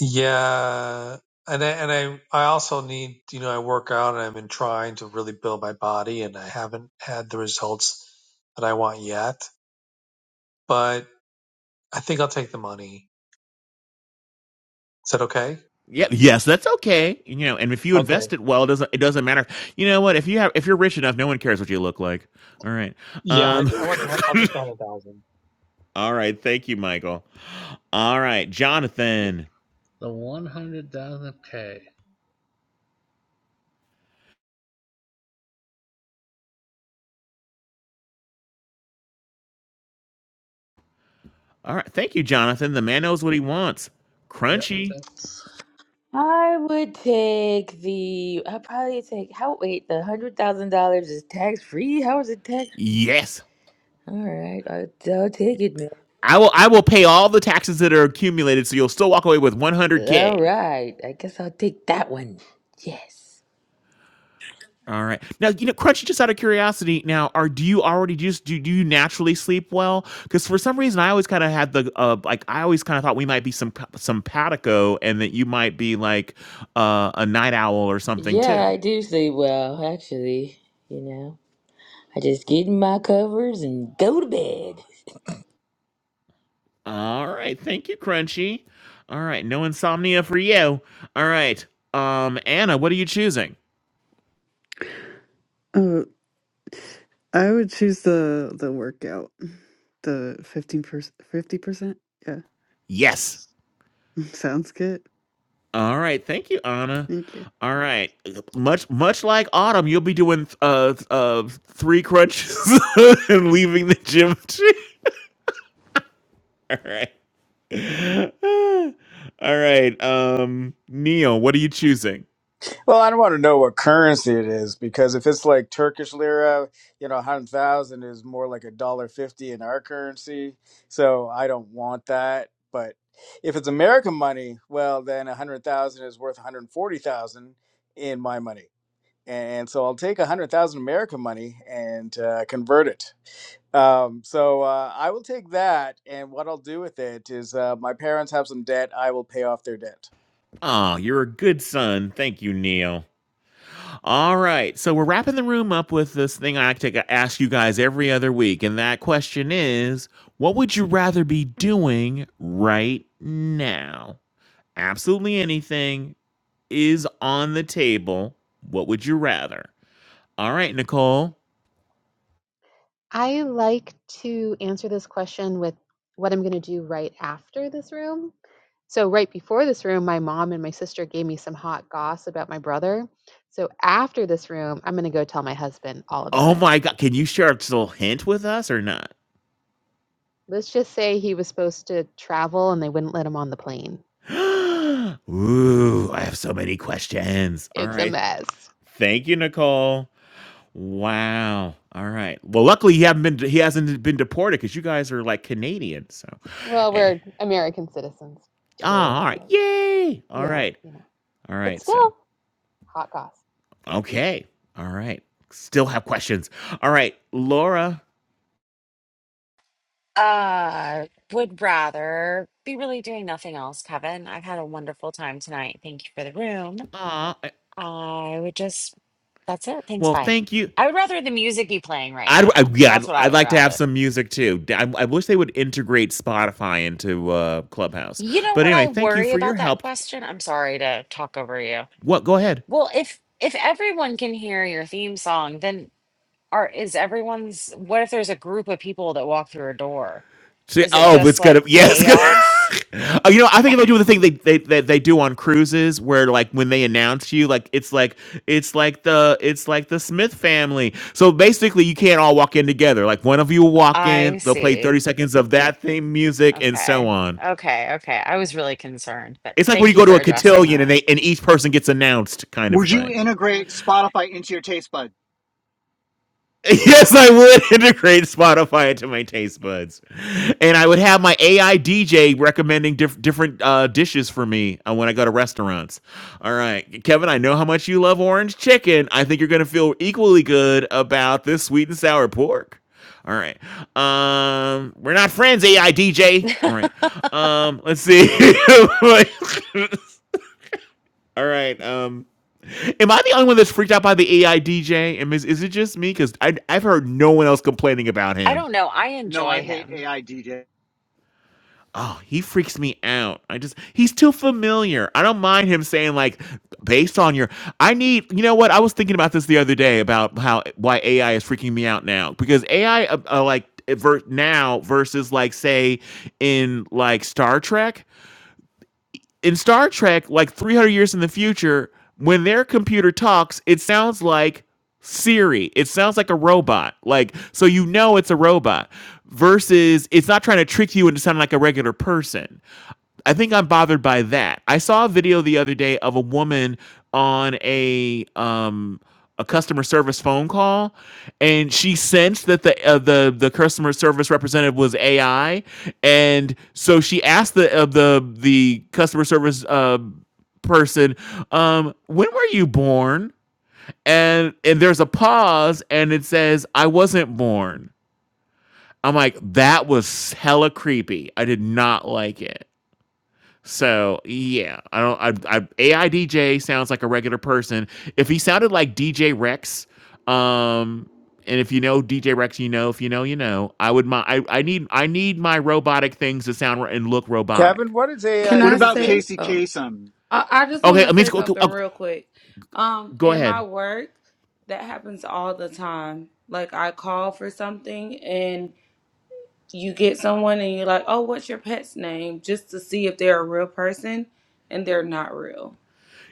Yeah, and I, and I I also need you know I work out and I've been trying to really build my body and I haven't had the results that I want yet. But I think I'll take the money. Is that okay?
Yeah, yes, that's okay. You know, and if you
Okay.
invest it well, it doesn't it doesn't matter. You know what? If you have if you're rich enough, no one cares what you look like. All right.
Yeah, I,
Um
I want. The, I'll take the hundred thousand.
All right. Thank you, Michael. All right,
you
Jonathan.
The 100,000K.
All right. Thank you, Jonathan. The man
you
knows what he wants.
Yep.
Crunchy.
That's
I would take the. I'd probably take. How? Wait, the hundred thousand dollars is tax free. How is it tax?
Yes.
All right, I'll, I'll take it, man.
I will I will pay all the taxes that are accumulated so you'll still walk away with 100k.
All right, I guess I'll take that one. Yes.
All right. Now, you know, Crunchy, just out of curiosity, now, are do you already just do, do you naturally sleep well? Because for some reason, I always kind of had the uh, like I always kind of thought we might be some some patico and that you might be like uh, a night owl or something too.
Yeah, I do sleep well, actually. You know, I just get in my covers and go to bed.
All right. Thank you, Crunchy. All right. No insomnia for you. All right. Um, Anna, what are you choosing?
Oh, I would choose the the workout. The 15%, 50%. Yeah,
Yes.
sounds good.
All right. Thank you, Anna.
Thank you.
All right. Much much like Autumn, you'll be doing uh uh three crunches and leaving the gym. All right. All right. Um, Neil, what are you choosing?
Well, I don't want to know what currency it is because if it's like Turkish lira, you know, a hundred thousand is more like a dollar fifty in our currency. So I don't want that. But if it's American money, well, then a hundred thousand is worth one hundred forty thousand in my money, and so I'll take a hundred thousand American money and uh, convert it. Um, so uh, I will take that, and what I'll do with it is, uh, my parents have some debt. I will pay off their debt.
Oh, you're a good son. Thank you, Neil. All right. So we're wrapping the room up with this thing I like to ask you guys every other week. And that question is what would you rather be doing right now? Absolutely anything is on the table. What would you rather? All right, Nicole.
I like to answer this question with what I'm going to do right after this room. So right before this room, my mom and my sister gave me some hot goss about my brother. So after this room, I'm going to go tell my husband all about
Oh
it.
my God. Can you share a little hint with us or not?
Let's just say he was supposed to travel and they wouldn't let him on the plane.
Ooh, I have so many questions. All
It's a
right.
mess.
Thank you, Nicole. Wow. All right. Well, luckily he haven't been he hasn't been deported because you guys are like Canadian. So,
Well,
Eh,
we're American citizens
ah,
too,
all right.
but
Yay. All
yeah,
right.
you know.
All
But
right. So,
still, hot goss.
okay. All right. Still have questions. All right, Laura.
uh would rather be really doing nothing else, Kevin. I've had a wonderful time tonight. Thank you for the room.
Ah. I-
I would just, that's it. Things
Well,
fine.
thank you.
I would rather the music be playing right
I'd, I,
now.
yeah, I'd,
That's what I
I'd
would
like to have
rather.
some music too. D- I, I wish they would integrate Spotify into uh, Clubhouse.
You know
But
what
anyway,
I
thank you
worry
for your
about that
help.
question? I'm sorry to talk over you.
What? Go ahead.
Well, if if everyone can hear your theme song, then are is everyone's what if there's a group of people that walk through a door?
See,
Is it
oh, it's
just
gonna
like
yeah, it's gonna.
chaos?
Oh, you know, I think they'll do the thing they, they they they do on cruises, where like when they announce you, like it's like it's like the it's like the Smith family. So basically, you can't all walk in together. Like one of you will walk
I
in, they'll play thirty
see.
seconds of that theme music, and so
Okay.
on.
Okay. Okay. I was really concerned, but
It's like when you
thank you
go to
for
a
addressing
cotillion and
that.
they and each person gets announced, kind of
Would you
thing.
integrate Spotify into your taste bud?
Yes, I would integrate Spotify into my taste buds, and I would have my AI DJ recommending diff- different uh, dishes for me uh, when I go to restaurants. All right, Kevin, I know how much you love orange chicken. I think you're going to feel equally good about this sweet and sour pork. All right, um, we're not friends, AI DJ.
Okay.
All right, um, let's see. All right, um, Am I the only one that's freaked out by the AI DJ? And is, is it just me? Because I've heard no one else complaining about
I
him.
don't know. I
No, I
enjoy
hate
him.
AI DJ.
Oh, he freaks me out. I just, he's too familiar. I don't mind him saying, like, based on your, I need, you know what? I was thinking about this the other day about how, why AI is freaking me out now. Because AI, uh, uh, like, eh, ver- now versus, like, say, in, like, Star Trek, in Star Trek, like 300 years in the future, when their computer talks, it sounds like Siri. It sounds like a robot. Like, so you know it's a robot versus it's not trying to trick you into sounding like a regular person. I think I'm bothered by that. I saw a video the other day of a woman on a um a customer service phone call, and she sensed that the uh, the the customer service representative was AI, and so she asked the uh, the the customer service uh, person, um, "When were you born?" And and there's a pause, and it says, "I wasn't born." I'm like, that was hella creepy. I did not like it. So yeah, I don't. I, I A I D J sounds like a regular person. If he sounded like DJ Rex, um, and if you know DJ Rex, you know. If you know, you know. I would my. I, I need I need my robotic things to sound ro- and look
Kevin,
robotic.
what is
Can
What
AIDJ?
I
about
say?
Casey
Oh,
Kasem?
I, I just want
Okay,
to
I mean,
say
go, go,
something
oh,
real quick. Um,
go
in
ahead.
my work, that happens all the time. Like I call for something and you get someone and you're like, "Oh, what's your pet's name?" Just to see if they're a real person, and they're not real.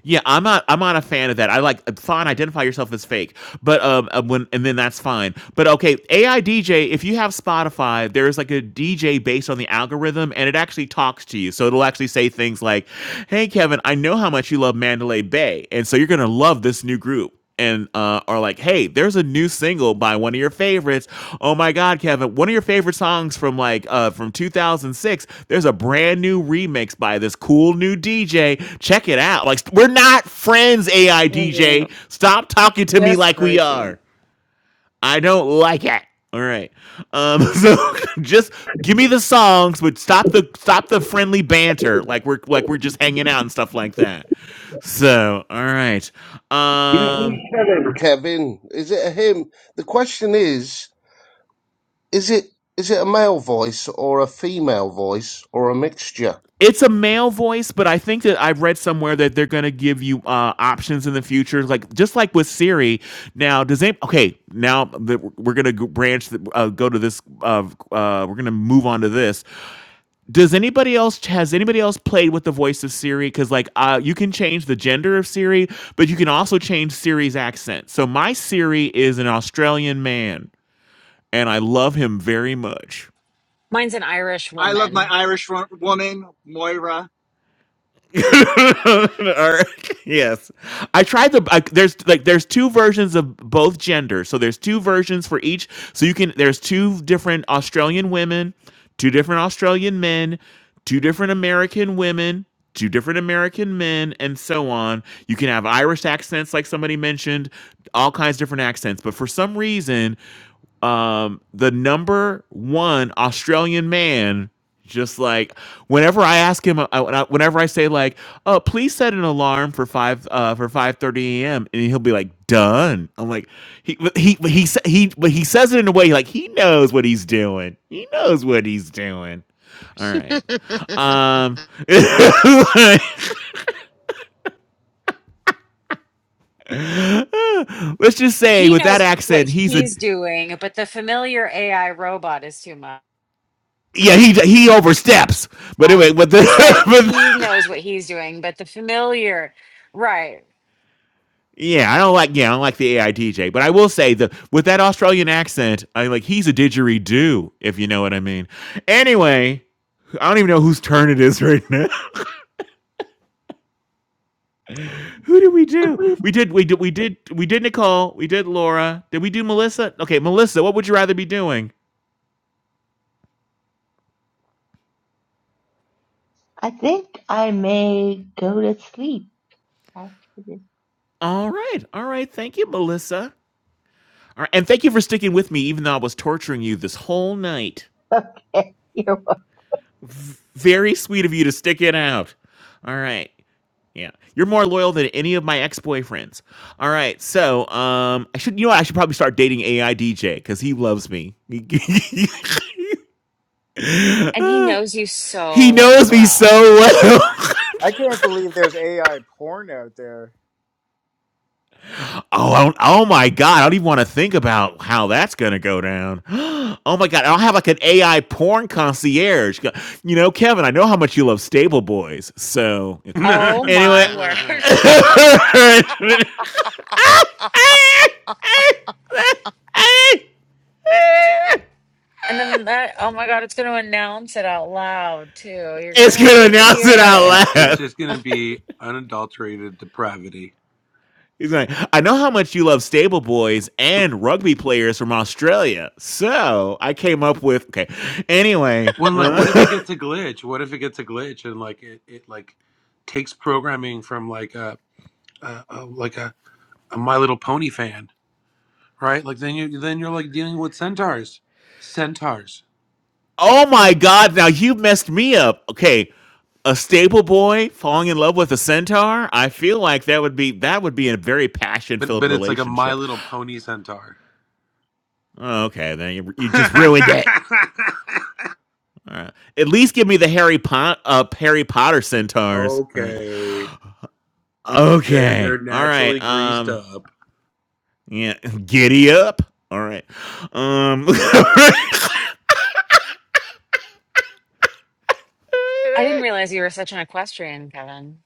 Yeah, I'm not. I'm not a fan of that. I like fine. Identify yourself as fake, but um, uh, when and then that's fine. But okay, AI DJ. If you have Spotify, there's like a DJ based on the algorithm, and it actually talks to you. So it'll actually say things like, "Hey, Kevin, I know how much you love Mandalay Bay, and so you're gonna love this new group." and uh, are like, "Hey, there's a new single by one of your favorites. Oh my God, Kevin, one of your favorite songs from like uh, from 2006. There's a brand new remix by this cool new DJ. Check it out. Like, we're not friends, AI
Yeah.
DJ. Stop talking to me
That's
like we
crazy.
are. I don't like it. All right. Um, so just give me the songs, but stop the stop the friendly banter. Like we're like we're just hanging out and stuff like that. So all right.
You,
Um,
you said it, Kevin. Is it a him? The question is, is it is it a male voice or a female voice or a mixture?
it's a male voice, but I think that I've read somewhere that they're going to give you uh, options in the future, like just like with Siri. Now, does it? Okay, now that we're- going to branch, the, uh, go to this. Uh, uh, we're going to move on to this. Does anybody else has anybody else played with the voice of Siri? Because like uh, you can change the gender of Siri, but you can also change Siri's accent. So my Siri is an Australian man, and I love him very much.
Mine's an Irish
I love my
woman.
Irish woman, Moira.
Or- yes, I tried the. I, there's like there's two versions of both genders, so there's two versions for each. So you can there's two different Australian women, two different Australian men, two different American women, two different American men, and so on. You can have Irish accents, like somebody mentioned, all kinds of different accents. But for some reason, um the number one Australian man just like whenever I ask him I, whenever I say like oh please set an alarm for 5 uh for 5:30 a.m. and he'll be like done I'm like he he he sa- he but he says it in a way like he knows what he's doing he knows what he's doing all right um let's just say
He
with that
knows
accent
what
he's a
he's doing, but the familiar AI robot is too much.
yeah, he he oversteps. But
I,
anyway, with
I said
the
he knows what he's doing, but the familiar, right.
Yeah, I don't like. Yeah, I don't like the AI DJ, but I will say the with that Australian accent, I'm like he's a didgeridoo, if you know what I mean. Anyway, I don't even know whose turn it is right now. Who did we do? We did. We did. We did. We did Nicole. We did Laura. Did we do Melissa? Okay, Melissa. What would you rather be doing?
I think I may go to sleep after this.
All right. All right. Thank you, Melissa. All right, and thank you for sticking with me, even though I was torturing you this whole night.
Okay. you're
Very sweet of you to stick it out. All right. Yeah. You're more loyal than any of my ex-boyfriends. All right. So, um I should you know what? I should probably start dating AI DJ cuz he loves me. he
And he knows you so
knows me so
well.
well.
I can't believe there's AI porn out there.
Oh, I don't, oh my God! I don't even want to think about how that's going to go down. Oh my God! I'll have like an AI porn concierge. Go- You know, Kevin, I know how much you love Stable Boys. So okay.
Oh
Anyway.
my word. And then that, oh my God, it's going to announce it out loud too. You're going to
It's
have
gonna
to
announce it out
It's
hear it.
it's
loud.
just gonna be unadulterated depravity.
He's like, I know how much you love stable boys and rugby players from Australia. So I came up with okay. Anyway,
When like,
uh,
what if it gets a glitch? What if it gets a glitch and like it, it like takes programming from like a, a, a like a, a My Little Pony fan, right? Like then you then you're like dealing with centaurs, centaurs.
Oh my God! Now you messed me up. Okay, a stable boy falling in love with a centaur. I feel like that would be that would be a very passion
But
filled
but it's like a My
relationship.
Little Pony centaur.
Okay, then you, you just ruined it. All right. At least give me the Harry Pot uh, Harry Potter centaurs. All right.
okay, they're
Okay.
they're
All
naturally
right.
greased
Um.
up
Yeah. Giddy up. All right. Um.
I didn't realize you were such an equestrian, Kevin.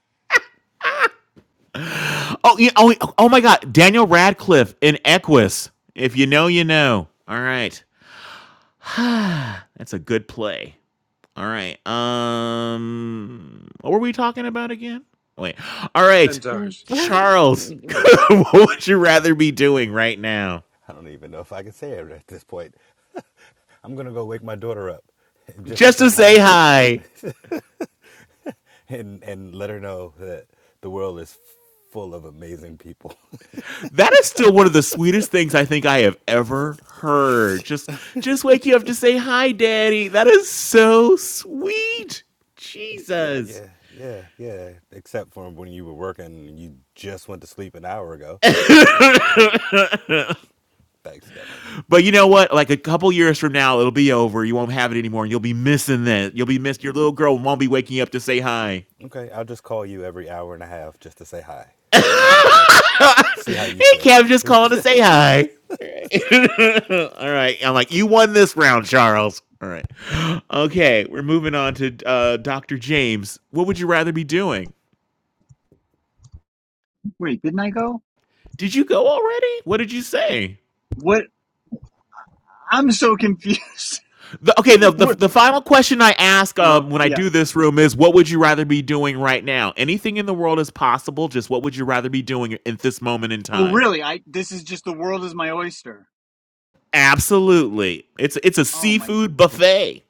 oh, yeah, oh. Oh my God. Daniel Radcliffe in Equus. If you know, you know. All right. That's a good play. All right. Um, what were we talking about again? Wait. All right,
centaurs.
Charles. what would you rather be doing right now?
I don't even know if I can say it at this point. I'm gonna go wake my daughter up just to
Just
say
to say
hi
hi.
and and let her know that the world is full of amazing people.
That is still one of the sweetest things I think I have ever heard. Just, just wake you up to say hi, Daddy. That is so sweet. Jesus.
yeah, yeah, yeah. Except for when you were working and you just went to sleep an hour ago. Yeah, yeah. Thanks, Kevin.
But you know what? Like a couple years from now, it'll be over. You won't have it anymore, and you'll be missing that. You'll be missed. Your little girl won't be waking up to say hi.
Okay, I'll just call you every hour and a half just to say hi
hey,
and let's see how you feel.
Kev, just calling to say hi. All right. I'm like, you won this round, Charles. All right. Okay, we're moving on to uh, Dr. James. What would you rather be doing?
Wait, didn't I go?
Did you go already? What did you say?
What? I'm so confused.
The, okay, the, the
what?
the final question I ask
Oh,
um, when I
yeah.
do this room is, what would you rather be doing right now? Anything in the world is possible. Just what would you rather be doing at this moment in
Oh,
time?
really? I this is just the world is my oyster.
Absolutely, it's it's a
Oh my,
seafood buffet.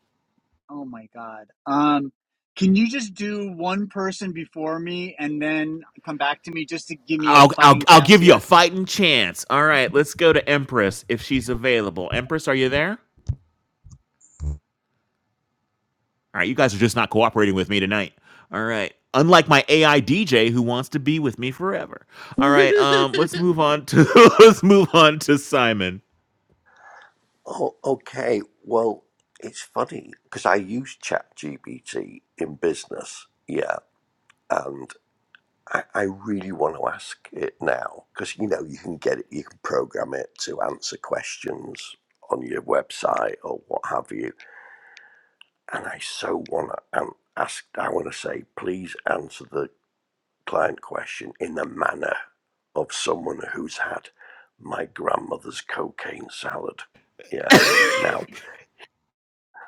oh my God. Um, can you just do one person before me and then come back to me just to give me a
I'll I'll
fighting
I'll
chance
give you
here?
a fighting chance. All right, let's go to Empress if she's available. Empress, are you there? All right, you guys are just not cooperating with me tonight. All right. Unlike my AI DJ who wants to be with me forever. All right, um, let's move on to let's move on to Simon.
Oh, okay. Well, it's funny because I use ChatGPT in business. Yeah. And I, I really want to ask it now because, you know, you can get it, you can program it to answer questions on your website or what have you and I so want to um, ask. I want to say, please answer the client question in the manner of someone who's had my grandmother's cocaine salad. Yeah. Now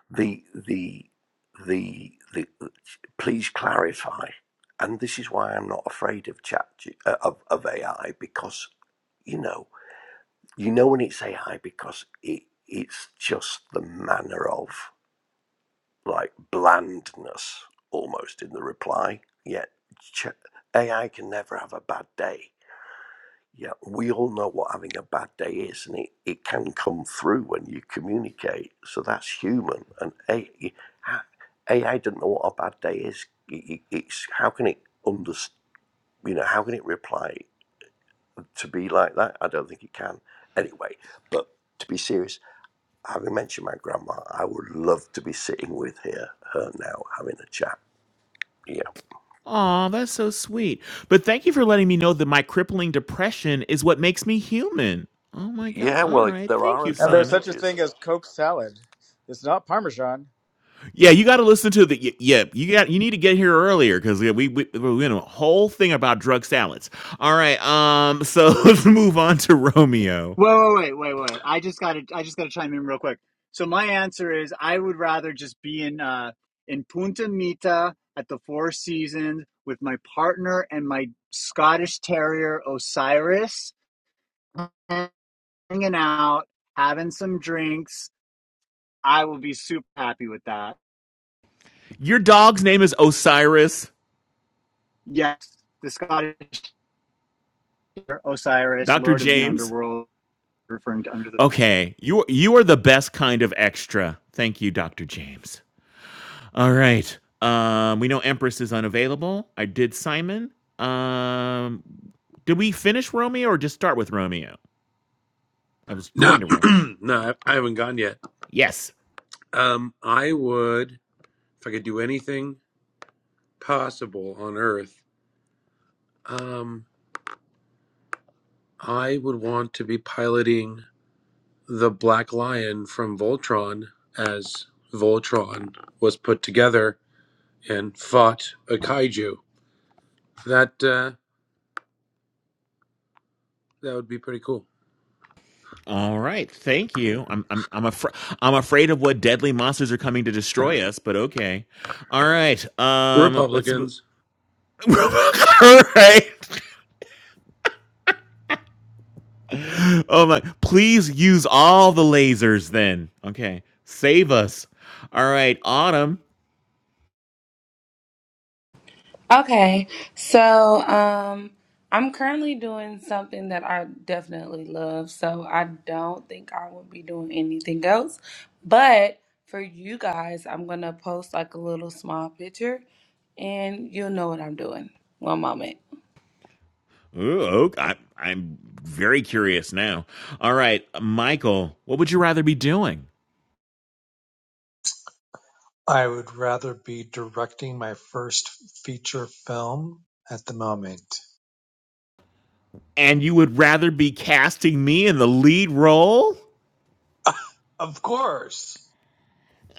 the the the the. Please clarify, and this is why I'm not afraid of chat uh, of of AI because you know you know when it's AI because it it's just the manner of. like blandness almost in the reply. Yet AI can never have a bad day. Yeah, we all know what having a bad day is, and it, it can come through when you communicate. So that's human. And AI, doesn't know what a bad day is. It- It's how can it understand? You know, how can it reply to be like that? I don't think it can. Anyway, but to be serious, having mentioned my grandma, I would love to be sitting with her, her now having a chat Yeah.
Aw, that's so sweet. But thank you for letting me know that my crippling depression is what makes me human. Oh my god.
Yeah,
All
well, it-
right.
there
Thank
are
you,
And there's
Simon.
such a
advantages.
thing as Coke salad. It's not Parmesan.
Yeah, you got to listen to the y- yeah, you got you need to get here earlier cuz we we we we're in a whole thing about drug salads. All right. Um so let's move on to Romeo.
Wait, wait, wait, wait, wait. I just got to I just got to chime in real quick. So my answer is I would rather just be in uh in Punta Mita at the Four Seasons with my partner and my Scottish Terrier Osiris hanging out, having some drinks. I will be super happy with that.
Your dog's name is Osiris,
Yes, the Scottish Terrier Osiris,
Dr.
Lord of the
James.
Underworld, referring to Under the
Okay. You you are the best kind of extra. Thank you, Dr. James. All right. Um, we know Empress is unavailable. I did Simon. Um, did we finish Romeo or just start with Romeo? I was going
No,
to Romeo.
no, I I haven't gone yet.
Yes.
Um, I would. if I could do anything possible on Earth, um, I would want to be piloting the Black Lion from Voltron as Voltron was put together and fought a kaiju. That uh, that would be pretty cool.
All right. Thank you. I'm I'm I'm, afra- I'm afraid of what deadly monsters are coming to destroy us, but okay. All right. Um, let's. mo-
Republicans.
all right. Oh my! Please use all the lasers then. Okay. Save us. All right, Autumn.
Okay, so um, I'm currently doing something that I definitely love, so I don't think I will be doing anything else. But for you guys, I'm gonna post like a little small picture, and you'll know what I'm doing. One moment.
Ooh, ok- I, I'm very curious now. All right, Michael, what would you rather be doing?
I would rather be directing my first feature film at the moment.
And you would rather be casting me in the lead role?
Of course.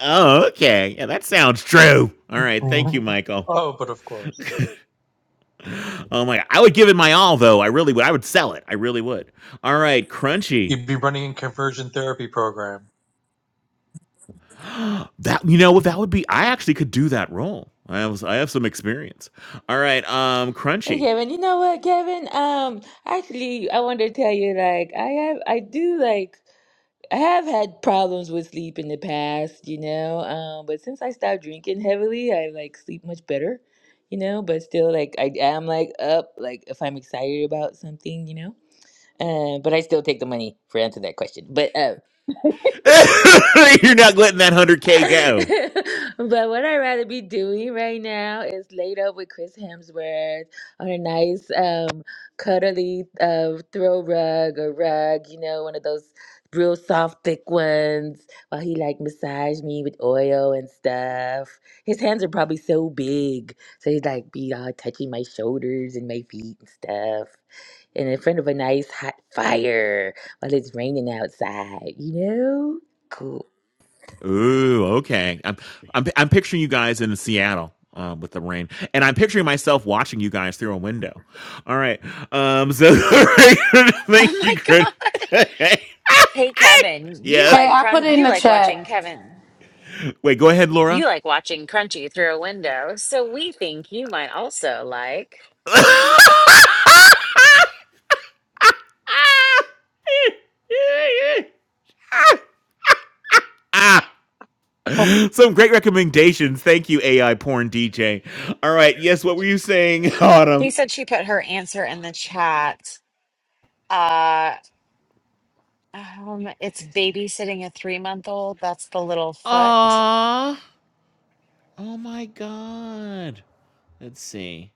Oh, okay. Yeah, that sounds true. All right, thank you,
Mhm.
Michael.
Oh, but of course,
Oh my, God. I would give it my all though. I really would. I would sell it. I really would. All right, Crunchy.
you'd be running a conversion therapy program.
That you know what that would be. I actually could do that role. I was I have some experience. All right, um,
Hey,
Crunchy.
Kevin. You know what, Kevin? Um, actually, I wanted to tell you, like, I have, I do like. I have had problems with sleep in the past, you know, um, but since I stopped drinking heavily, I like sleep much better, you know, but still like I am like up, like if I'm excited about something, you know. Uh, but I still take the money for answering that question. But uh,
You're not letting that one hundred k go.
but what I'd rather be doing right now is laid up with Chris Hemsworth on a nice, um, cuddly uh, throw rug or rug, you know, one of those real soft, thick ones, while he like massage me with oil and stuff. His hands are probably so big, so he'd like be all touching my shoulders and my feet and stuff. And in front of a nice hot fire while it's raining outside, you know? Cool.
Ooh, okay. I'm I'm I'm picturing you guys in Seattle uh, with the rain, and I'm picturing myself watching you guys through a window. All right. Um. So
Oh
thank you,
my
Chris.
god. Hey Kevin, you
yeah.
Hey,
like
I put
crun
it in
you
the
like
chat.
watching Kevin.
Wait. Go ahead, Laura.
You like watching Crunchy through a window, so we think you might also like.
Ah, some great recommendations. Thank you, AI porn DJ. All right. Yes. What were you saying,
She
Autumn?
said she put her answer in the chat. Uh um, it's babysitting a three month old. That's the little foot.
Aww. Oh my god. Let's see.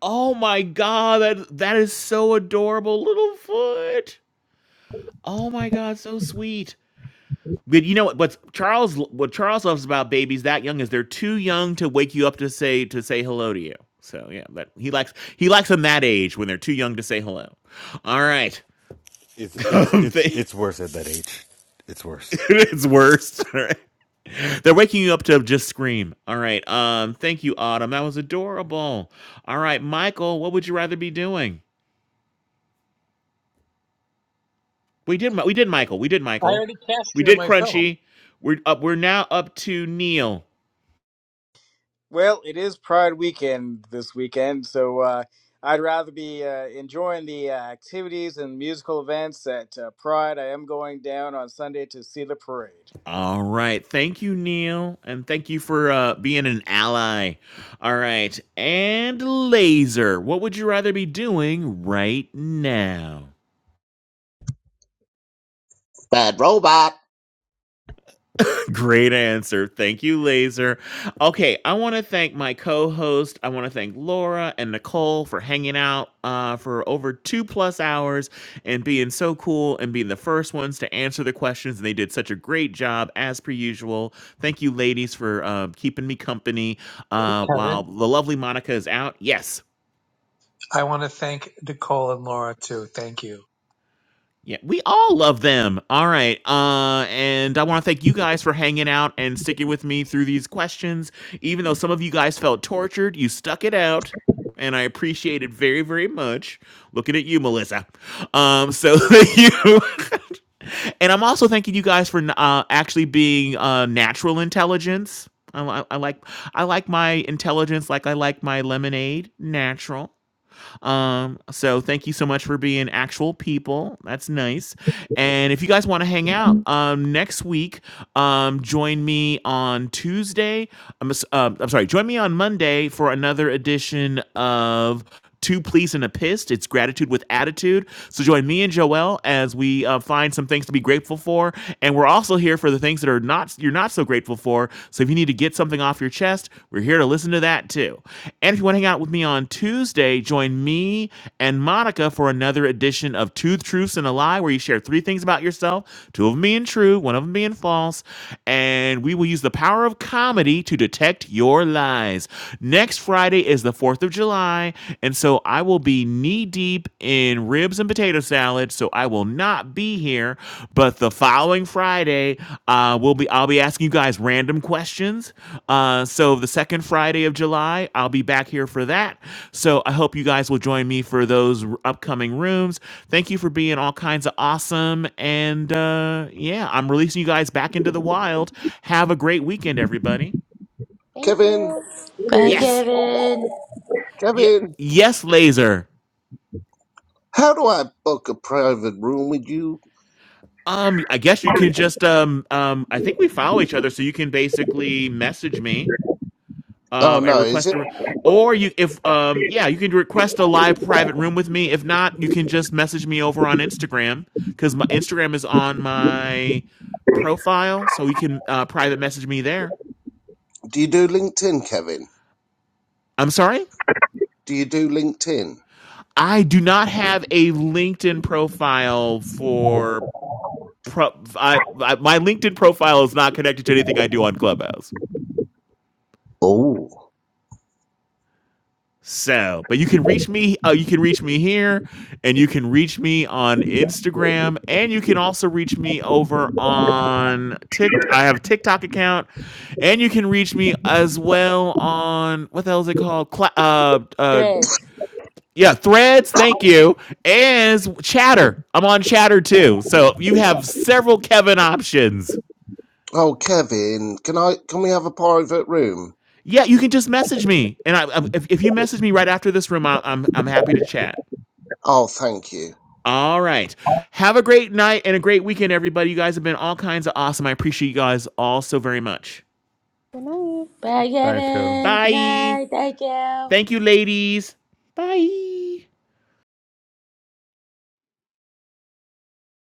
Oh my god, that that is so adorable, little foot. Oh my god, so sweet. But you know what? What's Charles? What Charles loves about babies that young is they're too young to wake you up to say to say hello to you. So yeah, that he likes he likes them that age when they're too young to say hello. All right,
It's it's
Um,
it's
they-
it's worse at that age. It's worse.
it's worst. All right. They're waking you up to just scream. All right. Um, thank you, Autumn. That was adorable. All right, Michael, what would you rather be doing? We did Mi- we did Michael. We did
I
Michael.
already cast
We
you in
did
my film,
Crunchy. We're up we're now up to Neil.
Well, it is Pride weekend this weekend, so uh, I'd rather be uh, enjoying the uh, activities and musical events at uh, Pride. I am going down on Sunday to see the parade.
All right. Thank you, Neil. And thank you for uh, being an ally. All right. And Laser, what would you rather be doing right now?
Bad robot,
Great answer. Thank you, Laser. Okay, I want to thank my co-host. I want to thank Laura and Nicole for hanging out uh, for over two plus hours and being so cool and being the first ones to answer the questions. And they did such a great job as per usual. Thank you, ladies, for uh, keeping me company uh,
Kevin.
while the lovely Monica is out. Yes,
I want to thank Nicole and Laura too. Thank you.
Yeah, we all love them. All right. Uh and I want to thank you guys for hanging out and sticking with me through these questions. Even though some of you guys felt tortured, you stuck it out. And I appreciate it very, very much. Looking at you, Melissa. Um, so thank you. and I'm also thanking you guys for uh, actually being uh, natural intelligence. I, li- I like I like my intelligence like I like my lemonade natural. Um, so thank you so much for being actual people. That's nice. And if you guys want to hang out um, next week, um, join me on Tuesday. I'm, s- um, I'm sorry, join me on Monday for another edition of Two Pleas and a Pissed. It's Gratitude with Attitude. So join me and Joelle as we uh, find some things to be grateful for. And we're also here for the things that are not you're not so grateful for. So if you need to get something off your chest, we're here to listen to that too. And if you want to hang out with me on Tuesday, join me and Monica for another edition of Two Truths and a Lie, where you share three things about yourself, two of them being true, one of them being false. And we will use the power of comedy to detect your lies. Next Friday is the 4th of July. And so I will be knee deep in in ribs and potato salad, so I will not be here. But the following Friday, uh, we'll be I'll be asking you guys random questions. Uh, so the second Friday of July, I'll be back here for that. So I hope you guys will join me for those r- upcoming rooms. Thank you for being all kinds of awesome, and uh, yeah, I'm releasing you guys back into the wild. Have a great weekend, everybody.
Thank
Kevin.
you.
Bye,
Yes,
Kevin.
yeah,
Kevin,
yes, laser.
how do I book a private room with you?
Um, I guess you can just um um I think we follow each other, so you can basically message me
Oh
um and
no, is
request
it?
a or you if um yeah you can request a live private room with me. If not, you can just message me over on Instagram because my Instagram is on my profile, so you can uh, private message me there.
Do you do LinkedIn, Kevin?
I'm sorry,
Do you do LinkedIn?
I do not have a LinkedIn profile for pro. I, I, my LinkedIn profile is not connected to anything I do on Clubhouse.
Oh,
So, but you can reach me. Uh, you can reach me here, and you can reach me on Instagram, and you can also reach me over on Tik. I have a TikTok account, and you can reach me as well on what the hell is it called? Cla- uh, uh,
Threads.
yeah, Threads. Thank you. As Chatter, I'm on Chatter too. So you have several Kevin options.
oh, Kevin, can I can we have a private room?
Yeah, you can just message me, and I, I- if, if you message me right after this room, I, I'm I'm happy to chat.
Oh, thank you.
All right. Have a great night and a great weekend, everybody. You guys have been all kinds of awesome. I appreciate you guys all so very much.
Good night.
Bye,
Thanks, Kevin.
Kevin. Good
Bye.
night. Thank you.
Thank you, ladies. Bye.